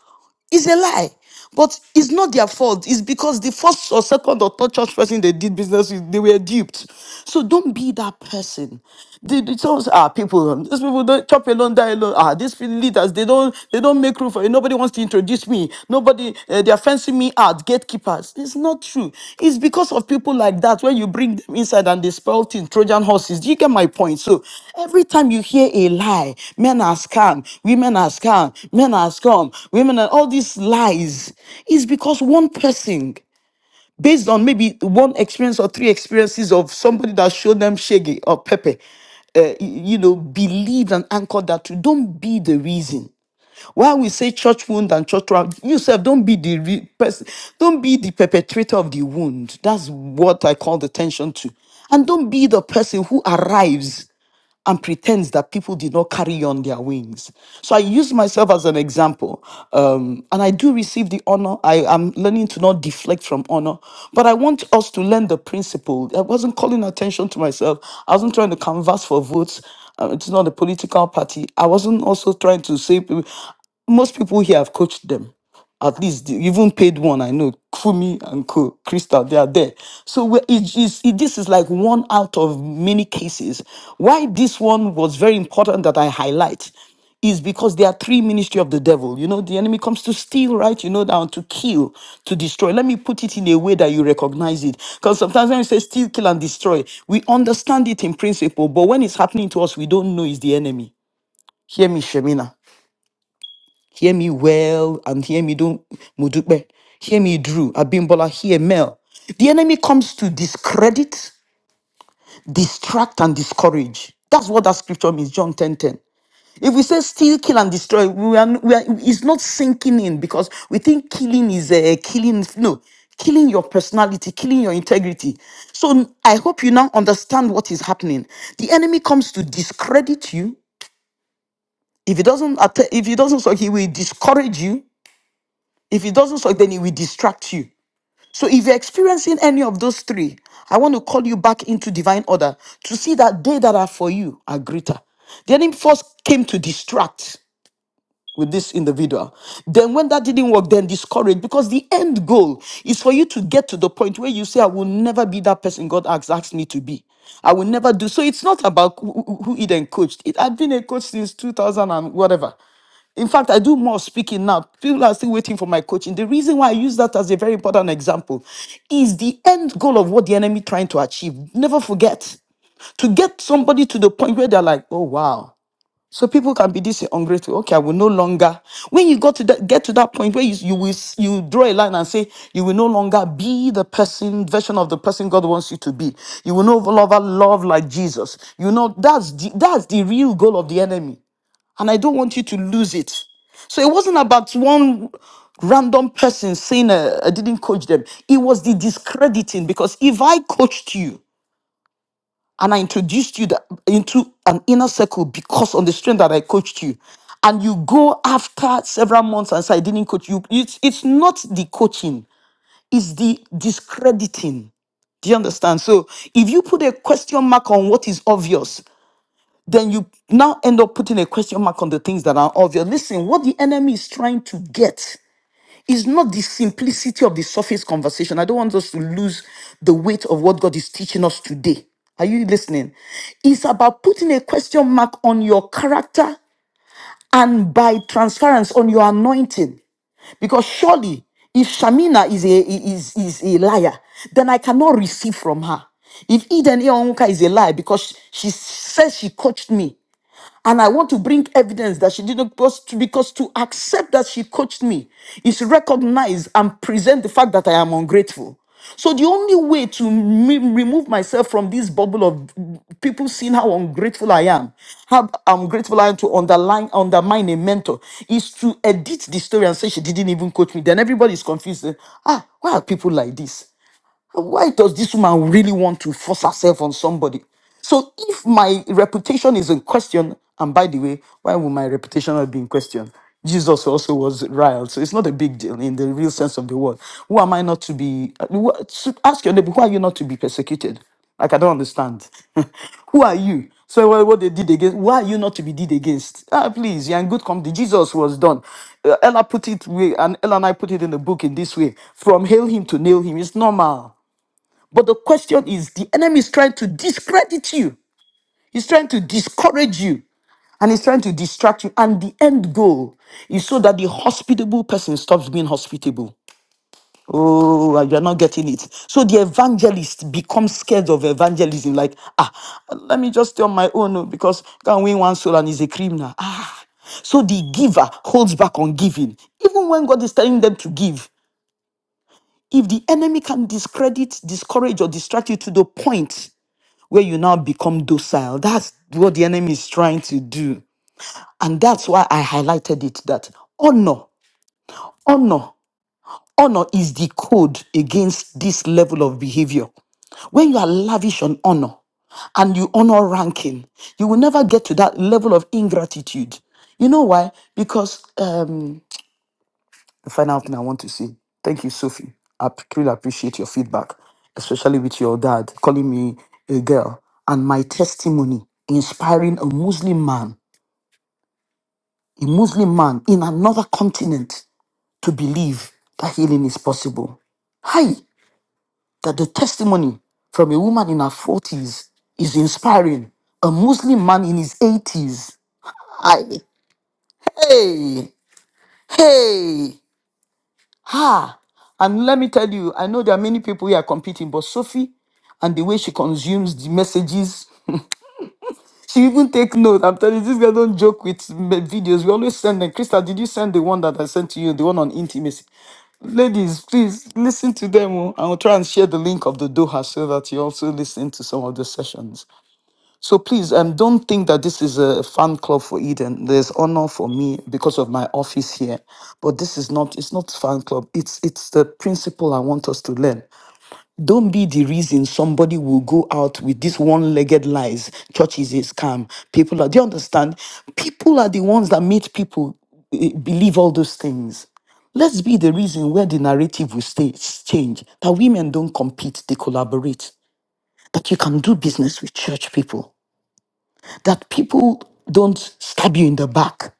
It's a lie. But it's not their fault. It's because the first or second or third church person they did business with, they were duped. So don't be that person. The, the those ah, people, these people don't chop alone, die alone. Ah, these leaders, they don't they don't make room for you. Nobody wants to introduce me. Nobody, uh, their are fencing me out, gatekeepers. It's not true. It's because of people like that when you bring them inside and they spell things, Trojan horses. Do you get my point? So every time you hear a lie, men are scam, women are scam, men are scam, women are all these lies, it's because one person based on maybe one experience or three experiences of somebody that showed them Shege or Pepe, uh, y- you know, believe and anchor that to don't be the reason. Why we say church wound and church wound, yourself don't be the re- person, don't be the perpetrator of the wound. That's what I call the tension to, and don't be the person who arrives and pretends that people did not carry on their wings. So I use myself as an example. Um, and I do receive the honor. I am learning to not deflect from honor, but I want us to learn the principle. I wasn't calling attention to myself, I wasn't trying to canvass for votes. Uh, it's not a political party. I wasn't also trying to say, people- most people here have coached them. At least the even paid one, I know Kumi and Co. Crystal, they are there. So we- it is it, this is like one out of many cases. Why this one was very important that I highlight is because there are three ministry of the devil. You know, the enemy comes to steal, right? You know, down to kill, to destroy. Let me put it in a way that you recognize it. Because sometimes when we say steal, kill, and destroy, we understand it in principle, but when it's happening to us, we don't know it's the enemy. Hear me, Shemina. Hear me well and hear me do Mudupe. Hear me Drew, Abimbola, hear Mel. The enemy comes to discredit, distract, and discourage. That's what that scripture means, John 10 10. If we say steal, kill, and destroy, we are, we are, it's not sinking in because we think killing is a killing. No, killing your personality, killing your integrity. So I hope you now understand what is happening. The enemy comes to discredit you. If he doesn't, atta- if he doesn't, so he will discourage you If it doesn't solve, then it will distract you. So if you're experiencing any of those three, I want to call you back into divine order to see that they that are for you are greater. The enemy first came to distract with this individual. Then, when that didn't work, then discourage because the end goal is for you to get to the point where you say, I will never be that person God has asked me to be. I will never do. So, it's not about who who- who Eden coached. It, I've been a coach since 2000 and whatever. In fact, I do more speaking now. People are still waiting for my coaching. The reason why I use that as a very important example is the end goal of what the enemy trying to achieve. Never forget to get somebody to the point where they're like, oh, wow. So people can be this ungrateful. Okay, I will no longer. When you go to that, get to that point where you you will s- you draw a line and say you will no longer be the person version of the person God wants you to be. You will no longer love like Jesus. You know that's the, that's the real goal of the enemy, and I don't want you to lose it. So it wasn't about one random person saying uh, I didn't coach them. It was the discrediting because if I coached you, and I introduced you that, into an inner circle because on the strength that I coached you. And you go after several months and say, I didn't coach you. It's, it's not the coaching, it's the discrediting. Do you understand? So if you put a question mark on what is obvious, then you now end up putting a question mark on the things that are obvious. Listen, what the enemy is trying to get it's not the simplicity of the surface conversation. I don't want us to lose the weight of what God is teaching us today. Are you listening? It's about putting a question mark on your character and by transference on your anointing. Because surely, if Shamina is a is, is a liar, then I cannot receive from her. If Eden Eonka is a liar because she says she coached me, and I want to bring evidence that she didn't because to, because to accept that she coached me is to recognize and present the fact that I am ungrateful. So the only way to me- remove myself from this bubble of people seeing how ungrateful I am, how ungrateful I am to underline undermine a mentor, is to edit the story and say she didn't even coach me. Then everybody is confused. eh, Ah, why are people like this? why does this woman really want to force herself on somebody? So if my reputation is in question, and by the way, why would my reputation not be in question? Jesus also was riled, so it's not a big deal in the real sense of the word. Who am I not to be? uh, wh- s- Ask your neighbor, who are you not to be persecuted? Like I don't understand. <laughs> who are you? So what, what they did against? Why are you not to be did against? Ah, please, you're in good company. Jesus was done. Uh, Ella put it way, and Ella and I put it in the book in this way: from hail him to nail him. It's normal. But the question is the enemy is trying to discredit you, he's trying to discourage you, and he's trying to distract you. And the end goal is so that the hospitable person stops being hospitable. Oh, and you're not getting it. So the evangelist becomes scared of evangelism. Like, ah, let me just stay on my own oh, because I can win one soul and he's a criminal. Ah. So the giver holds back on giving. Even when God is telling them to give, if the enemy can discredit, discourage, or distract you to the point where you now become docile. That's what the enemy is trying to do. And that's why I highlighted it that honor, honor, honor is the code against this level of behavior. When you are lavish on honor and you honor ranking, you will never get to that level of ingratitude. You know why? Because um, the final thing I want to say, thank you, Sophie. I p- really appreciate your feedback, especially with your dad calling me a girl and my testimony inspiring a Muslim man, a Muslim man in another continent to believe that healing is possible. Hi, that the testimony from a woman in her 40s is inspiring a Muslim man in his 80s. I, hey, hey. Ha! And let me tell you, I know there are many people who are competing, but Sophie and the way she consumes the messages, she even take note. I'm telling you, this girl don't joke with me- videos. We always send them. Krista, did you send the one that I sent to you, the one on intimacy? Ladies, please listen to them. oh. I will try and share the link of the Doha so that you also listen to some of the sessions. So please, um, don't think that this is a fan club for Eden. There's honor for me because of my office here, but this is not. It's not fan club. It's it's the principle I want us to learn. Don't be the reason somebody will go out with this one-legged lies. Church is a scam. People are. Do you understand? People are the ones that make people eh, believe all those things. Let's be the reason where the narrative will stay change. That women don't compete; they collaborate. That you can do business with church people that people don't stab you in the back.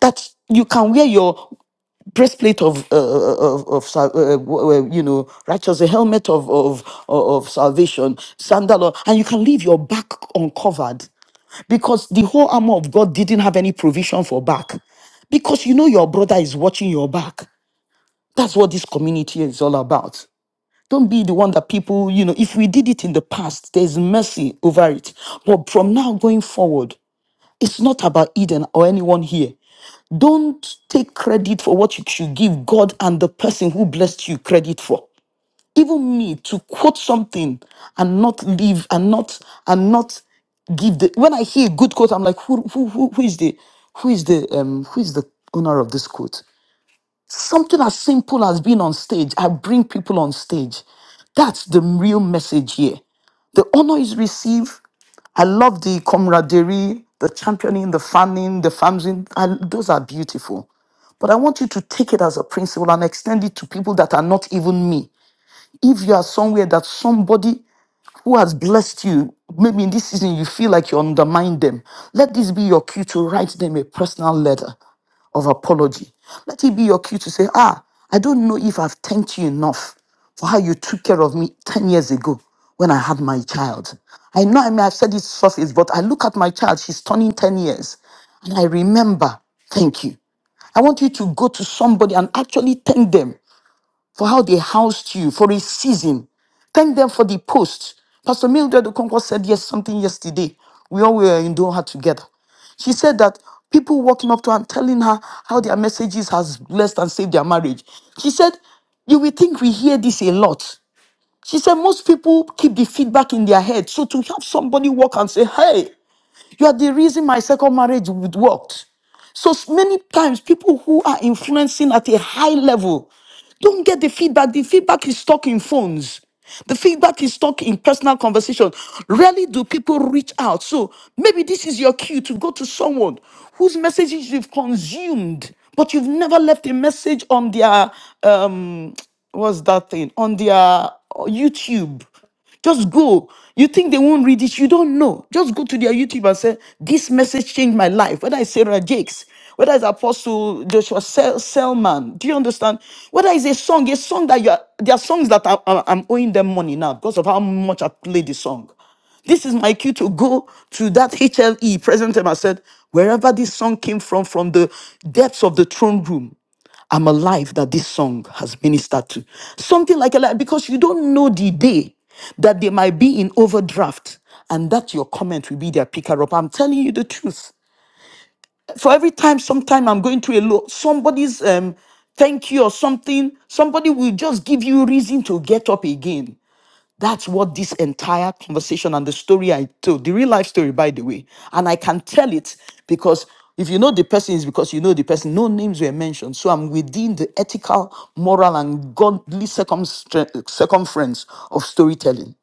That you can wear your breastplate of uh, uh, of, of sal- uh, w- uh, you know righteous, a helmet of of of salvation, sandal, or- and you can leave your back uncovered because the whole armor of God didn't have any provision for back, because you know your brother is watching your back. That's what this community is all about. Don't be the one that people, you know, if we did it in the past, there's mercy over it. But from now going forward, it's not about Eden or anyone here. Don't take credit for what you should give God and the person who blessed you credit for. Even me to quote something and not leave and not and not give the when I hear a good quote, I'm like, who who who, who is the who is the um who is the owner of this quote? Something as simple as being on stage, I bring people on stage. That's the real message here. The honor is received. I love the camaraderie, the championing, the fanning, the famsing. I- Those are beautiful. But I want you to take it as a principle and extend it to people that are not even me. If you are somewhere that somebody who has blessed you, maybe in this season you feel like you undermine them. Let this be your cue to write them a personal letter of apology. Let it be your cue to say, Ah, I don't know if I've thanked you enough for how you took care of me 10 years ago when I had my child. I know I may have said it surface, but I look at my child, she's turning 10 years, and I remember, thank you. I want you to go to somebody and actually thank them for how they housed you for a season. Thank them for the post. Pastor Mildred Okonkwo said yes something yesterday. We all were in Doha together. She said that people walking up to her and telling her how their messages has blessed and saved their marriage. She said, you will think we hear this a lot. She said most people keep the feedback in their head. So to have somebody walk and say, hey, you are the reason my second marriage would worked. So s- many times, people who are influencing at a high level don't get the feedback. The feedback is stuck in phones. The feedback is stuck in personal conversation. Rarely do people reach out. So maybe this is your cue to go to someone whose messages you've consumed, but you've never left a message on their um, <tsk> what's that thing on their uh, YouTube. Just go. You think they won't read it? You don't know. Just go to their YouTube and say, This message changed my life. Whether it's Sarah Jakes, whether it's Apostle Joshua Sel- Selman. Do you understand? Whether it's a song, a song that you are, there are songs that I, I- I'm owing them money now because of how much I played the song. This is my cue to go to that HLE, present them. I said, Wherever this song came from, from the depths of the throne room, I'm alive that this song has ministered to. Something like a lie, because you don't know the day that they might be in overdraft and that your comment will be their picker up. I'm telling you the truth. For every time, sometime I'm going through a low, somebody's um, thank you or something, somebody will just give you reason to get up again. That's what this entire conversation and the story I told, the real life story, by the way. And I can tell it because if you know the person, is because you know the person. No names were mentioned. So I'm within the ethical, moral, and godly circumstra- circumference of storytelling.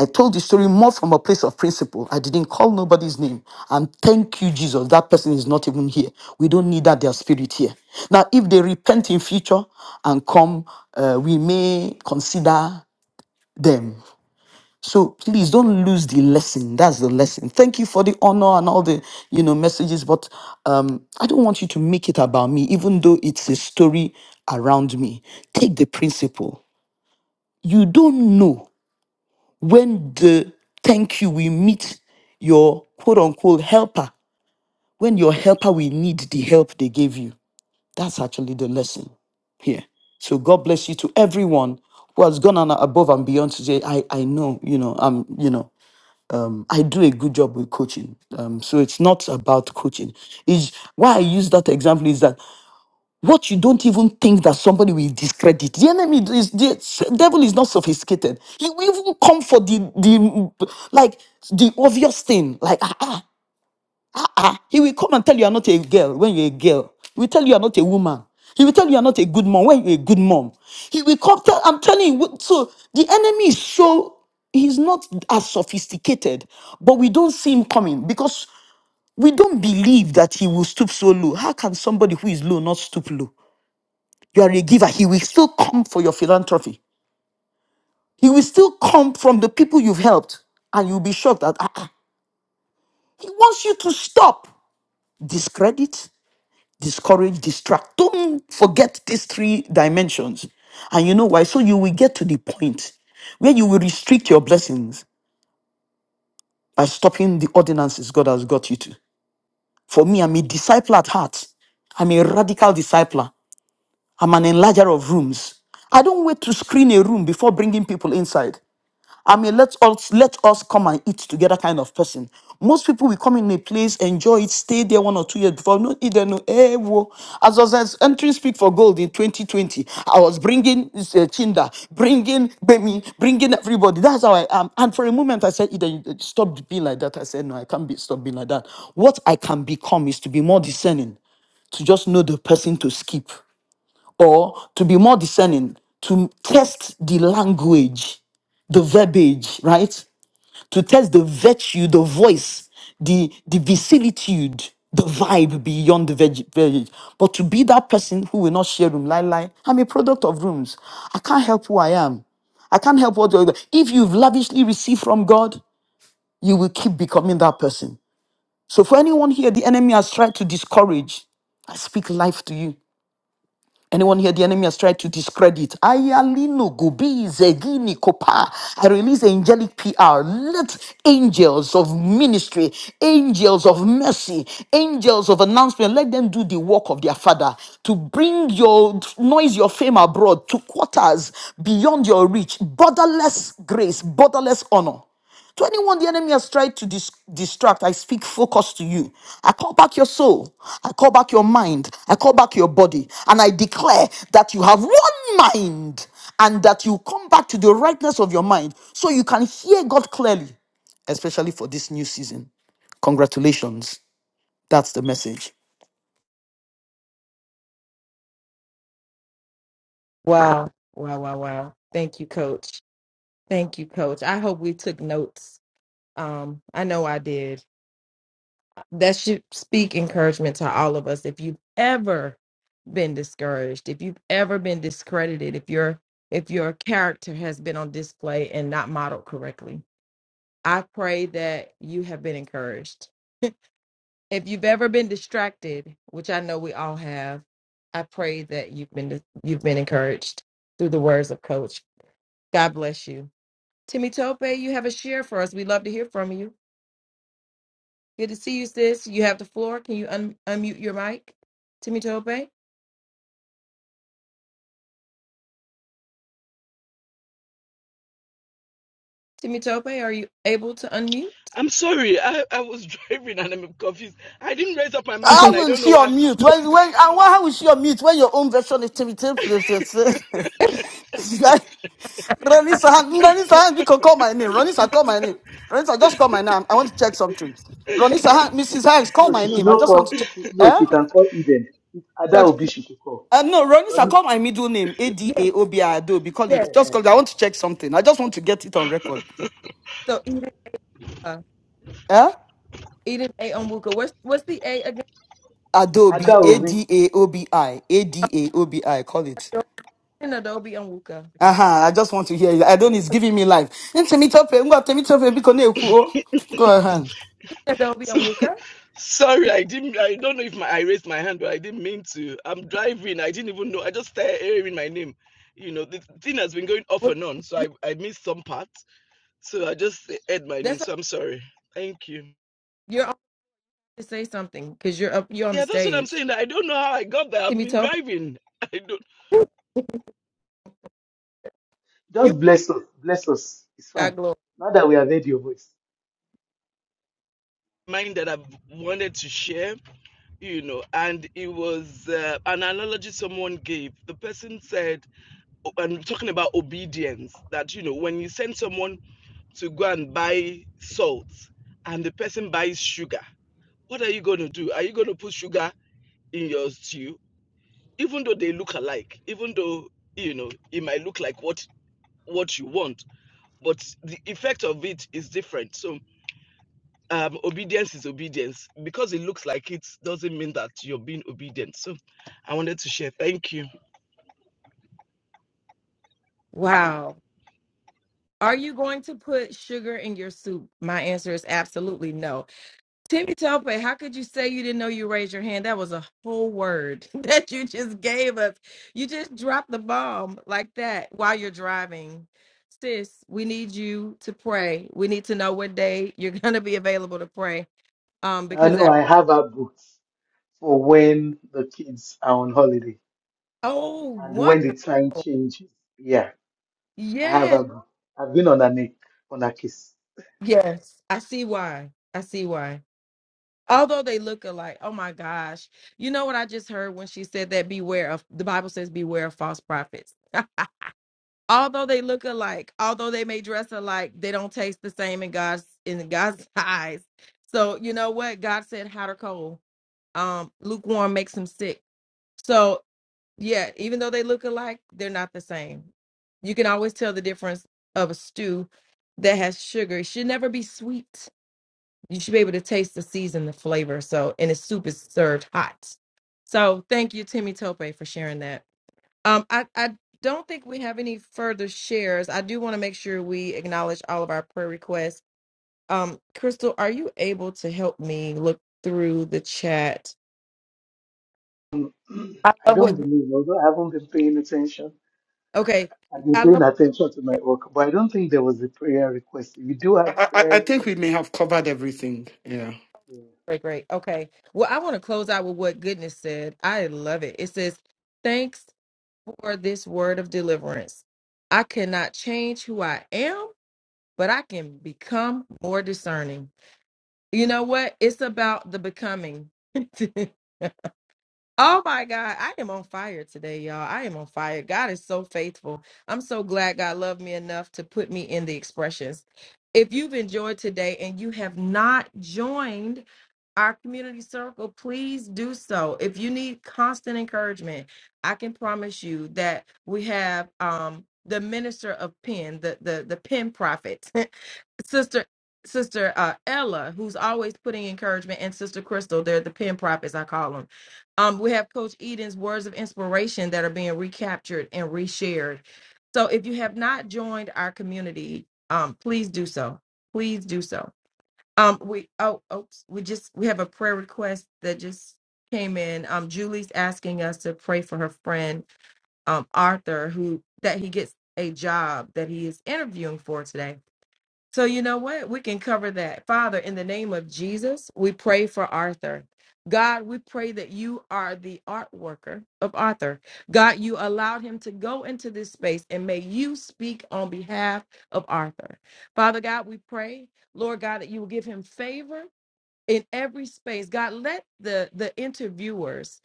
I told the story more from a place of principle. I didn't call nobody's name. And thank you, Jesus. That person is not even here. We don't need that, their spirit here. Now, if they repent in future and come, uh, we may consider them. So please don't lose the lesson. That's the lesson. Thank you for the honor and all the you know messages, but um, I don't want you to make it about me, even though it's a story around me. Take the principle. You don't know when the thank you will meet your quote unquote helper, when your helper will need the help they gave you. That's actually the lesson here. So God bless you to everyone who has gone on above and beyond today. I, I know, you know, I'm you know. I do a good job with coaching. Um, so it's not about coaching. Is why I use that example is that what you don't even think that somebody will discredit. The enemy is the devil is not sophisticated. He will even come for the the like the obvious thing. Like ah, ah, Ah, he will come and tell you are not a girl when you're a girl. He will tell you are not a woman. He will tell you are not a good mom when you're a good mom. He will come tell, I'm telling you, so the enemy is so, he's not as sophisticated, but we don't see him coming because we don't believe that he will stoop so low. How can somebody who is low not stoop low? You are a giver. He will still come for your philanthropy. He will still come from the people you've helped, and you'll be shocked that ah, ah, he wants you to stop. Discredit? discourage, distract. Don't forget these three dimensions. And you know why? So you will get to the point where you will restrict your blessings by stopping the ordinances God has got you to. For me, I'm a disciple at heart. I'm a radical discipler. I'm an enlarger of rooms. I don't wait to screen a room before bringing people inside. I mean, let us let us come and eat together kind of person. Most people will come in a place, enjoy it, stay there one or two years before no eat there no. Hey, whoa. As I was entering Speak for Gold in 2020, I was bringing this, uh, Chinda, bringing Bemi, bringing everybody. That's how I am. And for a moment, I said, Eden, you- uh, stop being like that. I said, no, I can't be stop being like that. What I can become is to be more discerning, to just know the person to skip or to be more discerning, to test the language, the verbiage, right? To test the virtue, the voice, the, the vicissitude, the vibe beyond the verge- verbiage. But to be that person who will not share room, lie, lie, I'm a product of rooms. I can't help who I am. I can't help what you're- if you've lavishly received from God, you will keep becoming that person. So for anyone here, the enemy has tried to discourage. I speak life to you. Anyone here, the enemy has tried to discredit. Ayalino Gobi Zegini Kopa. I release angelic PR. Let angels of ministry, angels of mercy, angels of announcement, let them do the work of their father to bring your noise, your fame abroad to quarters beyond your reach. Borderless grace, borderless honor. To anyone the enemy has tried to dis- distract, I speak focus to you. I call back your soul. I call back your mind. I call back your body. And I declare that you have one mind and that you come back to the rightness of your mind so you can hear God clearly, especially for this new season. Congratulations. That's the message. Wow. Wow. Wow. Wow. Thank you, coach. Thank you, coach. I hope we took notes. Um, I know I did. That should speak encouragement to all of us. If you've ever been discouraged, if you've ever been discredited, if your if your character has been on display and not modeled correctly, I pray that you have been encouraged if you've ever been distracted, which I know we all have, I pray that you've been you've been encouraged through the words of Coach. God bless you. Timmy Tope, you have a share for us. We'd love to hear from you. Good to see you, sis. You have the floor. Can you un- unmute your mic? Timmy Tope? Timmy Tope, are you able to unmute? I'm sorry, I, I was <laughs> driving and I'm confused. I didn't raise up my mind How and <laughs> I will don't know she why. on mute? When when and why how will she on mute when your own version is tilted? Ronnie Sahan, Ronnie Sahan, we can call my name. Ronnie call my name. Ronnie just call my name. I want to check something. Ronnie Sahan, Mrs. Hanks, call No, my she should name. I not just want to call. check. She, no, Eh? she can call Eden. If Ada Coach, Obi, she should call. Uh, no, Ronnie Um, call my middle name. A D yes, A O B I Adobe. Call yes. it. Just eh-eh. call it. I want to check something. I just want to get it on record. So Eden, uh, Eh? Eden A. Onwuka. What's what's the A again? Adobe. Ada A Obi, D A O B I. A D A O B I. Call it. Eden Adobe Onwuka. Uh-huh. I just want to hear it. I don't it's giving me life. Temitope, ngwa Temitope, biko na-ekwu, oh. Go ahead. Eden Adobe So <laughs> Onwuka. sorry, I didn't I don't know if my I raised my hand, but I didn't mean to. I'm driving, I didn't even know. I just started hearing my name. You know, the thing has been going off What- and on, so I, I missed some parts. So I just heard my name. That's a, So I'm sorry. Thank you. you're on. to say something because you're up, you're on the Yeah, that's what I'm stage. saying. I don't know how I got there. I've Timmy been Toe, driving. <laughs> I don't you just bless us. Bless us. It's fine. got glory. Now that we have heard your voice, mind that I've wanted to share, you know, and it was uh, an analogy someone gave. The person said and talking about obedience that you know when you send someone to go and buy salt and the person buys sugar what are you going to do are you going to put sugar in your stew even though they look alike even though you know it might look like what what you want but the effect of it is different so um, obedience is obedience because it looks like it doesn't mean that you're being obedient so i wanted to share thank you Wow. Are you going to put sugar in your soup? My answer is absolutely no. Timmy Tope, how could you say you didn't know you raised your hand? That was a whole word <laughs> that you just gave us. You just dropped the bomb like that while you're driving. Sis, we need you to pray. We need to know what day you're <laughs> going to be available to pray um, I because know that, I have our books for when the kids are on holiday oh, and what? when the time changes. Yeah, I have her book. I've been on her neck, on her kiss. Yes, I see why. I see why. Although they look alike, oh my gosh. You know what I just heard when she said that beware of the Bible says beware of false prophets. <laughs> although they look alike, although they may dress alike, they don't taste the same in God's in God's <laughs> eyes. So you know what? God said hot or cold. Um lukewarm makes them sick. So yeah, even though they look alike, they're not the same. You can always tell the difference of a stew that has sugar. It should never be sweet you should be able to taste the season, the flavor. So, and the soup is served hot. So, thank you, Timmy Tope, for sharing that. Um, I, I don't think we have any further shares. I do want to make sure we acknowledge all of our prayer requests. Um, Crystal, are you able to help me look through the chat? I <clears throat> I love don't what. believe, although I haven't been paying attention. Okay, I've been I paying love. attention to my work, but I don't think there was a prayer request. If you do have I, I prayer, I think we may have covered everything. Yeah. Great, great. Okay. Well, I want to close out with what goodness said. I love it. It says, "Thanks for this word of deliverance. I cannot change who I am." but I can become more discerning. You know what? It's about the becoming. <laughs> oh my God. I am on fire today, y'all. I am on fire. God is so faithful. I'm so glad God loved me enough to put me in the expressions. If you've enjoyed today and you have not joined our community circle, please do so. If you need constant encouragement, I can promise you that we have um, the minister of pen, the the the pen prophet. <laughs> sister sister uh ella who's always putting encouragement and sister crystal they're the pen prop as i call them um we have coach eden's words of inspiration that are being recaptured and reshared so if you have not joined our community um please do so please do so um we oh oops we just we have a prayer request that just came in um julie's asking us to pray for her friend um arthur who that he gets a job that he is interviewing for today so, you know what? We can cover that. Father, in the name of Jesus, we pray for Arthur. God, we pray that you are the art worker of Arthur. God, you allowed him to go into this space and may you speak on behalf of Arthur. Father God, we pray, Lord God, that you will give him favor in every space. God, let the, the interviewers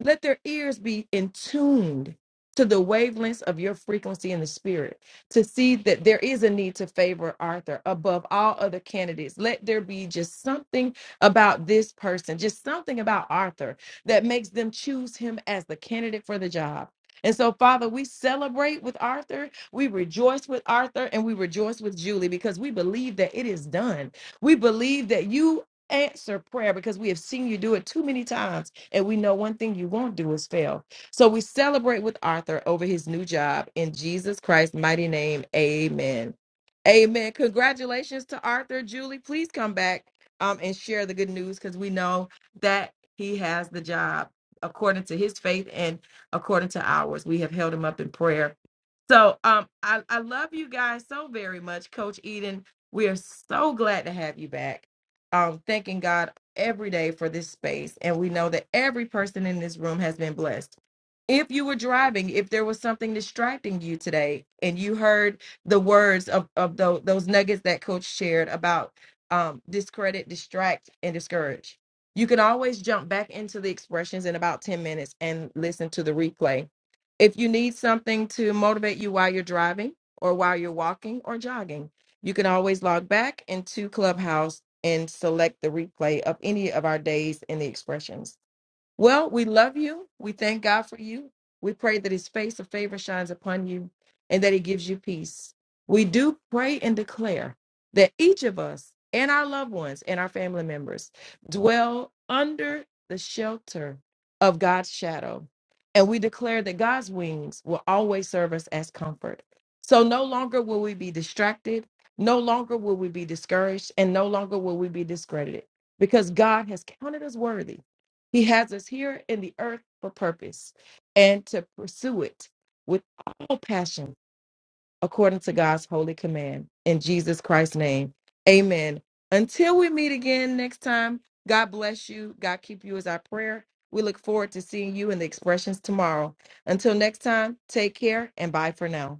let their ears be in tuned to the wavelengths of your frequency in the spirit to see that there is a need to favor Arthur above all other candidates. Let there be just something about this person, just something about Arthur that makes them choose him as the candidate for the job. And so, Father, we celebrate with Arthur. We rejoice with Arthur and we rejoice with Julie because we believe that it is done. We believe that you answer prayer because we have seen you do it too many times and we know one thing you won't do is fail. So we celebrate with Arthur over his new job in Jesus Christ's mighty name. Amen. Amen. Congratulations to Arthur. Julie, please come back um, and share the good news because we know that he has the job according to his faith and according to ours. We have held him up in prayer. So um, I, I love you guys so very much, Coach Eden. We are so glad to have you back. Um, thanking God every day for this space. And we know that every person in this room has been blessed. If you were driving, if there was something distracting you today and you heard the words of, of those, those nuggets that coach shared about um, discredit, distract, and discourage, you can always jump back into the expressions in about 10 minutes and listen to the replay. If you need something to motivate you while you're driving or while you're walking or jogging, you can always log back into Clubhouse and select the replay of any of our days in the expressions. Well, we love you. We thank God for you. We pray that his face of favor shines upon you and that he gives you peace. We do pray and declare that each of us and our loved ones and our family members dwell under the shelter of God's shadow. And we declare that God's wings will always serve us as comfort. So no longer will we be distracted, no longer will we be discouraged, and no longer will we be discredited because God has counted us worthy he has us here in the earth for purpose and to pursue it with all passion according to God's holy command. In Jesus Christ's name, amen. Until we meet again next time, God bless you. God keep you as our prayer. We look forward to seeing you in the expressions tomorrow. Until next time, take care and bye for now.